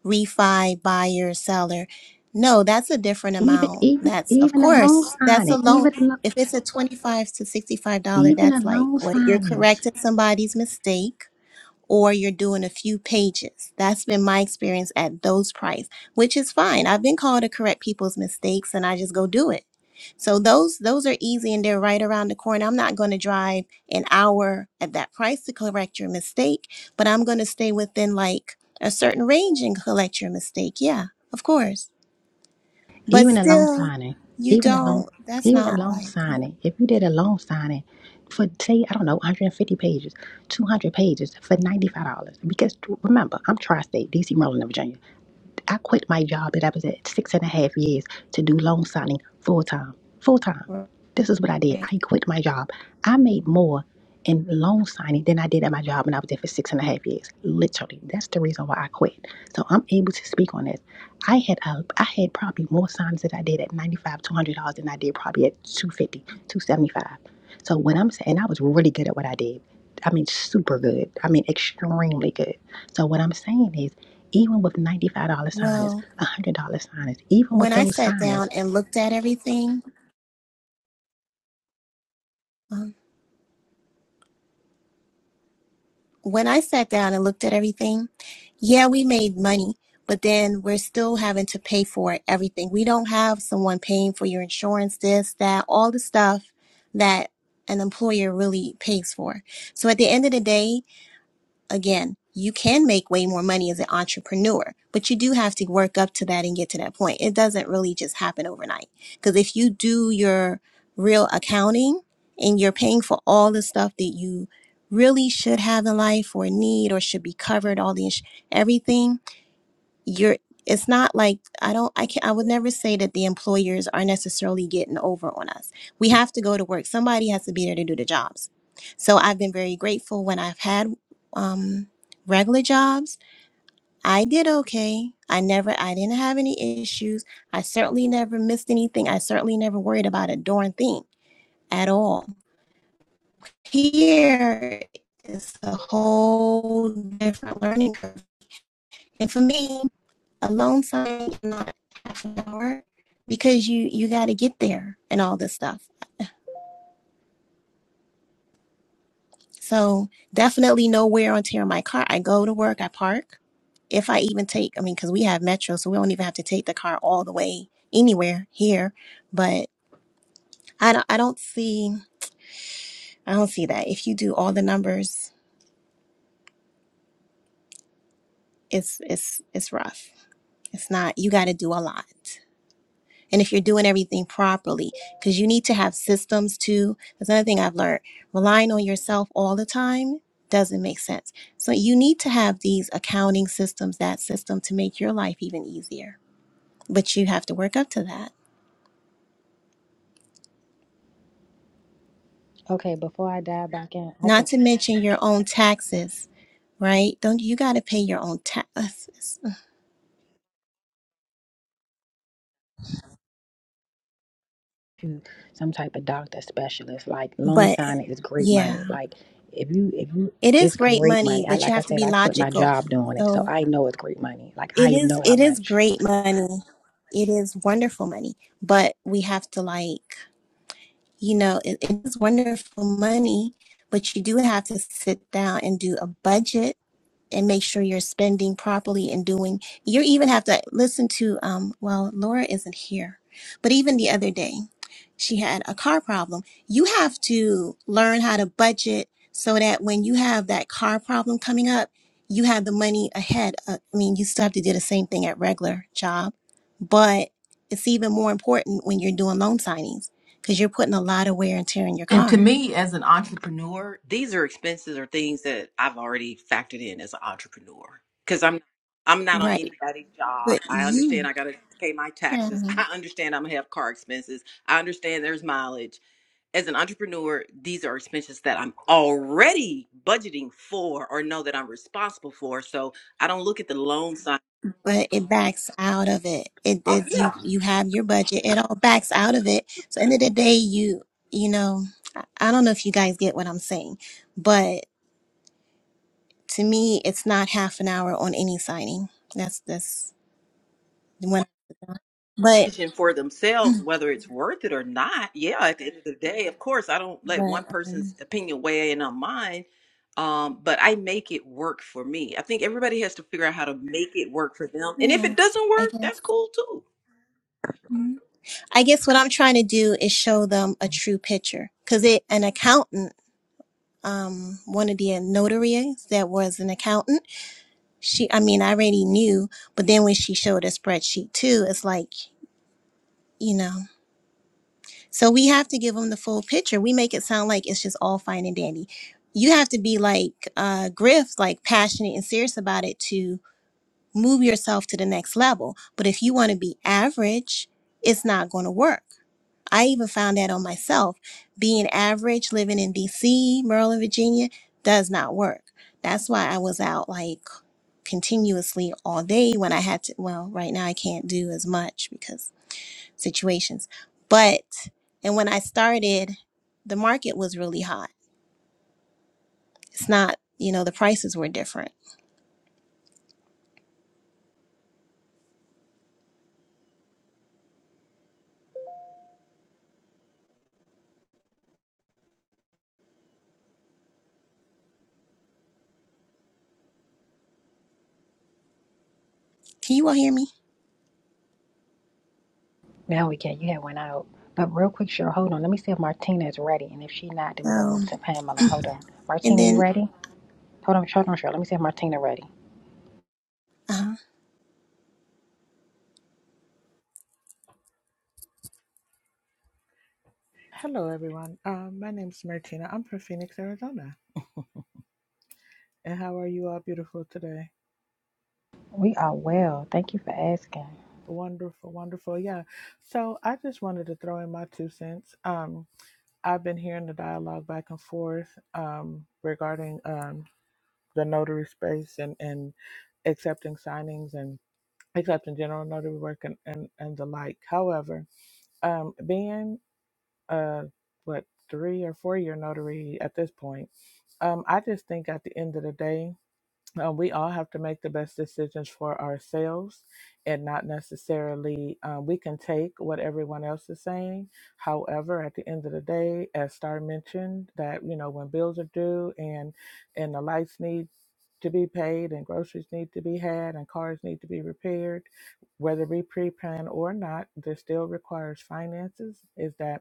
refi, buyer, seller. No, that's a different
even
amount.
even
That's of
even a
course
loan
that's a
signing,
loan.
even a lo-
If it's a twenty-five to sixty-five dollar,
even a
that's like
loan
what you're
signing,
correcting somebody's mistake or you're doing a few pages. That's been my experience at those price, which is fine. I've been called to correct people's mistakes and I just go do it so those those are easy and they're right around the corner. I'm not going to drive an hour at that price to correct your mistake, but I'm going to stay within like a certain range and correct your mistake. Yeah, of course. But
even a loan
still,
signing,
you
even a loan
don't. That's
even a
not
loan
like
signing. If you did a loan signing for say I don't know 150 pages, 200 pages for $95 because remember, I'm tri-state, DC, Maryland, and Virginia. I quit my job that I was at six and a half years to do loan signing full time. Full time. This is what I did.
right.
I quit my job. I made more in loan signing than I did at my job when I was there for six and a half years. Literally. That's the reason why I quit. So I'm able to speak on this. I had uh, I had probably more signs that I did at 95 200 dollars than I did probably at two fifty two seventy five. so what I'm saying I was really good at what I did I mean super good I mean extremely good so what I'm saying is even with $95 signers
Well,
$100 signers even
when
with
I
those
sat down
signers
and looked at everything. um, when I sat down and looked at everything, yeah, we made money, but then we're still having to pay for everything. We don't have someone paying for your insurance, this, that, all the stuff that an employer really pays for. So at the end of the day, again, you can make way more money as an entrepreneur, but you do have to work up to that and get to that point. It doesn't really just happen overnight. Because if you do your real accounting and you're paying for all the stuff that you really should have in life or need or should be covered, all the ins- everything, you're it's not like i don't i can i would never say that the employers are necessarily getting over on us we have to go to work somebody has to be there to do the jobs so i've been very grateful when i've had um regular jobs i did okay i never i didn't have any issues i certainly never missed anything i certainly never worried about a darn thing at all here is a whole different learning curve and for me alone time and not half an hour because you you got to get there and all this stuff so definitely no wear on tear on my car i go to work i park if i even take i mean because we have metro so we don't even have to take the car all the way anywhere here but i don't i don't see i don't see that if you do all the numbers it's it's it's rough it's not you got to do a lot and if you're doing everything properly because you need to have systems too that's another thing i've learned relying on yourself all the time doesn't make sense so you need to have these accounting systems that system to make your life even easier but you have to work up to that
okay before I dive back in I think
not to mention your own taxes right don't you got to pay your own taxes
to some type of doctor specialist. Like loan
but
signing is great money.
yeah
Like if you if you
it is
it's
great
great
money
money. I
but you
like I
have to
said,
be
I quit my
logical
job doing it, so
so
I know it's great money. Like
It
I
is
know how
it is
much.
great money. It is wonderful money, but we have to like, you know, it, it is wonderful money, but you do have to sit down and do a budget and make sure you're spending properly and doing you even have to listen to um well Laura isn't here but even the other day she had a car problem you have to learn how to budget so that when you have that car problem coming up you have the money ahead Uh, I mean you still have to do the same thing at regular job but it's even more important when you're doing loan signings because you're putting a lot of wear and tear in your
And to
car
me, as an entrepreneur, these are expenses or things that I've already factored in as an entrepreneur because I'm I'm not on
right
anybody's
but
job. I understand
you
I got to pay my taxes. I understand I'm gonna have car expenses. I understand there's mileage. As an entrepreneur, these are expenses that I'm already budgeting for or know that I'm responsible for. So I don't look at the loan sign.
but it backs out of it. It
Oh
is
yeah.
you you have your budget. It all backs out of it. So end of the day, you you know, I I don't know if you guys get what I'm saying, but to me, it's not half an hour on any signing. That's that's the one. But
decision for themselves whether it's worth it or not. Yeah, at the end of the day, of course, I don't let
but
one person's
um,
opinion weigh in on mine, um, but I make it work for me. I think everybody has to figure out how to make it work for them, and if
yeah,
it doesn't
I
work,
guess.
that's cool too.
Mhm. I guess what I'm trying to do is show them a true picture because it an accountant. Um, one of the notaries that was an accountant. she i mean i already knew but then when she showed a spreadsheet too it's like you know so we have to give them the full picture we make it sound like it's just all fine and dandy you have to be like uh griff like passionate and serious about it to move yourself to the next level but if you want to be average it's not going to work i even found that on myself being average living in dc maryland virginia does not work that's why i was out like continuously all day when I had to. Well, right now I can't do as much because situations. But, and when I started, the market was really hot. It's not, you know, the prices were different. Can you all hear me?
Now we can you had one out. But real quick, sure, hold on. Let me see if Martina is ready. And if she not, then we're gonna move
Um,
to Pamela. Hold on.
and
Martina, you
then
ready? Hold on, hold on, sure. Let me see if Martina ready.
uh,
Hello, everyone. Um, my name's Martina. I'm from Phoenix, Arizona. And how are you all beautiful today?
We are well. Thank you for asking.
Wonderful, wonderful. Yeah. So I just wanted to throw in my two cents. Um, I've been hearing the dialogue back and forth um, regarding um, the notary space and, and accepting signings and accepting general notary work and, and, and the like. However, um, being a, what, three or four year notary at this point, um, I just think at the end of the day, Uh, we all have to make the best decisions for ourselves and not necessarily uh, we can take what everyone else is saying however at the end of the day as star mentioned that you know when bills are due and and the lights need to be paid and groceries need to be had and cars need to be repaired whether we pre-plan or not this still requires finances is that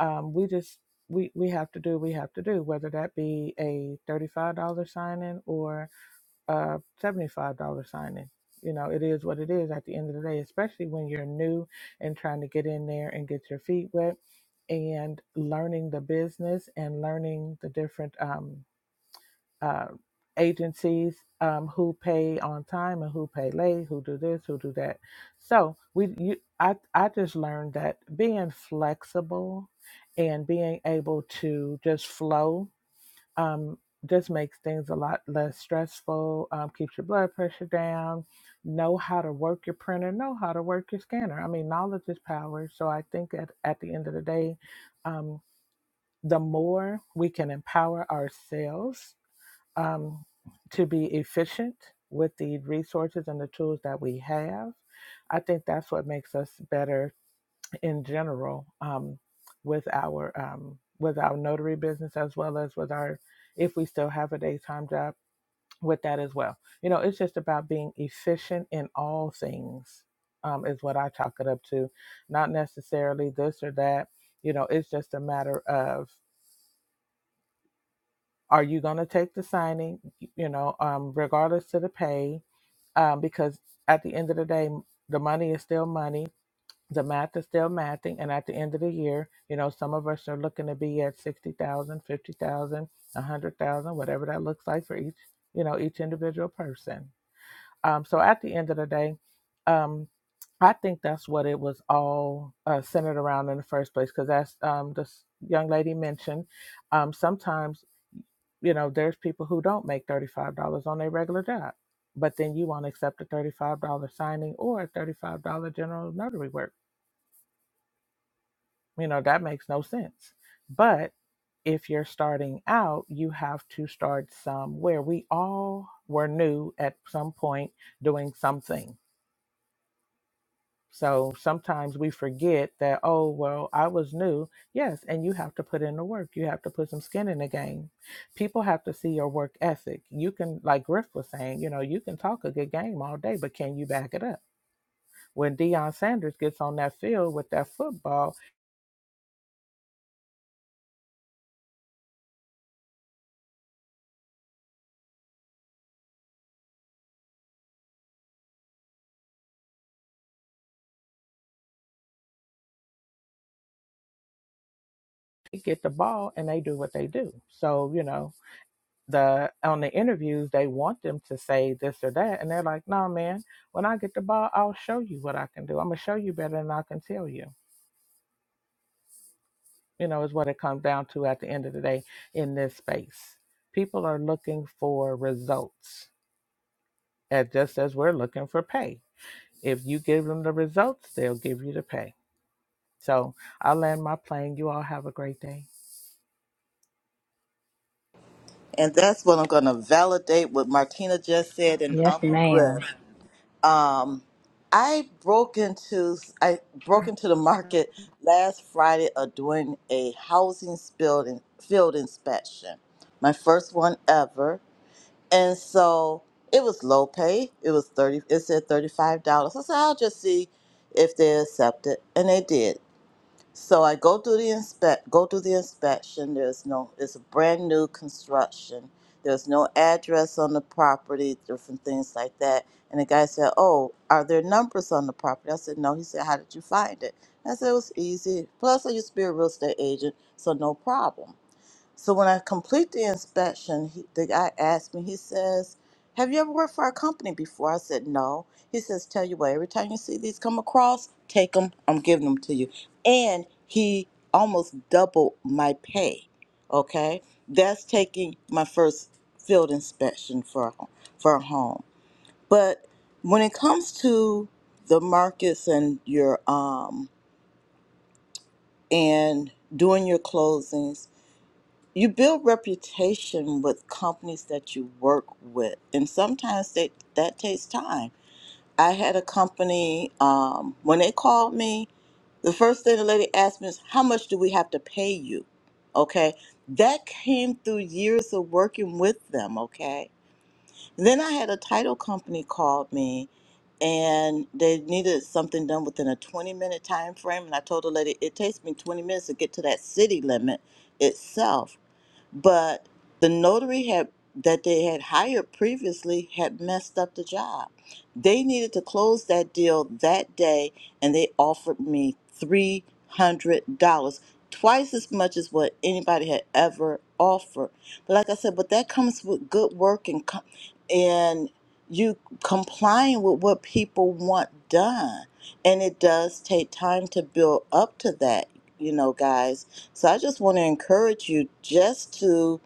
um, we just we, we have to do we have to do whether that be a $35 sign in or uh, $75 signing. You know, it is what it is at the end of the day, especially when you're new and trying to get in there and get your feet wet and learning the business and learning the different um, uh, agencies um, who pay on time and who pay late, who do this, who do that. So we, you, I, I just learned that being flexible and being able to just flow um, just makes things a lot less stressful, um, keeps your blood pressure down, know how to work your printer, know how to work your scanner. I mean, knowledge is power. So I think at, at the end of the day, um, the more we can empower ourselves um, to be efficient with the resources and the tools that we have, I think that's what makes us better in general um, with our um, with our notary business as well as with our if we still have a daytime job with that as well. You know, it's just about being efficient in all things um, is what I chalk it up to. Not necessarily this or that. You know, it's just a matter of are you going to take the signing? You know, um, regardless to the pay, um, because at the end of the day, the money is still money the math is still mathing and at the end of the year you know some of us are looking to be at 60,000, 50,000, a 100,000 whatever that looks like for each you know each individual person um so at the end of the day um I think that's what it was all uh, centered around in the first place because as um this young lady mentioned um sometimes you know there's people who don't make $35 on their regular job but then you won't accept a $35 signing or a $35 general notary work you know, that makes no sense. But if you're starting out, you have to start somewhere. We all were new at some point doing something. So sometimes we forget that, oh, well, I was new. Yes, and you have to put in the work. You have to put some skin in the game. People have to see your work ethic. You can, like Griff was saying, you know, you can talk a good game all day, but can you back it up? When Deion Sanders gets on that field with that football, they get the ball and they do what they do. So, you know, the on the interviews they want them to say this or that and they're like, No man, when I get the ball, I'll show you what I can do. I'm gonna show you better than I can tell you. You know, is what it comes down to at the end of the day in this space. People are looking for results. And just as we're looking for pay. If you give them the results, they'll give you the pay. So I'll land my plane. You all have a great day.
And that's what I'm going to validate what Martina just said and
Yes,
Uncle
ma'am.
Griff. Um, I broke into I broke into the market last Friday of doing a housing building field inspection, my first one ever. And so it was low pay. It was thirty. It said thirty five dollars. I said I'll just see if they accept it, and they did. So I go through the inspect, go through the inspection. There's no, it's a brand new construction. There's no address on the property, different things like that. And the guy said, "Oh, are there numbers on the property?" I said, "No." He said, "How did you find it?" I said, "It was easy. Plus, I used to be a real estate agent, so no problem." So when I complete the inspection, he, the guy asked me, he says, Have you ever worked for our company before? I said, No. He says, Tell you what, every time you see these come across, take them. I'm giving them to you. And he almost doubled my pay. Okay. That's taking my first field inspection for, a- for a home. But when it comes to the markets and your, um, and doing your closings, you build reputation with companies that you work with and sometimes that that takes time i had a company um, when they called me the first thing the lady asked me is how much do we have to pay you okay that came through years of working with them okay then i had a title company called me and they needed something done within a 20 minute time frame and i told the lady it takes me 20 minutes to get to that city limit itself but the notary had that they had hired previously had messed up the job. They needed to close that deal that day, and they offered me three hundred dollars, twice as much as what anybody had ever offered. But like I said, but that comes with good work and com- and you complying with what people want done and it does take time to build up to that, you know, guys. So I just want to encourage you just to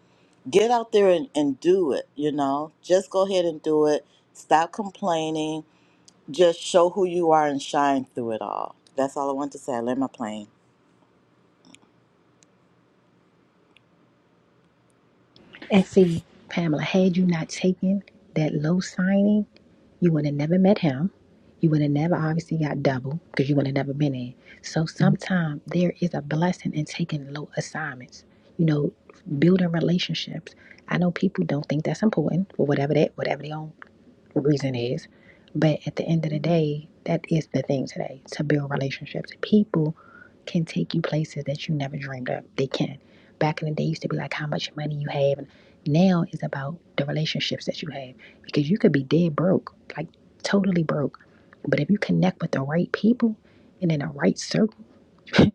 get out there and, and do it, you know. Just go ahead and do it. Stop complaining. Just show who you are and shine through it all. That's all I want to say. I land my plane.
And see, Pamela, had you not taken that low signing, you would have never met him. You would have never obviously got double because you would have never been in. So sometimes there is a blessing in taking low assignments. You know, building relationships. I know people don't think that's important for whatever that whatever their own reason is. But at the end of the day, that is the thing today to build relationships. People can take you places that you never dreamed of. They can. Back in the day, it used to be like how much money you have, and now it's about the relationships that you have because you could be dead broke, like totally broke, but if you connect with the right people and in the right circle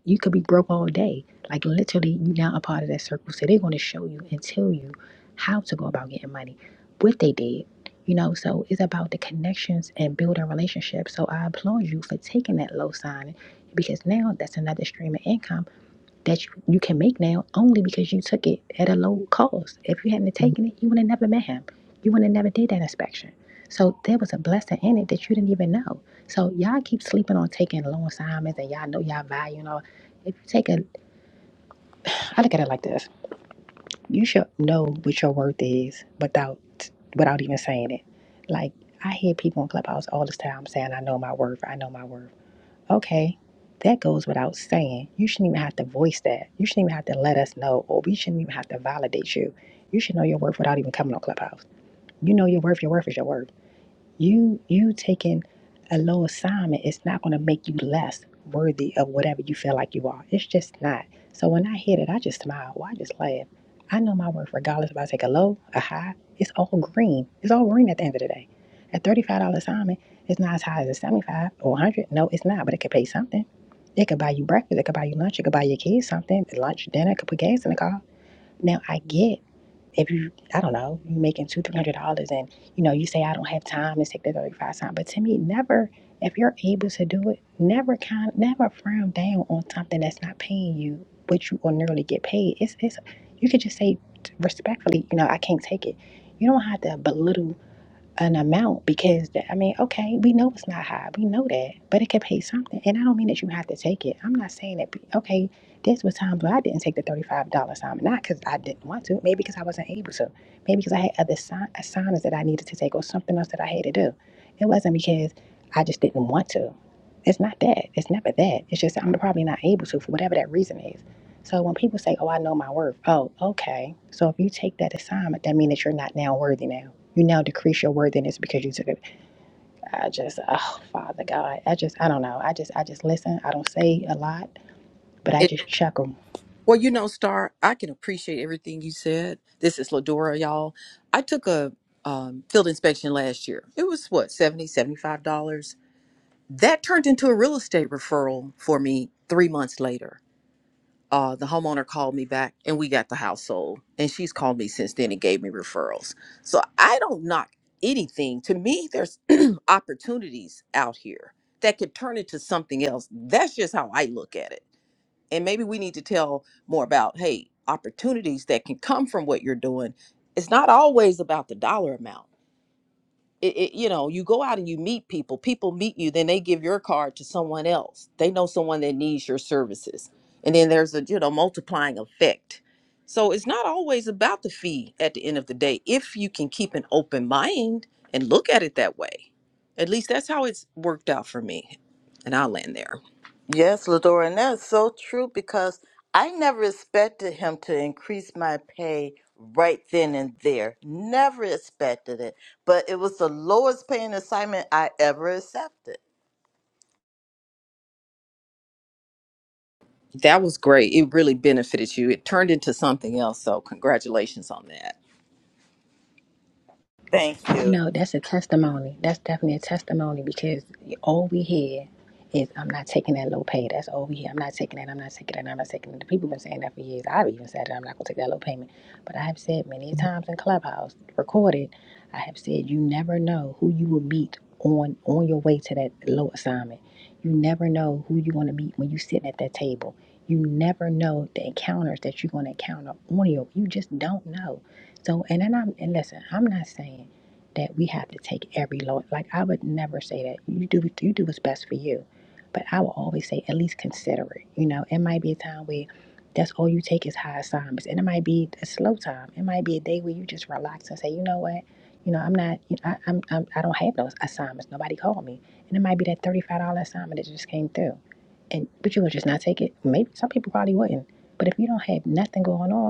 you could be broke all day. Like literally, you're not a part of that circle. So they're going to show you and tell you how to go about getting money, what they did. You know, so it's about the connections and building relationships. So I applaud you for taking that low sign because now that's another stream of income that you, you can make now only because you took it at a low cost. If you hadn't taken it, you would have never met him. You would have never did that inspection. So there was a blessing in it that you didn't even know. So y'all keep sleeping on taking loan assignments and y'all know y'all value and all. If you take a, I look at it like this: you should know what your worth is without without even saying it. Like I hear people in clubhouse all this time saying, "I know my worth. I know my worth." Okay, that goes without saying. You shouldn't even have to voice that. You shouldn't even have to let us know, or we shouldn't even have to validate you. You should know your worth without even coming on Clubhouse. You know your worth, your worth is your worth. You you taking a low assignment is not going to make you less worthy of whatever you feel like you are. It's just not. So when I hear that, I just smile or I just laugh. I know my worth regardless if I take a low, a high. It's all green. It's all green at the end of the day. A thirty-five dollar assignment is not as high as a seventy-five or one hundred. No, it's not. But it could pay something. It could buy you breakfast. It could buy you lunch. It could buy your kids something. Lunch, dinner. It could put gas in the car. Now I get if you I don't know, you're making two, three hundred dollars and you know, you say I don't have time and take the thirty five time. But to me, never if you're able to do it, never kind never frown down on something that's not paying you what you ordinarily get paid. It's it's you could just say respectfully, you know, I can't take it. You don't have to belittle an amount because that, I mean, okay, we know it's not high, we know that, but it could pay something. And I don't mean that you have to take it. I'm not saying that. Okay, there's was times where I didn't take the thirty-five dollar assignment, not because I didn't want to, maybe because I wasn't able to, maybe because I had other assign- assignments that I needed to take or something else that I had to do. It wasn't because I just didn't want to. It's not that. It's never that. It's just I'm probably not able to for whatever that reason is. So when people say, "Oh, I know my worth," oh, okay. So if you take that assignment, that means that you're not now worthy now you now decrease your worthiness because you took it. I just, oh, Father God, I just, I don't know. I just, I just listen. I don't say a lot, but I
It,
just chuckle
well, you know, Star, I can appreciate everything you said. This is Ladora, y'all. I took a um, field inspection last year. It was what, seventy, seventy-five dollars That turned into a real estate referral for me three months later. uh, the homeowner called me back and we got the house sold. And she's called me since then and gave me referrals. So I don't knock anything. To me, there's opportunities out here that could turn into something else. That's just how I look at it. And maybe we need to tell more about, hey, opportunities that can come from what you're doing. It's not always about the dollar amount it, it- you know you go out and you meet people people meet you then they give your card to someone else they know someone that needs your services and then there's a you know multiplying effect so it's not always about the fee at the end of the day if you can keep an open mind and look at it that way at least that's how it's worked out for me and i'll land there
Yes, Ladora, and that's so true because I never expected him to increase my pay right then and there. Never expected it. But it was the lowest paying assignment I ever accepted
that was great it really benefited you it turned into something else so congratulations on that
Thank
You
you.
know, that's a testimony. That's definitely a testimony because all we hear is I'm not taking that low pay. That's all we hear. I'm not taking that. I'm not taking that. I'm not taking it. The people have been saying that for years. I've even said that I'm not gonna take that low payment. But I have said many times in Clubhouse, recorded, I have said you never know who you will meet on on your way to that low assignment. You never know who you're gonna meet when you are sitting at that table. You never know the encounters that you're gonna encounter on your you just don't know. So and then I'm and listen, I'm not saying that we have to take every load. Like I would never say that you do you do what's best for you, but I will always say at least consider it. You know, it might be a time where that's all you take is high assignments, and it might be a slow time. It might be a day where you just relax and say, you know what, you know I'm not, you know, I, I'm, I'm I don't have those assignments. Nobody called me, and it might be that thirty five dollar assignment that just came through, and but you would just not take it. Maybe some people probably wouldn't, but if you don't have nothing going on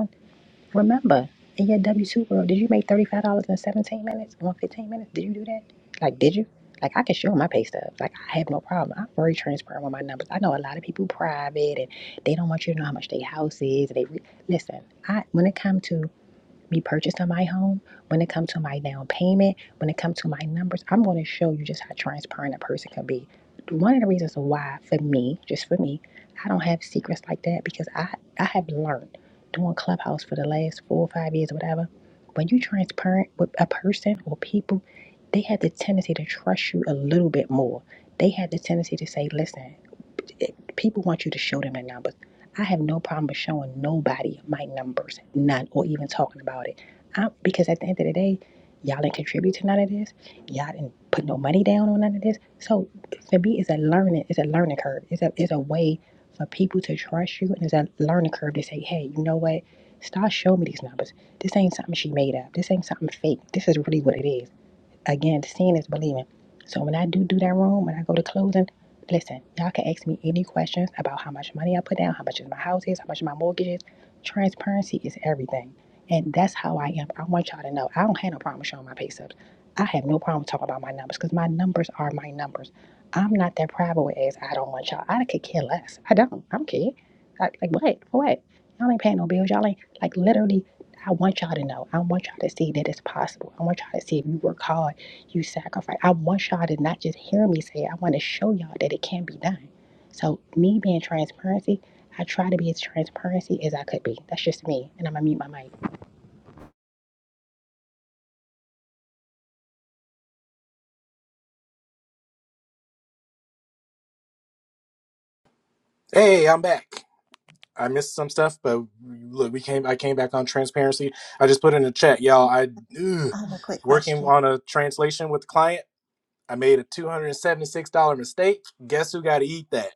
Remember, in your W two world, did you make thirty five dollars in seventeen minutes? Or fifteen minutes? Did you do that? Like, did you? Like, I can show my pay stubs. Like, I have no problem. I'm very transparent with my numbers. I know a lot of people private and they don't want you to know how much their house is. They re- listen. I when it comes to me purchasing my home, when it comes to my down payment, when it comes to my numbers, I'm going to show you just how transparent a person can be. One of the reasons why, for me, just for me, I don't have secrets like that because I, I have learned doing Clubhouse for the last four or five years or whatever. When you're transparent with a person or people, they had the tendency to trust you a little bit more. They had the tendency to say, listen, it- people want you to show them the numbers. I have no problem with showing nobody my numbers, none, or even talking about it. I, because at the end of the day, y'all didn't contribute to none of this. Y'all didn't put no money down on none of this. So for me, it's a learning, it's a learning curve. It's a it's a way for people to trust you, and it's a learning curve to say, hey, you know what? Start showing me these numbers. This ain't something she made up. This ain't something fake. This is really what it is. Again, seeing is believing. So when I do do that room, when I go to closing, listen, y'all can ask me any questions about how much money I put down, how much is my house is, how much my mortgage is. Transparency is everything. And that's how I am. I want y'all to know. I don't have no problem showing my pay stubs. I have no problem talking about my numbers because my numbers are my numbers. I'm not that private with as I don't want y'all. I could care less. I don't. I don't care. Like, like what? For what? Y'all ain't paying no bills. Y'all ain't like literally I want y'all to know. I want y'all to see that it's possible. I want y'all to see if you work hard you sacrifice. I want y'all to not just hear me say it. I want to show y'all that it can be done. So me being transparency, I try to be as transparency as I could be. That's just me. And I'm gonna mute my mic.
Hey, I'm back. I missed some stuff, but look, we came. I came back on transparency. I just put in the chat, y'all. I ugh,
I have a quick
working
question.
on a translation with the client. I made a two hundred and seventy six dollar mistake. Guess who got to eat that?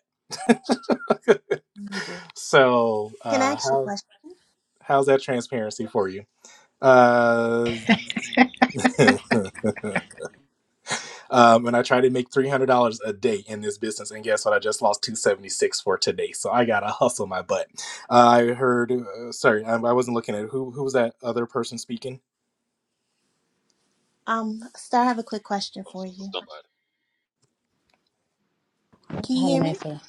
You do.
So,
Can I
uh,
ask you a
how?
question?
How's that transparency for you? Uh, um, and I try to make three hundred dollars a day in this business, and guess what? I just lost two seventy six for today, so I gotta hustle my butt. I heard. Uh, sorry, I, I wasn't looking at who. Who was that other person speaking?
Um, Star, I have a quick question for you.
Somebody.
Can you
Have a
hear me?
nice one.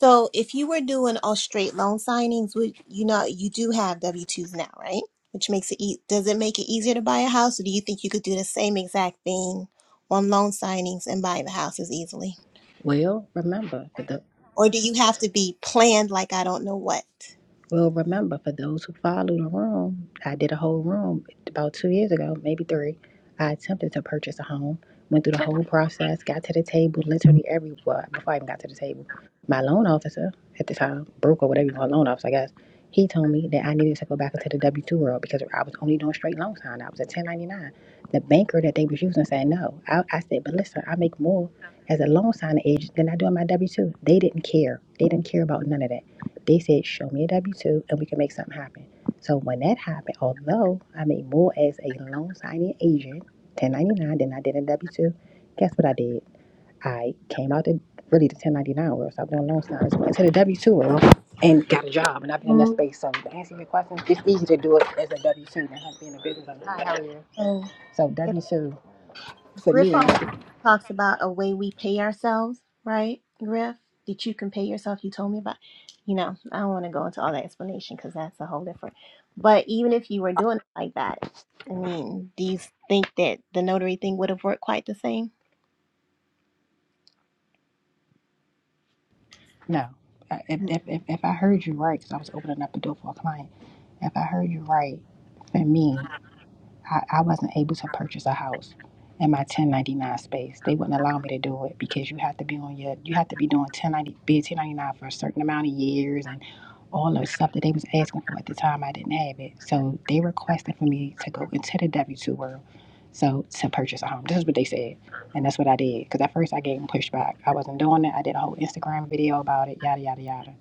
So if you were doing all straight loan signings, would you know you do have W twos now, right? Which makes it e- does it make it easier to buy a house, or do you think you could do the same exact thing on loan signings and buy the house as easily,
Well, remember, that the.
or do you have to be planned like I don't know what?
Well, remember, for those who follow the room, I did a whole room about two years ago, maybe three. I attempted to purchase a home, went through the whole process, got to the table, literally everywhere before I even got to the table. My loan officer at the time, broker, whatever you call a loan officer, I guess, he told me that I needed to go back into the W 2 world because I was only doing straight loan sign. I was at 1099. The banker that they was using said no. I, I said, but listen, I make more as a loan signing agent than I do on my W 2. They didn't care. They didn't care about none of that. They said, show me a W 2 and we can make something happen. So when that happened, although I made more as a loan signing agent, 1099, than I did in W 2, guess what I did? I came out to really the 1099 world, so I've doing loan signs, went to the W 2 world and got a job. And I've been in that space. So to answer your question, it's easy to do it as a W 2 than have to be in a business. owner. Hi, how are you?
Oh.
So W 2 for
Griff
me,
always talks about a way we pay ourselves, right? Griff, that you can pay yourself. You told me about, you know, I don't want to go into all that explanation because that's a whole different. But even if you were doing it like that, I mean, do you think that the notary thing would have worked quite the same?
no. Uh, If,
I
if, if, if I heard you right, because I was opening up the door for a client, if I heard you right, for me, I, I wasn't able to purchase a house in my 1099 space. They wouldn't allow me to do it because you have to be on your you have to be doing 1090 be a 1099 for a certain amount of years and all the stuff that they was asking for at the time I didn't have it. So they requested for me to go into the W two world so to purchase a home. This is what they said. And that's what I did. Because at first I gave them pushback. I wasn't doing it. I did a whole Instagram video about it, yada yada yada.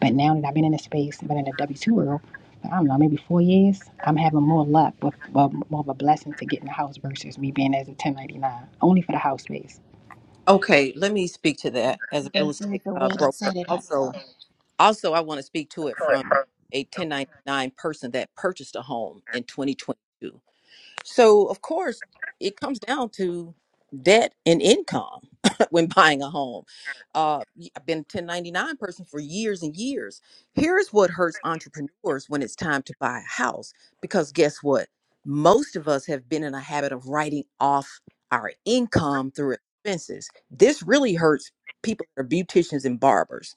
But now that I've been in the space, I've been in the W two world I don't know, maybe four years, I'm having more luck with uh, more of a blessing to get in the house versus me being as a 1099, only for the house space.
okay let me speak to that as a
Yeah.
real
think
estate
there's a way
uh,
to
broker
set it up
also
though.
Also, I want to speak to it from a 1099 person that purchased a home in 2022. So, of course, it comes down to debt and income when buying a home. Uh, y- I've been a 1099 person for years and years. Here's what hurts entrepreneurs when it's time to buy a house because guess what? Most of us have been in a habit of writing off our income through expenses. This really hurts people that are beauticians and barbers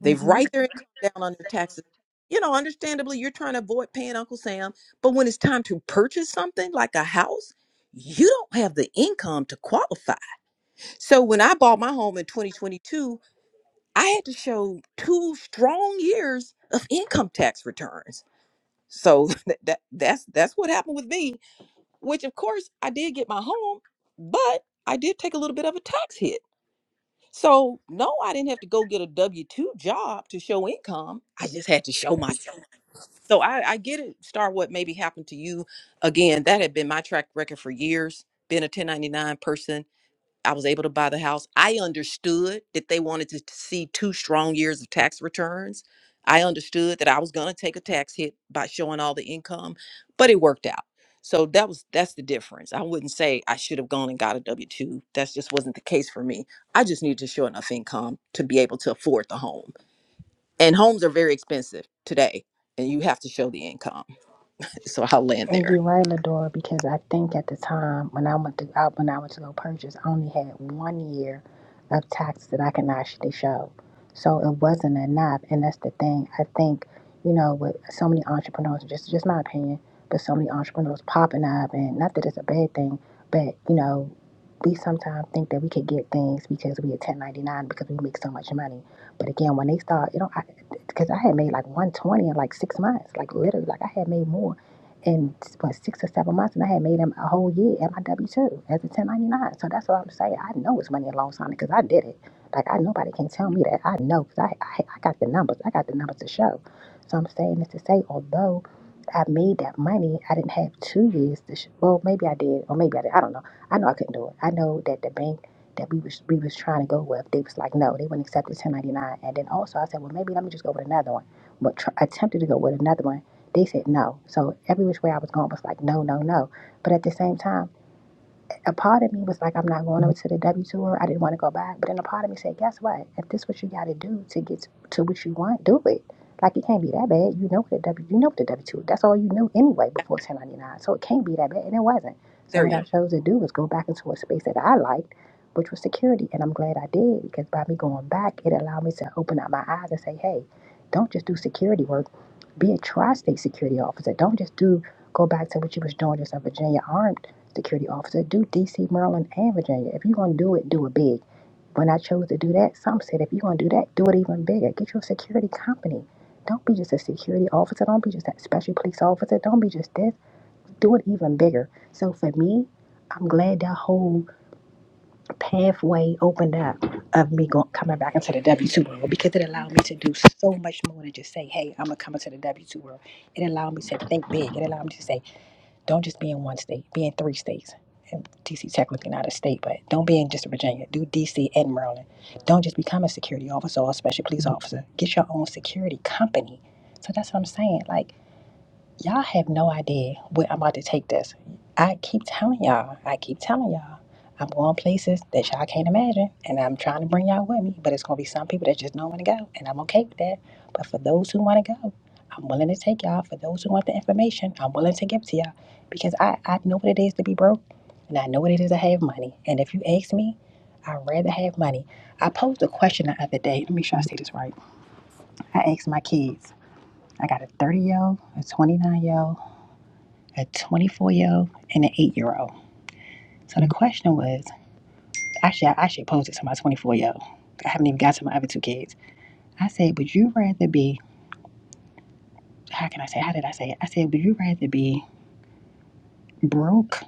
They've
Mm-hmm.
write their income down on their taxes. You know, understandably, you're trying to avoid paying Uncle Sam, but when it's time to purchase something like a house, you don't have the income to qualify. So when I bought my home in 2022, I had to show two strong years of income tax returns. So that, that that's that's what happened with me, which of course I did get my home, but I did take a little bit of a tax hit. So no, I didn't have to go get a W two job to show income. I just had to show my. So I, I get it. Star, what maybe happened to you? Again, that had been my track record for years. Been a 1099 person I was able to buy the house. I understood that they wanted to see two strong years of tax returns. I understood that I was going to take a tax hit by showing all the income, but it worked out. So that was that's the difference. I wouldn't say I should have gone and got a W two. That just wasn't the case for me. I just needed to show enough income to be able to afford the home. And homes are very expensive today, and you have to show the income. So I'll land
And
there.
you're right, Ladora, because I think at the time when I went to out when I went to go purchase, I only had one year of tax that I can actually show. So it wasn't enough. And that's the thing. I think, you know, with so many entrepreneurs, just just my opinion, but so many entrepreneurs popping up and not that it's a bad thing, but you know, we sometimes think that we could get things because we are 1099 because we make so much money. But again, when they start, you know, because I, 'cause I had made like 120 in like six months, like literally, like I had made more in what six or seven months, and I had made him a whole year at my W two as a ten ninety nine. So that's what I'm saying. I know it's money in loan signing because I did it. Like I nobody can tell me that. I know because I, I I got the numbers. I got the numbers to show. So I'm saying this to say, although I made that money, I didn't have two years to. Sh- well, maybe I did, or maybe I did. I don't know. I know I couldn't do it. I know that the bank that we was we was trying to go with, they was like, no, they wouldn't accept the ten ninety nine. And then also I said, well, maybe let me just go with another one. But tr- attempted to go with another one they said no. So every which way I was going was like, no, no, no. But at the same time, a part of me was like, I'm not going over to the W tour. I didn't want to go back. But then a part of me said, Guess what? If this what you got to do to get to to what you want, do it. Like it can't be that bad. You know what the W, you know what the W tour? That's all you knew anyway before 1099. So it can't be that bad, and it wasn't. So
There
what
you
I
go.
chose to do was go back into a space that I liked, which was security, and I'm glad I did because by me going back, it allowed me to open up my eyes and say, Hey, don't just do security work. Be a tri-state security officer. Don't just do go back to what you was doing just in Virginia Armed security officer, do DC, Maryland, and Virginia. If you're going to do it, do it big. When I chose to do that, some said, if you're going to do that, do it even bigger. Get your security company. Don't be just a security officer. Don't be just that special police officer. Don't be just this. Do it even bigger. So for me, I'm glad that whole pathway opened up of me going, coming back into the W 2 world because it allowed me to do so much more than just say, hey, I'm going to come into the W 2 world. It allowed me to think big. It allowed me to say, don't just be in one state, be in three states. And DC technically not a state, but don't be in just Virginia. Do DC and Maryland. Don't just become a security officer or a special police officer. Get your own security company. So that's what I'm saying. Like Y'all have no idea where I'm about to take this. I keep telling y'all, I keep telling y'all, I'm going places that y'all can't imagine, and I'm trying to bring y'all with me. But it's gonna be some people that just don't want to go, and I'm okay with that. But for those who want to go, I'm willing to take y'all. For those who want the information, I'm willing to give to y'all because I I know what it is to be broke, and I know what it is to have money. And if you ask me, I'd rather have money. I posed a question the other day. Let me make sure I say this right. I asked my kids. I got a 30 year old, a 29 year old a 24 year old and an 8 year old. So the question was actually, I actually posed it to my 24 year old. I haven't even got to my other two kids. I said, Would you rather be, how can I say, how did I say it? I said, Would you rather be broke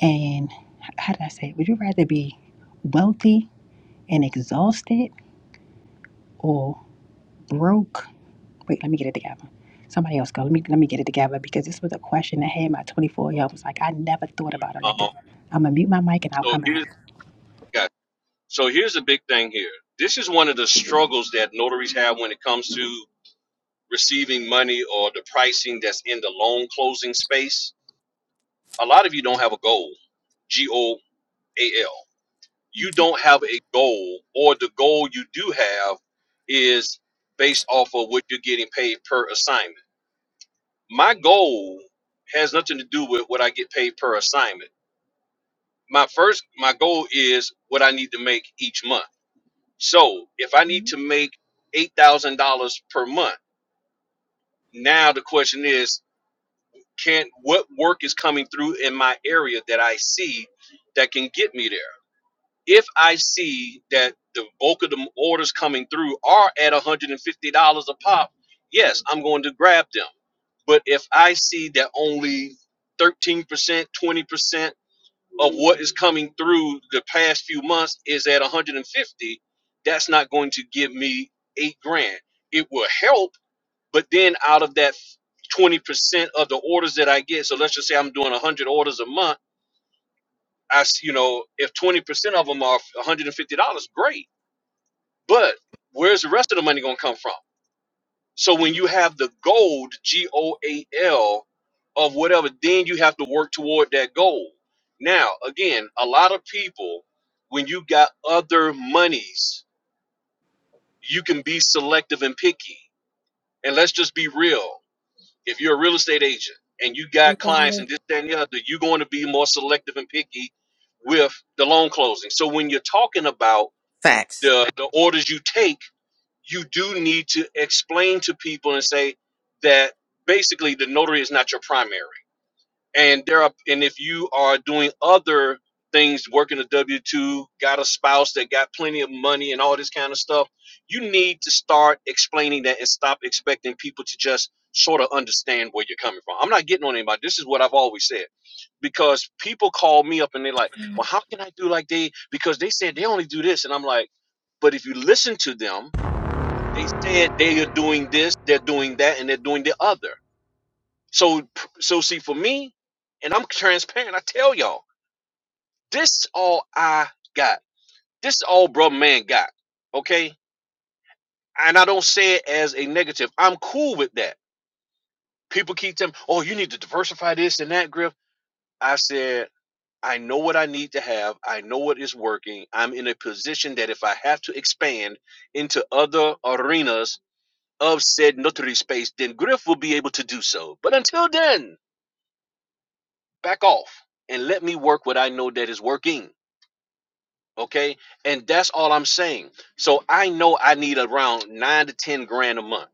and, how did I say it? Would you rather be wealthy and exhausted or broke? Wait, let me get it together. Somebody else go. Let me let me get it together because this was a question that had my 24 year
Oh,
old was like, I never thought
quick.
about it like this.
Um,
I'm gonna mute my mic and I'll
so
come back.
here's got so here's the big thing here. This is one of the struggles that notaries have when it comes to receiving money or the pricing that's in the loan closing space, a lot of you don't have a goal. G O A L. You don't have a goal, or the goal you do have is based off of what you're getting paid per assignment. My goal has nothing to do with what I get paid per assignment. My first, my goal is what I need to make each month. So if I need
Mm-hmm.
to make $8,000 per month, now the question is can what work is coming through in my area that I see that can get me there. If I see that the bulk of the orders coming through are at $150 a pop, yes, I'm going to grab them. But if I see that only 13%, 20% of what is coming through the past few months is at 150, that's not going to give me 8 grand. It will help but then out of that 20% of the orders that I get, so let's just say I'm doing 100 orders a month, I, s- you know, if 20% of them are $150, great. But where's the rest of the money going to come from? So when you have the goal, the G O A L, of whatever, then you have to work toward that goal. Now, again, a lot of people, when you got other monies, you can be selective and picky. And let's just be real. if you're a real estate agent and you
You
got
got
clients and this, that, and the other, you're going to be more selective and picky with the loan closing. So when you're talking about
Facts.
the, the orders you take, you do need to explain to people and say that basically the notary is not your primary and there are and if you are doing other things working a w2 got a spouse that got plenty of money and all this kind of stuff you need to start explaining that and stop expecting people to just sort of understand where you're coming from i'm not getting on anybody this is what i've always said because people call me up and they're like well how can i do like they because they said they only do this and i'm like but if you listen to them they said they are doing this they're doing that and they're doing the other so so see for me, and I'm transparent. I tell y'all, this all I got. This all brother man got. Okay, and I don't say it as a negative. I'm cool with that. People keep them. Oh, you need to diversify this and that, Griff. I said. I know what I need to have. I know what is working. I'm in a position that if I have to expand into other arenas of said notary space, then Griff will be able to do so. But until then, back off and let me work what I know that is working. Okay. And that's all I'm saying. So I know I need around nine to 10 grand a month.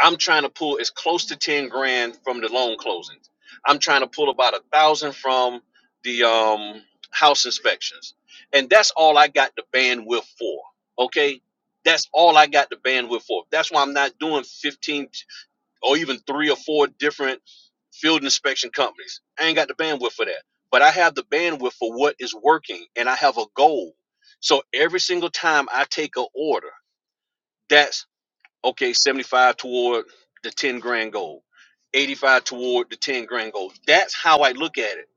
I'm trying to pull as close to 10 grand from the loan closings. I'm trying to pull about a thousand from the um, house inspections. And that's all I got the bandwidth for. Okay. That's all I got the bandwidth for. That's why I'm not doing 15 or even three or four different field inspection companies. I ain't got the bandwidth for that. But I have the bandwidth for what is working and I have a goal. So every single time I take an order, that's okay, 75 toward the 10 grand goal, 85 toward the 10 grand goal. That's how I look at it.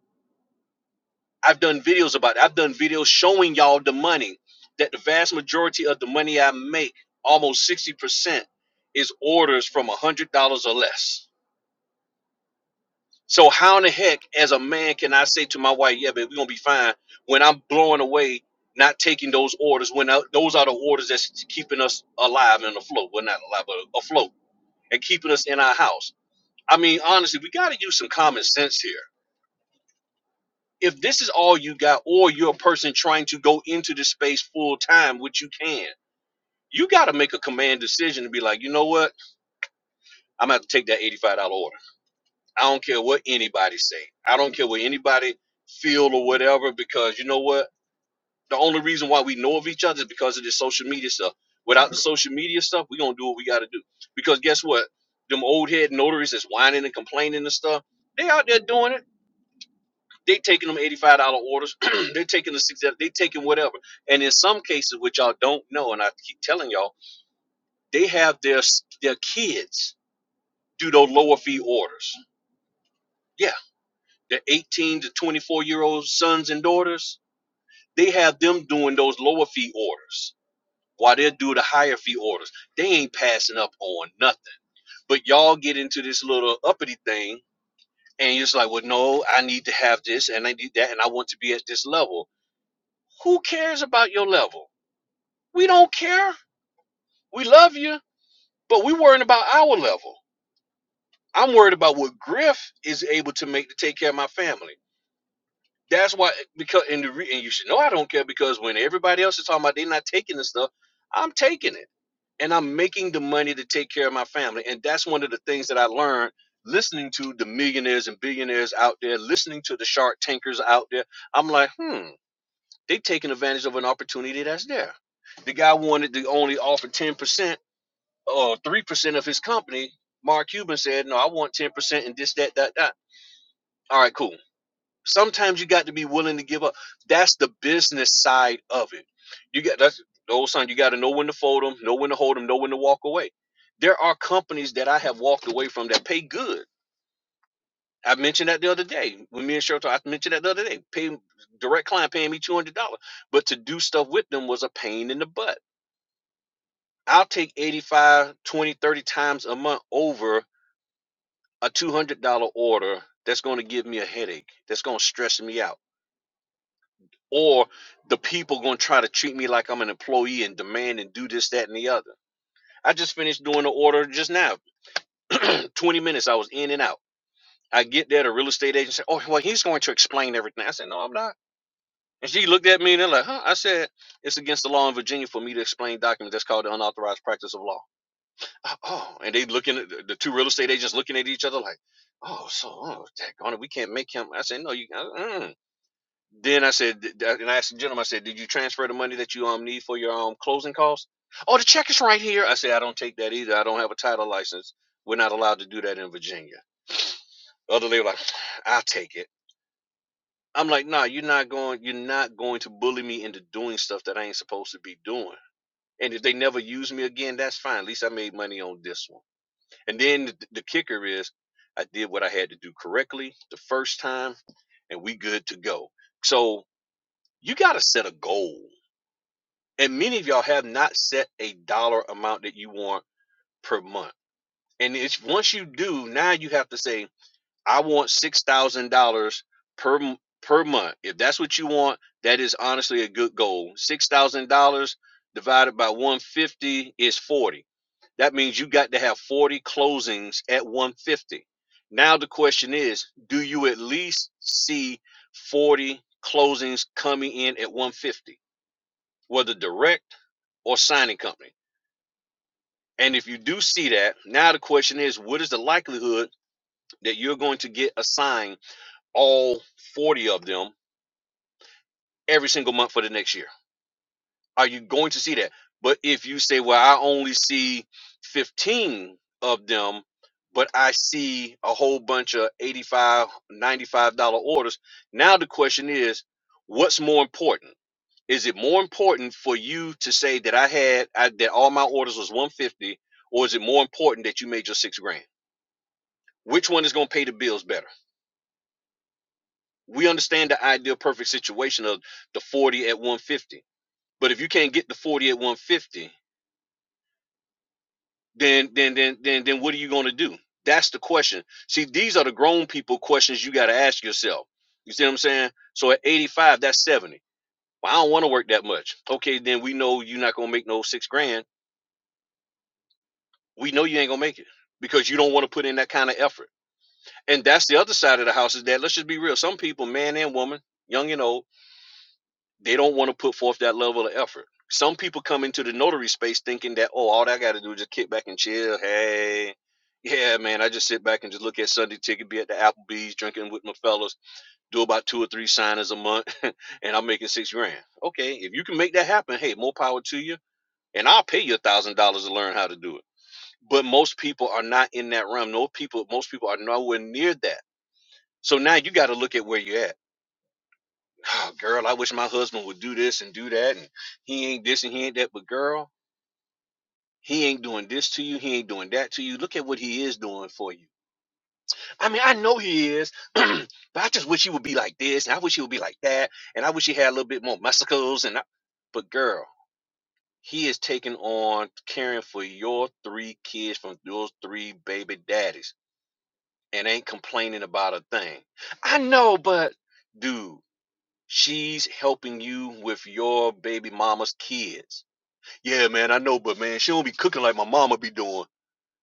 I've done videos about it. I've done videos showing y'all the money that the vast majority of the money I make, almost 60%, is orders from $100 or less So how in the heck, as a man, can I say to my wife, "Yeah, babe, we're gonna be fine," when I'm blowing away, not taking those orders? When I, those are the orders that's keeping us alive and afloat. Well, not alive, but afloat, and keeping us in our house. I mean, honestly, we got to use some common sense here. If this is all you got, or you're a person trying to go into this space full time, which you can, you got to make a command decision to be like, you know what, I'm gonna have to take that eighty-five dollar order. I don't care what anybody say. I don't care what anybody feel or whatever, because you know what? The only reason why we know of each other is because of this social media stuff. Without the social media stuff, we gonna do what we gotta do. Because guess what? Them old head notaries that's whining and complaining and stuff, they out there doing it. They taking them eighty-five dollar orders. they taking the six. They taking whatever. And in some cases, which y'all don't know, and I keep telling y'all, they have their their kids do those lower fee orders. Yeah. the 18 to 24 year old sons and daughters, they have them doing those lower fee orders while they do the higher fee orders. They ain't passing up on nothing. But y'all get into this little uppity thing and you're just like, well, no, I need to have this and I need that and I want to be at this level. Who cares about your level? We don't care. We love you, but we worrying about our level. I'm worried about what Griff is able to make to take care of my family. That's why because and the re, and you should know I don't care because when everybody else is talking about they're not taking this stuff, I'm taking it, and I'm making the money to take care of my family, and that's one of the things that I learned listening to the millionaires and billionaires out there, listening to the shark tankers out there. I'm like, hmm, they taking advantage of an opportunity that's there. The guy wanted to only offer ten percent or three percent of his company. Mark Cuban said, no, I want ten percent and this, that, that, that. All right, cool Sometimes you got to be willing to give up. That's the business side of it. You got that's the old sign. You got to know when to fold them, know when to hold them, know when to walk away. There are companies that I have walked away from that pay good. I mentioned that the other day when me and Cheryl talked. I mentioned that the other day. Pay direct client paying me two hundred dollars, but to do stuff with them was a pain in the butt. I'll take 85, 20, 30 times a month over a two hundred dollar order that's going to give me a headache. That's going to stress me out or the people gonna try to treat me like I'm an employee and demand and do this, that, and the other. I just finished doing the order just now. 20 minutes I was in and out. I get there, the real estate agent said, Oh, well, he's going to explain everything. I said, No, I'm not. And she looked at me and they're like, huh? I said, it's against the law in Virginia for me to explain documents. That's called the unauthorized practice of law. Oh, and they looking at the two real estate agents looking at each other like, oh, so oh, daggone it, we can't make him. I said, no, you. Uh-uh. Then I said, and I asked the gentleman, I said, did you transfer the money that you um need for your um closing costs? Oh, the check is right here. I said, I don't take that either. I don't have a title license. We're not allowed to do that in Virginia. The other lady was like, I'll take it. I'm like, nah, you're not going, you're not going to bully me into doing stuff that I ain't supposed to be doing. And if they never use me again, that's fine. At least I made money on this one. And then the, the kicker is, I did what I had to do correctly the first time, and we good to go. So you got to set a goal. And many of y'all have not set a dollar amount that you want per month. And it's once you do, now you have to say, I want six thousand dollars per per month. If that's what you want, that is honestly a good goal. Six thousand dollars divided by one hundred fifty is forty. That means you got to have forty closings at one hundred fifty. Now the question is, do you at least see forty closings coming in at one hundred fifty? whether direct or signing company. And if you do see that, now the question is what is the likelihood that you're going to get assigned all 40 of them every single month for the next year? Are you going to see that? But if you say, well, I only see 15 of them, but I see a whole bunch of 85 dollars, $95 orders, now the question is what's more important? Is it more important for you to say that I had I, that all my orders was 150, or is it more important that you made your six grand? Which one is going to pay the bills better? We understand the ideal perfect situation of the 40 at 150, but if you can't get the 40 at 150, then then then then then what are you going to do? That's the question. See, these are the grown people questions you got to ask yourself. You see what I'm saying? So at 85, that's 70. Well, I don't want to work that much. Okay, then we know you're not going to make no six grand we know you ain't gonna make it because you don't want to put in that kind of effort. And that's the other side of the house is that let's just be real. Some people, man and woman, young and old, they don't want to put forth that level of effort. Some people come into the notary space thinking that, oh, all I got to do is just kick back and chill. Hey, yeah, man, I just sit back and just look at Sunday ticket, be at the Applebee's, drinking with my fellas, do about two or three signings a month, and I'm making six grand. Okay, if you can make that happen, hey, more power to you, and I'll pay you a thousand dollars to learn how to do it but most people are not in that realm. No people, most people are nowhere near that. So now you got to look at where you're at. Oh, girl, I wish my husband would do this and do that, and he ain't this and he ain't that. But girl, he ain't doing this to you. He ain't doing that to you. Look at what he is doing for you. I mean, I know he is, but I just wish he would be like this, and I wish he would be like that, and I wish he had a little bit more muscles. And I... but girl, he is taking on caring for your three kids from those three baby daddies and ain't complaining about a thing. I know, but dude, she's helping you with your baby mama's kids. Yeah, man, I know, but man, she don't be cooking like my mama be doing.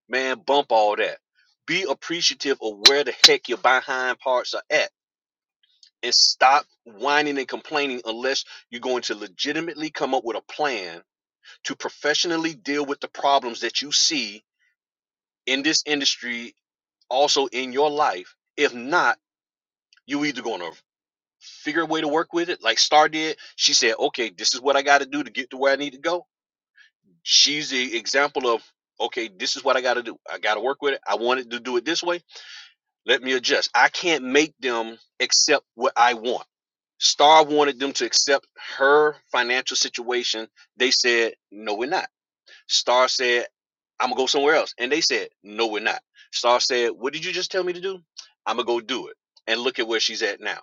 Man, bump all that. Be appreciative of where the heck your behind parts are at. And stop whining and complaining unless you're going to legitimately come up with a plan to professionally deal with the problems that you see in this industry also in your life. If not, you either going to figure a way to work with it like star did she said okay this is what i got to do to get to where i need to go she's the example of okay this is what i got to do i got to work with it i wanted to do it this way let me adjust i can't make them accept what i want star wanted them to accept her financial situation they said no we're not star said i'm gonna go somewhere else and they said no we're not star said what did you just tell me to do i'm gonna go do it and look at where she's at now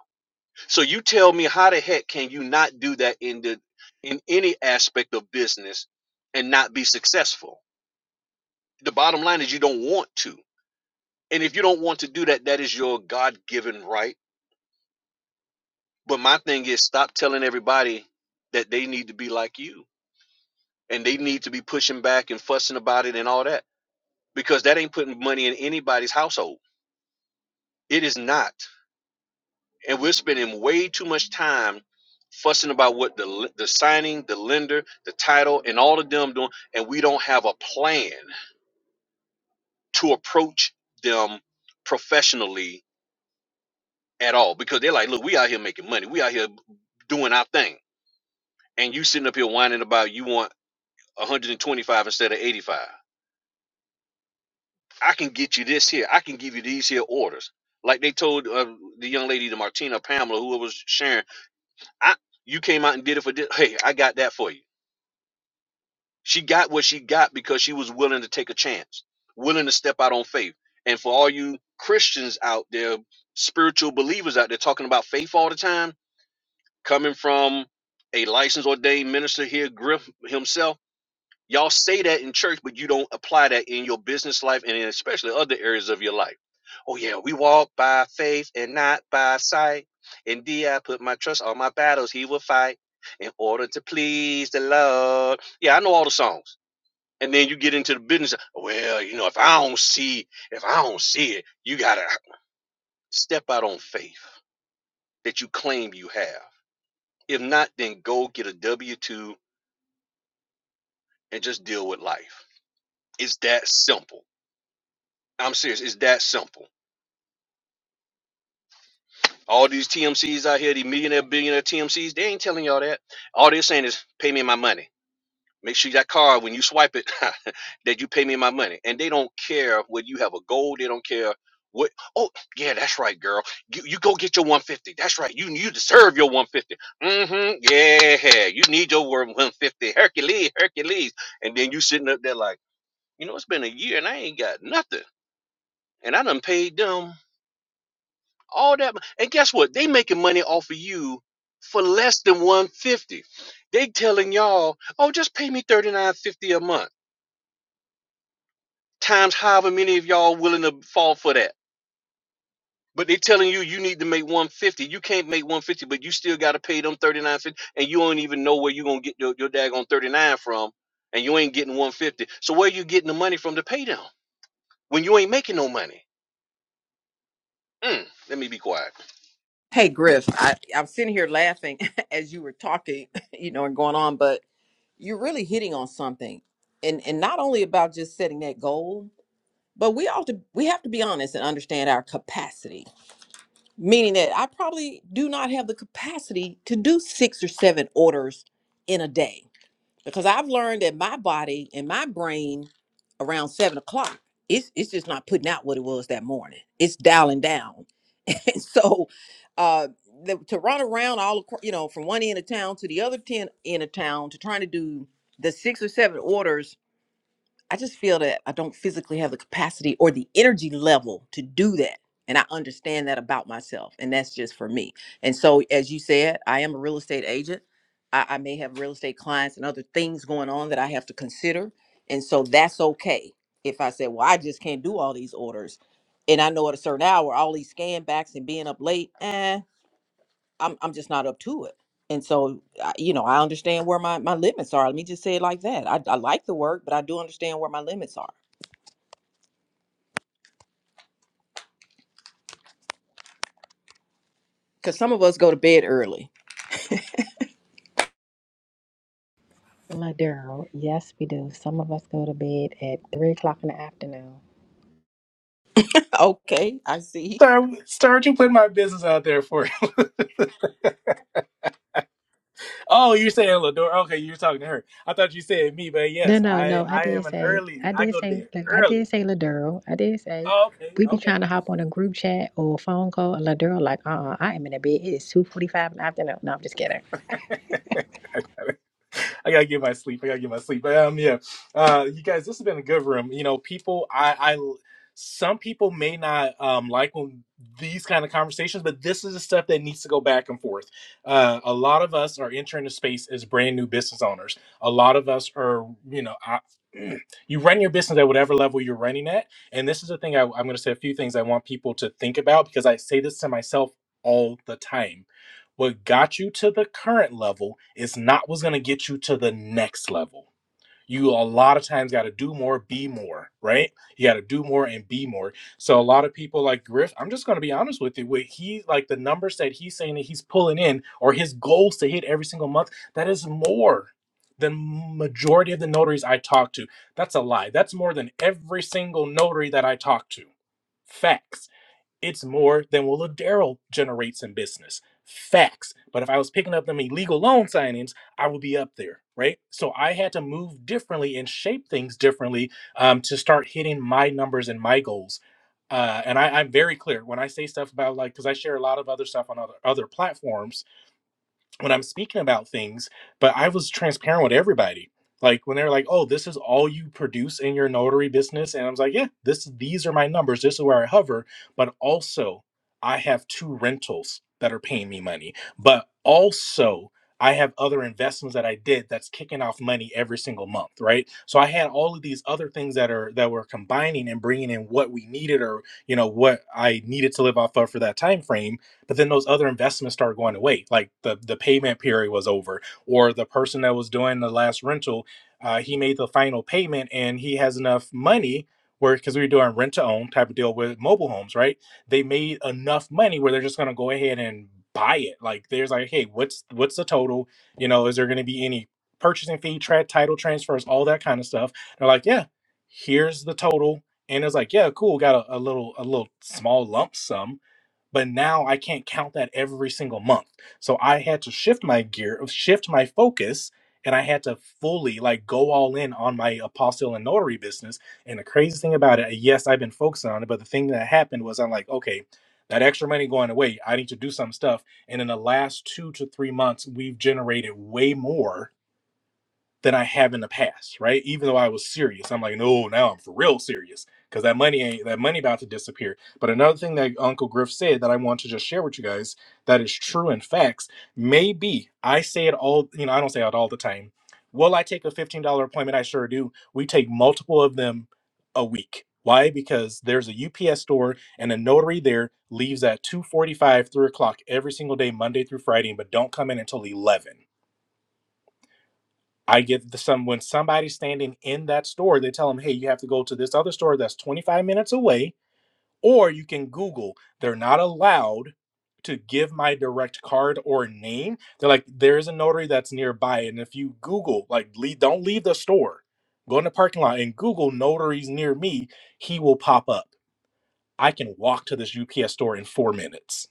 so you tell me how the heck can you not do that in the in any aspect of business and not be successful? The bottom line is you don't want to. And if you don't want to do that, that is your God-given right. But my thing is stop telling everybody that they need to be like you and they need to be pushing back and fussing about it and all that because that ain't putting money in anybody's household. It is not. and we're spending way too much time fussing about what the the signing, the lender, the title, and all of them doing, and we don't have a plan to approach them professionally at all because they're like, look, we out here making money, we out here doing our thing, and you sitting up here whining about you want 125 instead of 85. I can get you this here. I can give you these here orders. Like they told uh, the young lady, the Martina Pamela, who was sharing, I you came out and did it for this. Hey, I got that for you She got what she got because she was willing to take a chance, willing to step out on faith. And for all you Christians out there, spiritual believers out there talking about faith all the time, coming from a licensed ordained minister here, Griff himself, y'all say that in church, but you don't apply that in your business life and in especially other areas of your life. Oh, yeah, we walk by faith and not by sight. Indeed, I put my trust on my battles, he will fight in order to please the Lord. Yeah, I know all the songs and then you get into the business well you know if i don't see if i don't see it you gotta step out on faith that you claim you have if not then go get a w2 and just deal with life it's that simple i'm serious it's that simple all these tmcs out here these millionaire billionaire tmcs they ain't telling y'all that all they're saying is pay me my money Make sure that card, when you swipe it, that you pay me my money. And they don't care whether you have a goal. They don't care what. Oh, yeah, that's right, girl. You, you go get your 150. That's right. You you deserve your 150. Mm-hmm. Yeah, you need your 150. Hercules, Hercules. And then you sitting up there like, you know, it's been a year and I ain't got nothing. And I done paid them all that. mon- And guess what? They making money off of you for less than 150. They telling y'all, oh, just pay me 39.50 a month times however many of y'all willing to fall for that. But they telling you you need to make 150. You can't make 150, but you still got to pay them 39.50, and you don't even know where you gonna get your, your daggone 39 from, and you ain't getting 150. So where you getting the money from to pay them when you ain't making no money? Mm, let me be quiet.
Hey Griff, I, I'm sitting here laughing as you were talking, you know, and going on, but you're really hitting on something, and and not only about just setting that goal, but we all to we have to be honest and understand our capacity. Meaning that I probably do not have the capacity to do six or seven orders in a day because I've learned that my body and my brain around seven o'clock, it's it's just not putting out what it was that morning. It's dialing down and so uh the, to run around all across, you know from one end of town to the other 10 end of town to trying to do the six or seven orders I just feel that I don't physically have the capacity or the energy level to do that. And I understand that about myself. And that's just for me. And so, as you said, I am a real estate agent. I, I may have real estate clients and other things going on that I have to consider. And so, that's okay. If I say, well, I just can't do all these orders. And I know at a certain hour, all these scan backs and being up late, eh, I'm I'm just not up to it. And so, I- you know, I understand where my, my limits are. Let me just say it like that. I, I like the work, but I do understand where my limits are. Because some of us go to bed early.
Ladero, yes, we do. Some of us go to bed at three o'clock in the afternoon.
okay, I see.
Star, Star, you put my business out there for you. Oh, you're saying Lador? Okay, you're talking to her. I thought you said me, but
No,
yes,
no,
I
no. I
I am
did
an
say,
early.
I
I
did
go to
say,
bed
like, I did
early.
say Ladero. I did say
Okay,
we be
okay.
trying to hop on a group chat or a phone call. and Ladero, like, uh, uh I am in the bed. It is two forty-five in the afternoon. No, I'm just kidding.
I gotta I gotta get my sleep. I gotta get my sleep. But um, yeah, uh, you guys, this has been a good room. You know, people, I, I, some people may not um like when these kind of conversations, but this is the stuff that needs to go back and forth. Uh, a lot of us are entering the space as brand new business owners. A lot of us are, you know, I, you run your business at whatever level you're running at, and this is the thing I, I'm going to say a few things I want people to think about because I say this to myself all the time what got you to the current level is not what's going to get you to the next level. You a lot of times got to do more, be more, right? You got to do more and be more. So a lot of people like Griff, I'm just going to be honest with you. What he like the numbers that he's saying that he's pulling in or his goals to hit every single month, that is more than majority of the notaries I talk to. That's a lie. That's more than every single notary that I talk to. Facts it's more than Willa Daryl generates in business. Facts. But if I was picking up them illegal loan signings, I would be up there, right? So I had to move differently and shape things differently um, to start hitting my numbers and my goals uh, and I, I'm very clear when I say stuff about like because I share a lot of other stuff on other other platforms when I'm speaking about things, but I was transparent with everybody. Like when they're like, "Oh, this is all you produce in your notary business," and I was like, "Yeah, this these are my numbers. This is where I hover." But also, I have two rentals that are paying me money. But also, I have other investments that I did that's kicking off money every single month, right? So I had all of these other things that are that were combining and bringing in what we needed or you know what I needed to live off of for that time frame but then those other investments started going away like the the payment period was over or the person that was doing the last rental uh, he made the final payment and he has enough money where because we were doing rent to own type of deal with mobile homes right they made enough money where they're just going to go ahead and buy it like there's like hey what's what's the total you know is there going to be any purchasing fee tra- title transfers all that kind of stuff they're like yeah here's the total and it's like yeah cool got a, a little a little small lump sum but now I can't count that every single month. So I had to shift my gear, shift my focus, and I had to fully like go all in on my apostle and notary business. And the crazy thing about it, yes, I've been focusing on it, but the thing that happened was I'm like, okay, that extra money going away, I need to do some stuff. And in the last two to three months, we've generated way more than I have in the past, right? Even though I was serious, I'm like, no, now I'm for real serious because that money ain't that money about to disappear. But another thing that Uncle Griff said that I want to just share with you guys that is true and facts. Maybe I say it all, you know, I don't say it all the time. Will I take a $15 appointment? I sure do. We take multiple of them a week. Why? Because there's a UPS store and a notary there leaves at 2.45, 3 o'clock every single day, Monday through Friday, but don't come in until 11 I get the some when somebody's standing in that store, they tell them, "Hey, you have to go to this other store that's 25 minutes away, or you can Google." They're not allowed to give my direct card or name. They're like, "There is a notary that's nearby, and if you Google, like, leave, don't leave the store, go in the parking lot and Google notaries near me, he will pop up. I can walk to this UPS store in four minutes,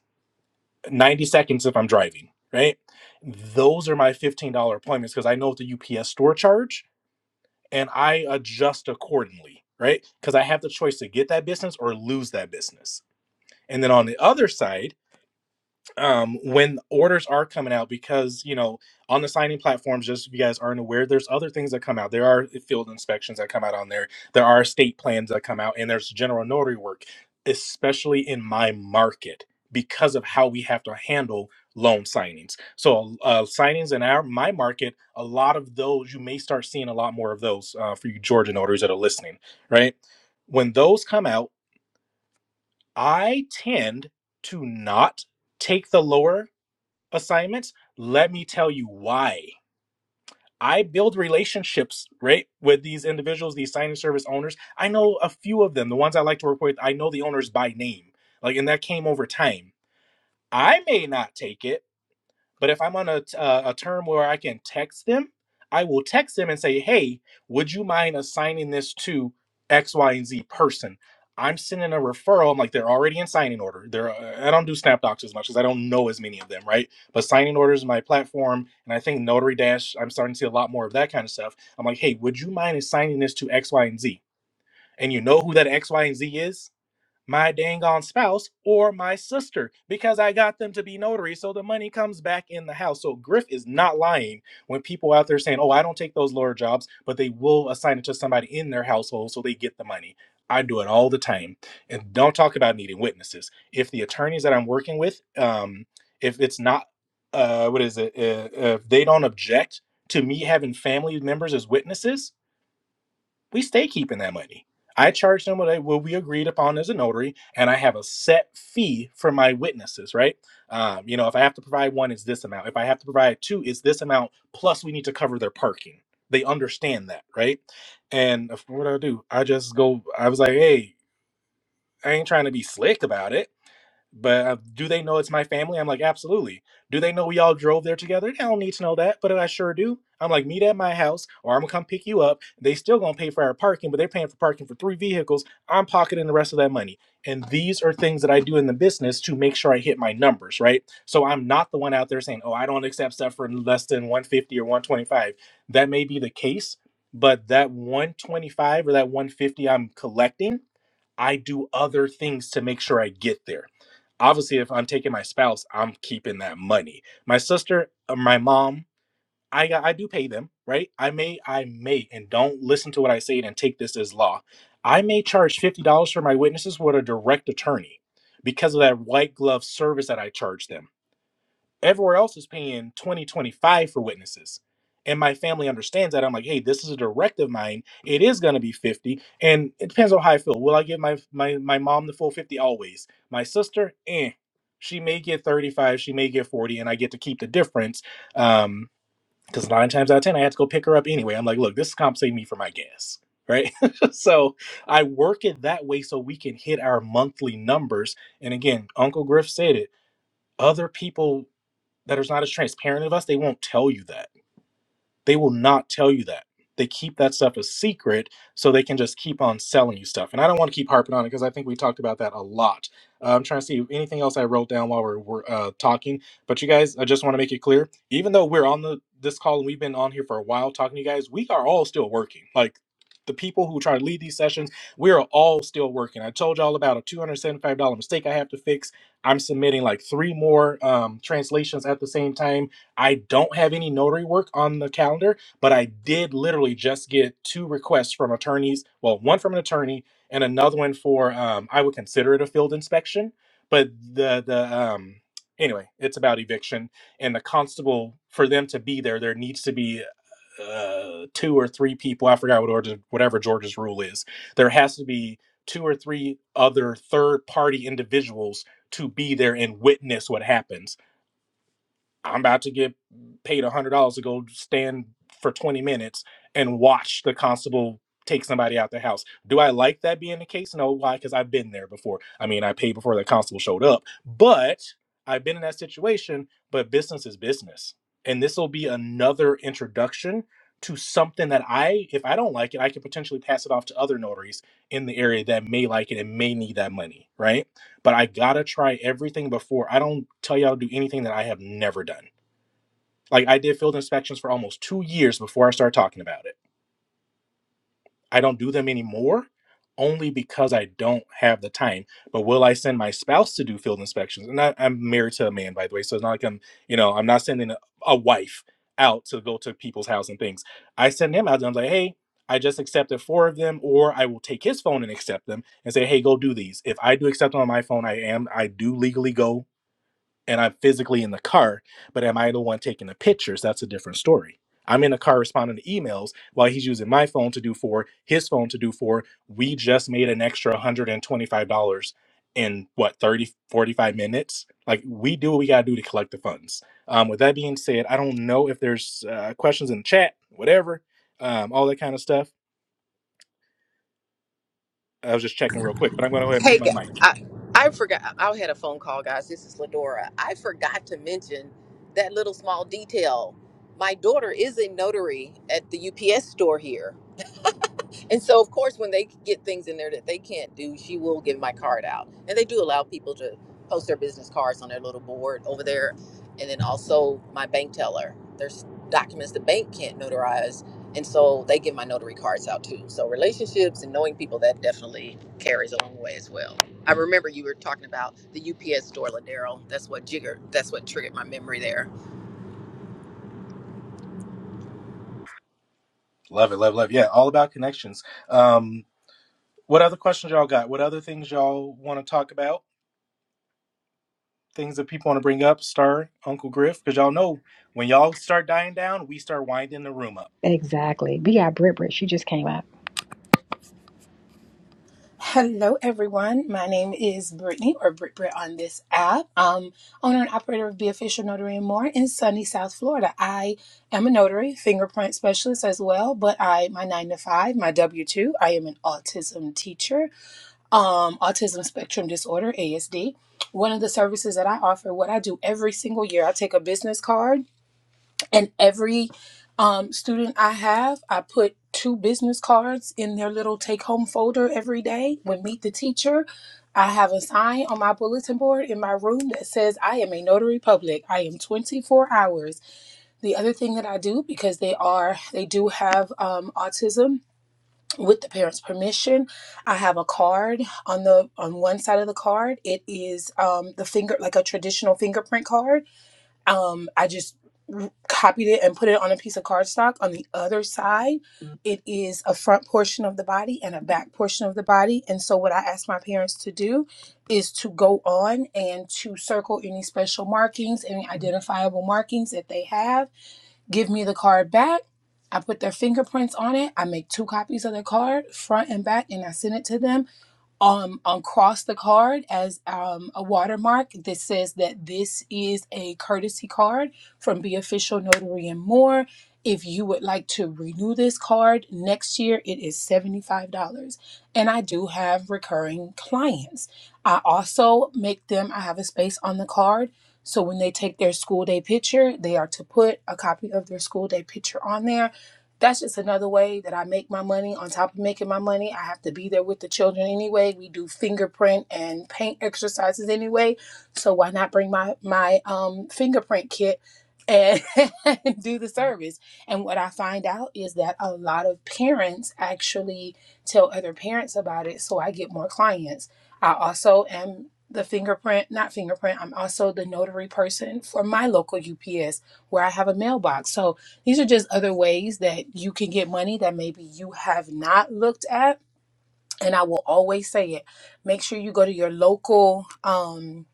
90 seconds if I'm driving." Right? Those are my $15 appointments because I know what the UPS store charge and I adjust accordingly, right? Because I have the choice to get that business or lose that business. And then on the other side, um, when orders are coming out because you know on the signing platforms just if you guys aren't aware there's other things that come out there are field inspections that come out on there there are estate plans that come out and there's general notary work especially in my market because of how we have to handle loan signings so uh, signings in our my market a lot of those you may start seeing a lot more of those uh, for you georgia notaries that are listening right when those come out i tend to not take the lower assignments, let me tell you why. I build relationships, right, with these individuals, these sign and service owners. I know a few of them, the ones I like to work with, I know the owners by name. Like, and that came over time. I may not take it, but if I'm on a uh, a term where I can text them, I will text them and say, hey, would you mind assigning this to X, Y, and Z person? I'm sending a referral. I'm like, they're already in signing order. They're, uh, I don't do Snap Docs as much because I don't know as many of them, right? But signing orders is my platform. And I think Notary Dash, I'm starting to see a lot more of that kind of stuff. I'm like, hey, would you mind assigning this to X, Y, and Z? And you know who that X, Y, and Z is? my dang on spouse or my sister because I got them to be notaries. So the money comes back in the house. So Griff is not lying when people out there saying, oh, I don't take those lawyer jobs, but they will assign it to somebody in their household so they get the money. I do it all the time. And don't talk about needing witnesses. If the attorneys that I'm working with, um, if it's not, uh, what is it, uh, if they don't object to me having family members as witnesses, we stay keeping that money. I charge them what, I, what we agreed upon as a notary, and I have a set fee for my witnesses, right? Um, you know, if I have to provide one, it's this amount. If I have to provide two, it's this amount. Plus, we need to cover their parking. They understand that, right? And if- what do I do? I just go, I was like, hey, I ain't trying to be slick about it but uh, do they know it's my family? I'm like, absolutely. Do they know we all drove there together? They don't need to know that, but I sure do. I'm like, meet at my house, or I'm gonna come pick you up. They still gonna pay for our parking, but they're paying for parking for three vehicles. I'm pocketing the rest of that money. And these are things that I do in the business to make sure I hit my numbers, right? So I'm not the one out there saying, oh, I don't accept stuff for less than 150 or 125. That may be the case, but that 125 or that 150 I'm collecting I do other things to make sure I get there. Obviously, if I'm taking my spouse, I'm keeping that money. My sister, uh, my mom, I got- I do pay them, right? I may I may and don't listen to what I say and take this as law. I may charge fifty dollars for my witnesses with a direct attorney because of that white glove service that I charge them Everywhere else is paying 20 25 for witnesses. And my family understands that. I'm like, hey, this is a directive of mine. It is gonna be 50. And it depends on how I feel. Will I give my my my mom the full 50 always? My sister, eh. She may get 35, she may get 40, and I get to keep the difference. Um, because nine times out of ten, I had to go pick her up anyway. I'm like, look, this is compensating me for my gas. Right. so I work it that way so we can hit our monthly numbers. And again, Uncle Griff said it other people that is not as transparent of us, they won't tell you that. They will not tell you that. They keep that stuff a secret so they can just keep on selling you stuff. And I don't want to keep harping on it because I think we talked about that a lot. Uh, I'm trying to see if anything else I wrote down while we're, we're uh, talking. But you guys, I just want to make it clear, even though we're on the this call and we've been on here for a while talking to you guys, we are all still working. Like the people who try to lead these sessions, we are all still working. I told y'all about a $275 mistake I have to fix. I'm submitting like three more um, translations at the same time I don't have any notary work on the calendar, but I did literally just get two requests from attorneys. Well, one from an attorney and another one for um, I would consider it a field inspection, but the the um, anyway, it's about eviction and the constable for them to be there. There needs to be uh, two or three people. I forgot what order, whatever Georgia's rule is. There has to be two or three other third party individuals to be there and witness what happens I'm about to get paid one hundred dollars to go stand for 20 minutes and watch the constable take somebody out the house. Do I like that being the case? No, why? Because I've been there before. I mean, I paid before the constable showed up, but I've been in that situation. But business is business, and this will be another introduction to something that I, if I don't like it, I could potentially pass it off to other notaries in the area that may like it and may need that money, right? but I gotta try everything before. I don't tell y'all to do anything that I have never done. Like I did field inspections for almost two years before I started talking about it. I don't do them anymore only because I don't have the time. But will I send my spouse to do field inspections? And I, I'm married to a man, by the way, so it's not like I'm, you know, I'm not sending a, a wife out to go to people's house and things. I send him out and I'm like, hey, I just accepted four of them, or I will take his phone and accept them and say, hey, go do these. If I do accept them on my phone, I am, I do legally go and I'm physically in the car, but am I the one taking the pictures? That's a different story. I'm in the car responding to emails while he's using my phone to do for his phone to do for. We just made an extra $125 in what 30 45 minutes like we do what we got to do to collect the funds um with that being said i don't know if there's uh, questions in the chat whatever um all that kind of stuff i was just checking real quick but i'm going to go ahead and
Hey,
mute
gu-
my mic
I, I forgot. I had a phone call, guys. This is Ladora. I forgot to mention that little small detail. My daughter is a notary at the UPS store here. And so, of course, when they get things in there that they can't do, she will give my card out. And they do allow people to post their business cards on their little board over there. And then also my bank teller. There's documents the bank can't notarize. And so they give my notary cards out too. So relationships and knowing people that definitely carries a long way as well. I remember you were talking about the UPS store, Ladero. That's what jiggered. That's what triggered my memory there
love it love love yeah all about connections um What other questions y'all got? What other things y'all want to talk about? Things that people want to bring up? Star, Uncle Griff, because y'all know when y'all start dying down, we start winding the room up.
Exactly. We got Brit Brit. She just came out.
Hello, everyone. My name is Brittany, or Brit Brit on this app. Um, owner and operator of Be Official Notary and More in sunny South Florida. I am a notary, fingerprint specialist as well, but I my nine to five, my W two. I am an autism teacher, um, autism spectrum disorder (ASD). One of the services that I offer, what I do every single year, I take a business card and every um, student I have, I put two business cards in their little take home folder every day. When meet the teacher, I have a sign on my bulletin board in my room that says, I am a notary public. I am 24 hours. The other thing that I do, because they are, they do have um, autism with the parents permission i have a card on the on one side of the card it is um the finger like a traditional fingerprint card um i just copied it and put it on a piece of cardstock on the other side it is a front portion of the body and a back portion of the body and so what i asked my parents to do is to go on and to circle any special markings any identifiable markings that they have give me the card back I put their fingerprints on it. I make two copies of the card, front and back, and I send it to them um across the card as um, a watermark that says that this is a courtesy card from Be Official Notary and More. If you would like to renew this card next year, it is $75. And I do have recurring clients. I also make them, I have a space on the card. So when they take their school day picture, they are to put a copy of their school day picture on there that's just another way that I make my money. On top of making my money, I have to be there with the children anyway. We do fingerprint and paint exercises anyway, so why not bring my my um, fingerprint kit and do the service? And what I find out is that a lot of parents actually tell other parents about it, so I get more clients. I also am the fingerprint, not fingerprint. I'm also the notary person for my local UPS where I have a mailbox. So these are just other ways that you can get money that maybe you have not looked at. And I will always say it. Make sure you go to your local. Um,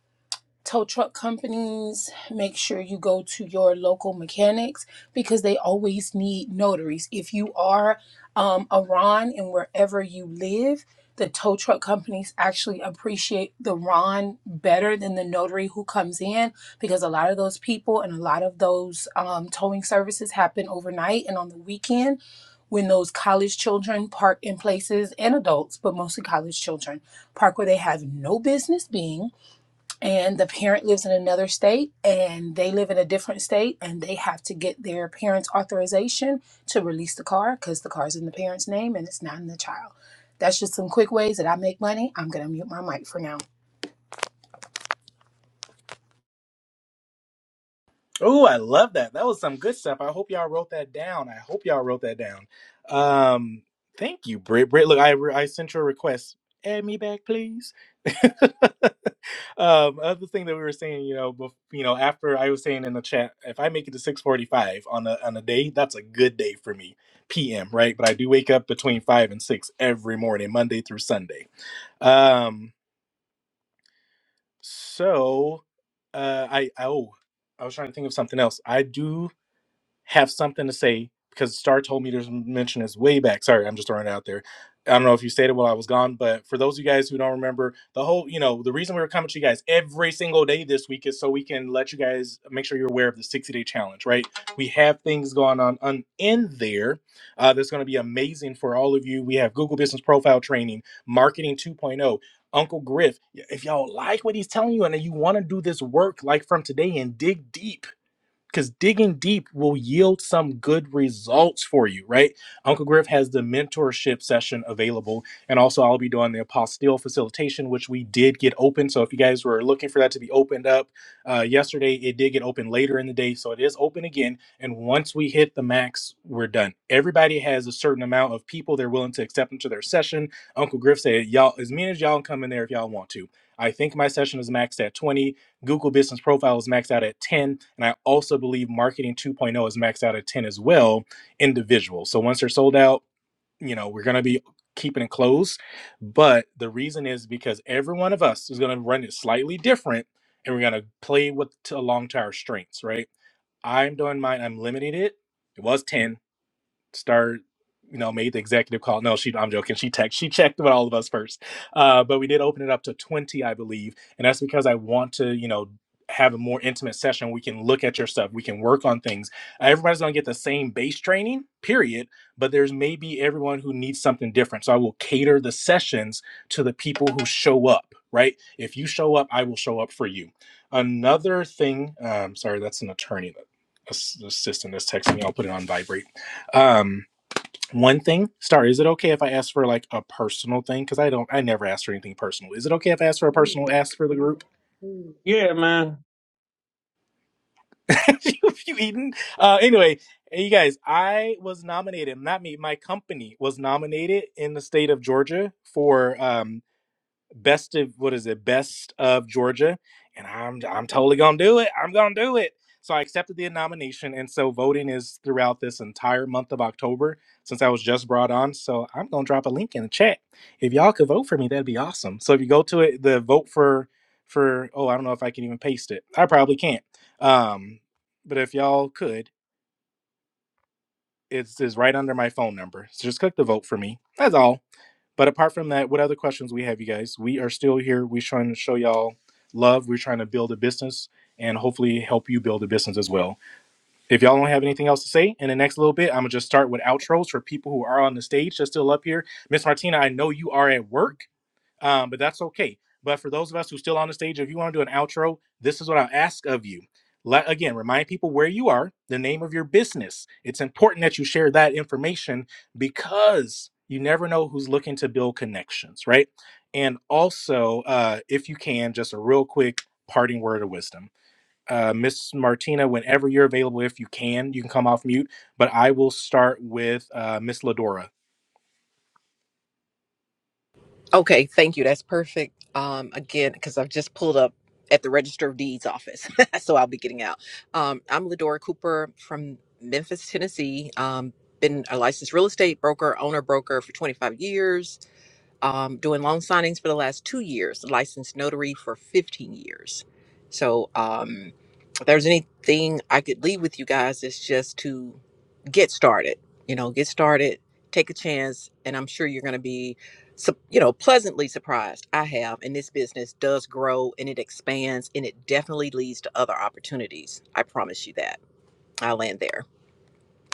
tow truck companies, make sure you go to your local mechanics because they always need notaries. If you are um, a RON and wherever you live, the tow truck companies actually appreciate the RON better than the notary who comes in because a lot of those people and a lot of those um, towing services happen overnight and on the weekend when those college children park in places and adults, but mostly college children, park where they have no business being and the parent lives in another state and they live in a different state and they have to get their parents authorization to release the car because the car's in the parent's name and it's not in the child that's just some quick ways that i make money i'm gonna mute my mic for now
Oh, I love that. That was some good stuff. I hope y'all wrote that down. I hope y'all wrote that down. Um, thank you, Britt. Britt, look, I I sent your request. Add me back, please. um, other thing that we were saying, you know, bef- you know, after I was saying in the chat, if I make it to six forty-five on a on a day, that's a good day for me, p.m. Right, but I do wake up between five and six every morning, Monday through Sunday. Um, so, uh, I I oh, I was trying to think of something else. I do have something to say because Star told me to mention this way back. Sorry, I'm just throwing it out there. I don't know if you stated while I was gone, but for those of you guys who don't remember, the whole, you know, the reason we were coming to you guys every single day this week is so we can let you guys make sure you're aware of the 60 day challenge, right? We have things going on, on in there uh, that's going to be amazing for all of you. We have Google Business Profile Training, Marketing 2.0. Uncle Griff, if y'all like what he's telling you and you want to do this work like from today and dig deep, because digging deep will yield some good results for you, right? Uncle Griff has the mentorship session available, and also I'll be doing the apostille facilitation, which we did get open. So if you guys were looking for that to be opened up uh, yesterday, it did get open later in the day, so it is open again. And once we hit the max, we're done. Everybody has a certain amount of people they're willing to accept into their session. Uncle Griff said, "Y'all, as many as y'all can come in there if y'all want to." I think my session is maxed at 20 Google Business Profile is maxed out at 10. And I also believe Marketing 2.0 is maxed out at 10 as well, individual. So once they're sold out, you know, we're going to be keeping it close. But the reason is because every one of us is going to run it slightly different and we're going to play with along to our strengths, right? I'm doing mine, I'm limiting it. It was 10 start you know made the executive call no she i'm joking she text she checked with all of us first uh, but we did open it up to 20 i believe and that's because i want to you know have a more intimate session we can look at your stuff we can work on things everybody's going to get the same base training period but there's maybe everyone who needs something different so i will cater the sessions to the people who show up right if you show up i will show up for you another thing um, sorry that's an attorney that assistant that's texting me i'll put it on vibrate um, one thing, Star, is it okay if I ask for like a personal thing? Because I don't, I never ask for anything personal. Is it okay if I ask for a personal ask for the group?
Yeah, man.
you, you eating? Uh, anyway, hey, you guys, I was nominated. Not me. My company was nominated in the state of Georgia for. um. best of what is it best of georgia and i'm i'm totally gonna do it i'm gonna do it so i accepted the nomination and so voting is throughout this entire month of october since i was just brought on so i'm gonna drop a link in the chat if y'all could vote for me that'd be awesome so if you go to it the vote for for oh i don't know if i can even paste it i probably can't um but if y'all could it's is right under my phone number so just click the vote for me that's all but apart from that, what other questions we have, you guys? We are still here. We're trying to show y'all love. We're trying to build a business and hopefully help you build a business as well. If y'all don't have anything else to say in the next little bit, I'm gonna just start with outros for people who are on the stage that's still up here. Miss Martina, I know you are at work um, but that's okay. But for those of us who are still on the stage, if you want to do an outro, this is what I'll ask of you. Let, again, remind people where you are, the name of your business. It's important that you share that information because you never know who's looking to build connections, right? And also, uh, if you can, just a real quick parting word of wisdom. Uh, Miss Martina, whenever you're available, if you can, you can come off mute. But I will start with uh, Miss Ladora.
Okay, thank you. That's perfect. Um, again, because I've just pulled up at the Register of Deeds office, so I'll be getting out. Um, I'm Ladora Cooper from Memphis, Tennessee. Um, been a licensed real estate broker, owner broker for 25 years um, doing loan signings for the last two years, licensed notary for 15 years. So, um, if there's anything I could leave with you guys, it's just to get started. You know, get started, take a chance, and I'm sure you're going to be, sup- you know, pleasantly surprised. I have, and this business does grow and it expands, and it definitely leads to other opportunities. I promise you that. I'll land there.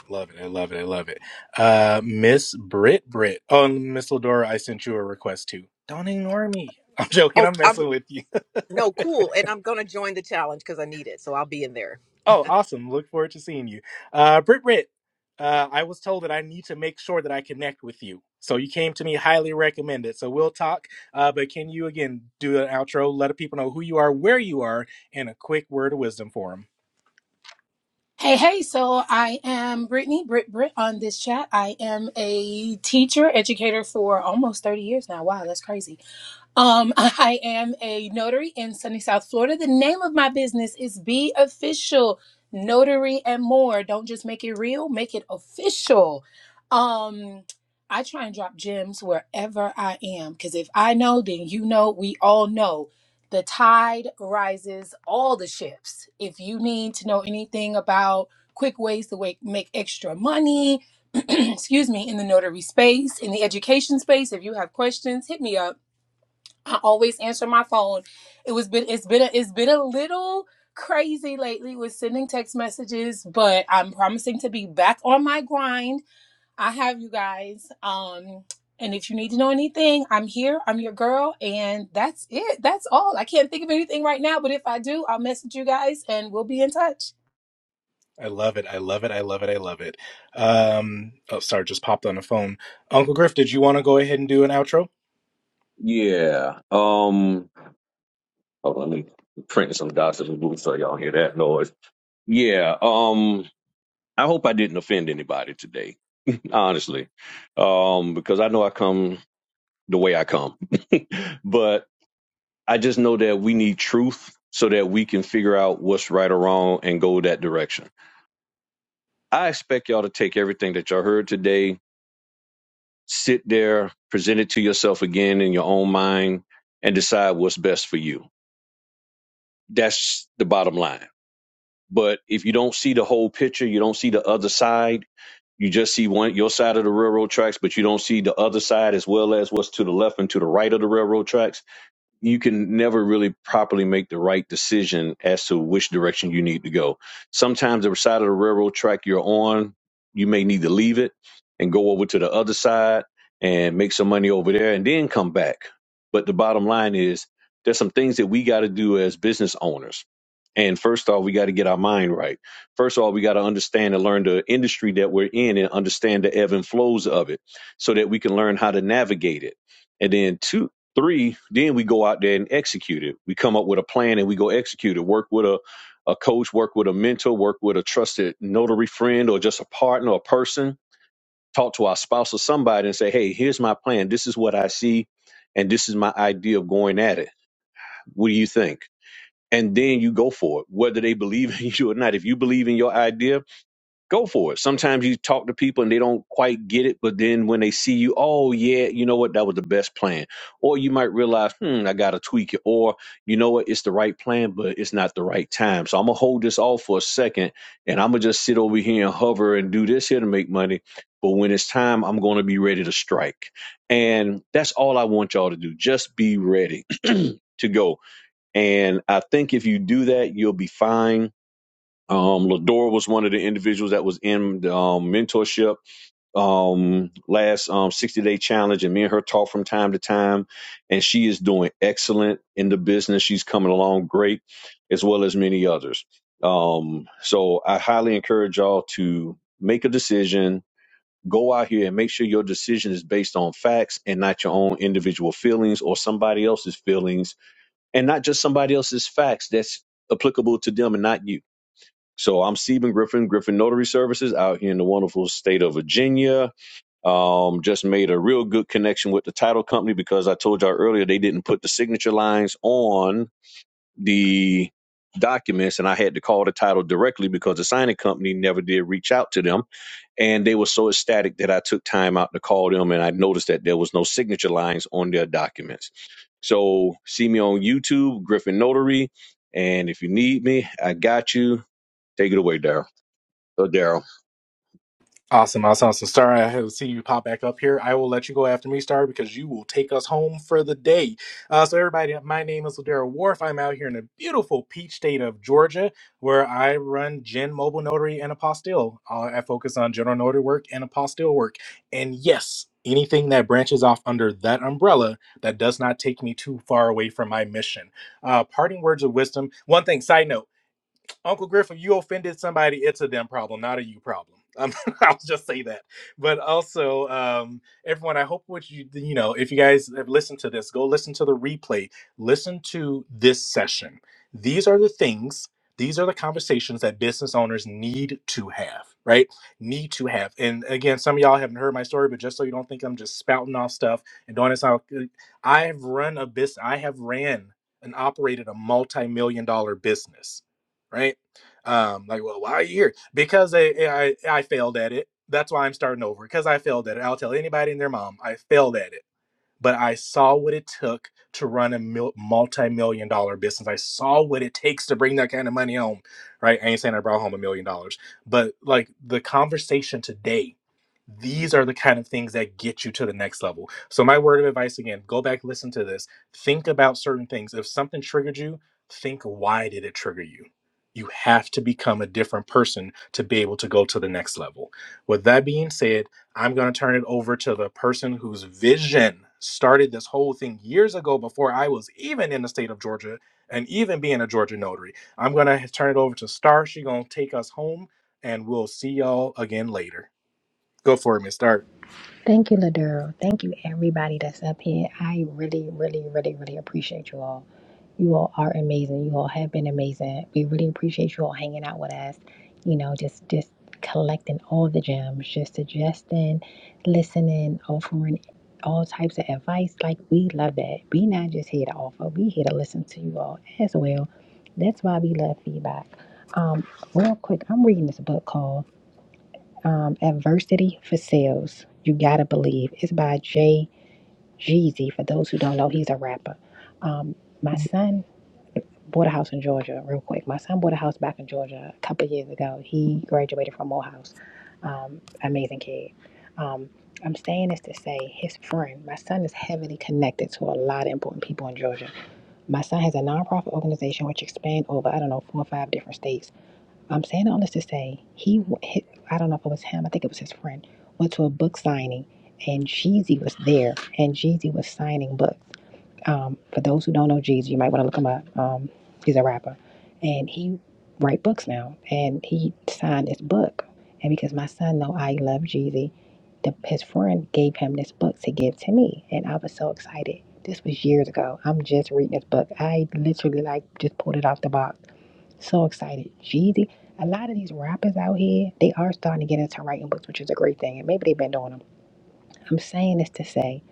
Love it. I love it. I love it. Uh, Miss Brit Brit. Oh, and Miss Ladora, I sent you a request too. Don't ignore me. I'm joking.
Oh,
I'm
I'm,
messing with you.
no, cool. And I'm going to join the challenge because I need it. So I'll be in there.
Oh, awesome. Look forward to seeing you. Uh, Brit Brit, uh, I was told that I need to make sure that I connect with you. So you came to me highly recommended. So we'll talk. Uh, but can you again do an outro? Let the people know who you are, where you are, and a quick word of wisdom for them.
hey hey so i am brittany Britt Britt on this chat i am a teacher educator for almost 30 years now wow that's crazy Um, I am a notary in sunny South Florida. The name of my business is Be Official Notary and More. Don't just make it real, make it official. Um, I try and drop gems wherever I am because if I know, then you know, we all know. The tide rises all the ships. If you need to know anything about quick ways to wake, make extra money, excuse me, in the notary space, in the education space, if you have questions, hit me up I always answer my phone. It was been it's been a, it's been a little crazy lately with sending text messages, but I'm promising to be back on my grind. I have you guys. Um and if you need to know anything, I'm here. I'm your girl and that's it. That's all. I can't think of anything right now, but if I do, I'll message you guys and we'll be in touch.
I love it. I love it. I love it. I love it. Um, oh, sorry, just popped on the phone. Uncle Griff, did you want to go ahead and do an outro?
Yeah. Um. Oh, let me print some dots in the booth so y'all hear that noise. Yeah. Um. I hope I didn't offend anybody today, honestly, um, because I know I come. the way I come. But I just know that we need truth so that we can figure out what's right or wrong and go that direction. I expect y'all to take everything that y'all heard today, sit there, present it to yourself again in your own mind, and decide what's best for you. That's the bottom line. But if you don't see the whole picture, you don't see the other side, you just see one your side of the railroad tracks, but you don't see the other side as well as what's to the left and to the right of the railroad tracks you can never really properly make the right decision as to which direction you need to go. Sometimes the side of the railroad track you're on, you may need to leave it and go over to the other side and make some money over there and then come back. But the bottom line is there's some things that we got to do as business owners and first off, we got to get our mind right. First of all, we got to understand and learn the industry that we're in and understand the ebb and flows of it so that we can learn how to navigate it. And then two, three, then we go out there and execute it. We come up with a plan and we go execute it. Work with a, a coach, work with a mentor, work with a trusted notary friend or just a partner or person. Talk to our spouse or somebody and say, hey, here's my plan. This is what I see. And this is my idea of going at it. What do you think? and then you go for it, whether they believe in you or not. If you believe in your idea, go for it. Sometimes you talk to people and they don't quite get it, but then when they see you, oh yeah, you know what, that was the best plan. Or you might realize, hmm, I gotta tweak it. Or you know what, it's the right plan, but it's not the right time. So I'm gonna hold this off for a second, and I'm gonna just sit over here and hover and do this here to make money. But when it's time, I'm gonna be ready to strike. And that's all I want y'all to do. Just be ready to go and I think if you do that, you'll be fine. Um, Lador was one of the individuals that was in the um, mentorship um, last um, 60 day challenge, and me and her talk from time to time. And she is doing excellent in the business. She's coming along great, as well as many others. Um, so I highly encourage y'all to make a decision, go out here and make sure your decision is based on facts and not your own individual feelings or somebody else's feelings and not just somebody else's facts that's applicable to them and not you. So I'm Stephen Griffin, Griffin Notary Services out here in the wonderful state of Virginia. Um, just made a real good connection with the title company because I told y'all earlier they didn't put the signature lines on the documents and I had to call the title directly because the signing company never did reach out to them and they were so ecstatic that I took time out to call them and I noticed that there was no signature lines on their documents. So see me on YouTube, Griffin Notary. And if you need me, I got you. Take it away, Daryl. So Daryl.
Awesome, awesome, awesome. Star, I have seen you pop back up here. I will let you go after me, Star, because you will take us home for the day. Uh, so, everybody, my name is Ladera Wharf. I'm out here in the beautiful peach state of Georgia, where I run Gen Mobile Notary and Apostille. Uh, I focus on general notary work and apostille work. And yes, anything that branches off under that umbrella that does not take me too far away from my mission. Uh, parting words of wisdom. One thing, side note. Uncle Griffin, you offended somebody. It's a them problem, not a you problem. Um, I'll just say that. But also, um, everyone, I hope what you you know, if you guys have listened to this, go listen to the replay. Listen to this session. These are the things. These are the conversations that business owners need to have, right? Need to have. And again, some of y'all haven't heard my story, but just so you don't think I'm just spouting off stuff and doing this, out- I have run a business. I have ran and operated a multi-million dollar business right? Um, like, well, why are you here? Because I, I I failed at it. That's why I'm starting over. Because I failed at it. I'll tell anybody and their mom I failed at it but I saw what it took to run a multi-million dollar business. I saw what it takes to bring that kind of money home, right? I ain't saying I brought home a million dollars, but like the conversation today, these are the kind of things that get you to the next level. So my word of advice again, go back, listen to this, think about certain things. If something triggered you, think why did it trigger you? You have to become a different person to be able to go to the next level. With that being said, I'm going to turn it over to the person whose vision started this whole thing years ago before I was even in the state of Georgia and even being a Georgia notary. I'm going to turn it over to Star. She's going to take us home and we'll see y'all again later. Go for it, Miss Star.
Thank you, Ladero. Thank you, everybody that's up here. I really, really, really, really appreciate you all. You all are amazing. You all have been amazing. We really appreciate you all hanging out with us. You know, just just collecting all the gems, just suggesting, listening, offering all types of advice. Like we love that. We not just here to offer. We here to listen to you all as well. That's why we love feedback. Um, real quick, I'm reading this book called um, Adversity for Sales. You Gotta Believe. It's by Jay Jeezy. For those who don't know, he's a rapper. Um, my son bought a house in Georgia, real quick. My son bought a house back in Georgia a couple years ago. He graduated from Morehouse. Um, amazing kid. Um, I'm saying this to say his friend, my son is heavily connected to a lot of important people in Georgia. My son has a nonprofit organization which expands over, I don't know, four or five different states I'm saying all this to say he, w- I don't know if it was him, I think it was his friend, went to a book signing, and Jeezy was there, and Jeezy was signing books. Um, for those who don't know Jeezy, you might want to look him up. Um, he's a rapper, and he writes books now, and he signed this book, and because my son know I love Jeezy, the, his friend gave him this book to give to me, and I was so excited. This was years ago. I'm just reading this book. I literally like just pulled it off the box so excited. Jeezy. A lot of these rappers out here, they are starting to get into writing books, which is a great thing. And maybe they've been doing them. I'm saying this to say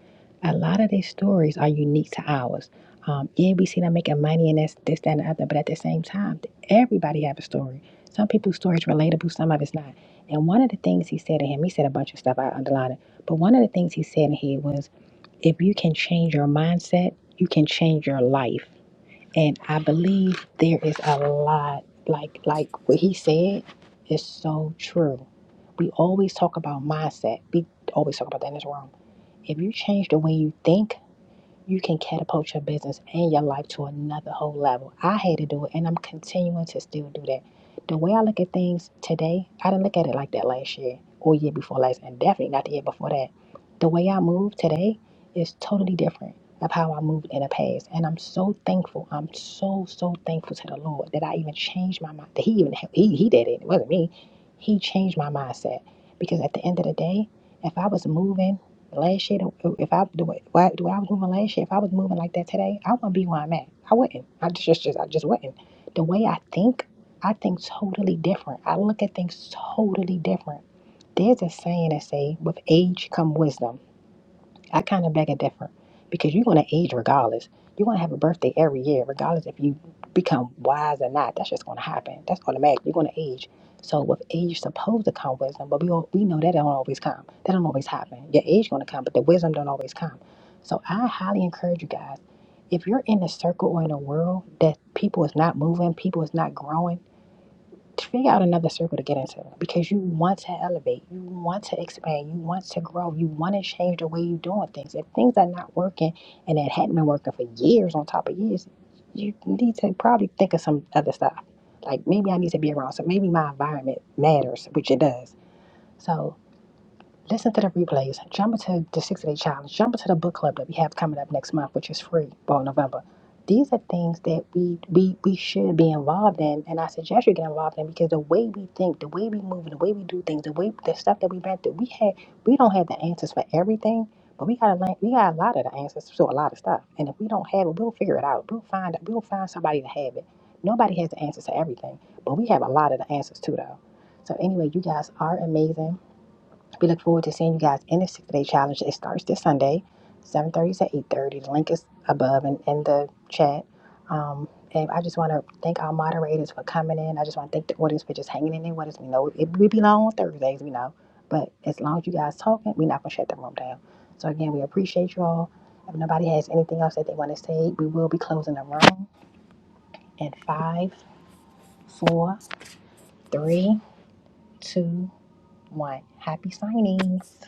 a lot of these stories are unique to ours. Um, yeah, we see them making money and this, this, that, and the other. But at the same time, everybody have a story. Some people's story is relatable, some of it's not. And one of the things he said to him, he said a bunch of stuff, I underlined it. But one of the things he said in here was if you can change your mindset, you can change your life. And I believe there is a lot, like like what he said is so true. We always talk about mindset. We always talk about that in this room. If you change the way you think, you can catapult your business and your life to another whole level. I had to do it, and I'm continuing to still do that. The way I look at things today, I didn't look at it like that last year or year before last, and definitely not the year before that. The way I move today is totally different of how I moved in the past, and I'm so thankful. I'm so so thankful to the Lord that I even changed my mind. That He even he he did it. It wasn't me. He changed my mindset because at the end of the day, if I was moving Last year, if I the way why- the way I was moving last year, if I was moving like that today, I wouldn't be where I'm at. I wouldn't. I just, just, just I just wouldn't. The way I think, I think totally different. I look at things totally different. There's a saying that say, "With age come wisdom." I kind of beg a different because you're going to age regardless. You're going to have a birthday every year, regardless if you become wise or not. That's just going to happen. That's automatic. You're going to age. So with age, you're supposed to come wisdom, but we all, we know that don't always come. That don't always happen. Your age going to come, but the wisdom don't always come. So I highly encourage you guys. If you're in a circle or in a world that people is not moving, people is not growing to figure out another circle to get into because you want to elevate, you want to expand, you want to grow, you want to change the way you're doing things. If things are not working and it hadn't been working for years on top of years, you need to probably think of some other stuff. Like maybe I need to be around, so maybe my environment matters, which it does. So Listen to the replays. Jump into the 60 Day Challenge. Jump into the book club that we have coming up next month, which is free, well, November. These are things that we, we, we should be involved in, and I suggest you get involved in because the way we think, the way we move, the way we do things, the way the stuff that we've been through, we had we don't have the answers for everything, but we got a lot- we got a lot of the answers to a lot of stuff, and if we don't have it, we'll figure it out. We'll find we'll find somebody to have it. Nobody has the answers to everything, but we have a lot of the answers too, though. So anyway, you guys are amazing. We look forward to seeing you guys in the 6 Day Challenge. It starts this Sunday, 7.30 to 8.30. The link is above and in the chat. Um, and I just want to thank our moderators for coming in. I just want to thank the audience for just hanging in there with us. We know it we be long on Thursdays, we know. But as long as you guys talking, we're not going to shut the room down. So again, we appreciate you all. If nobody has anything else that they want to say, we will be closing the room in five, four, three, two, one. Happy signings.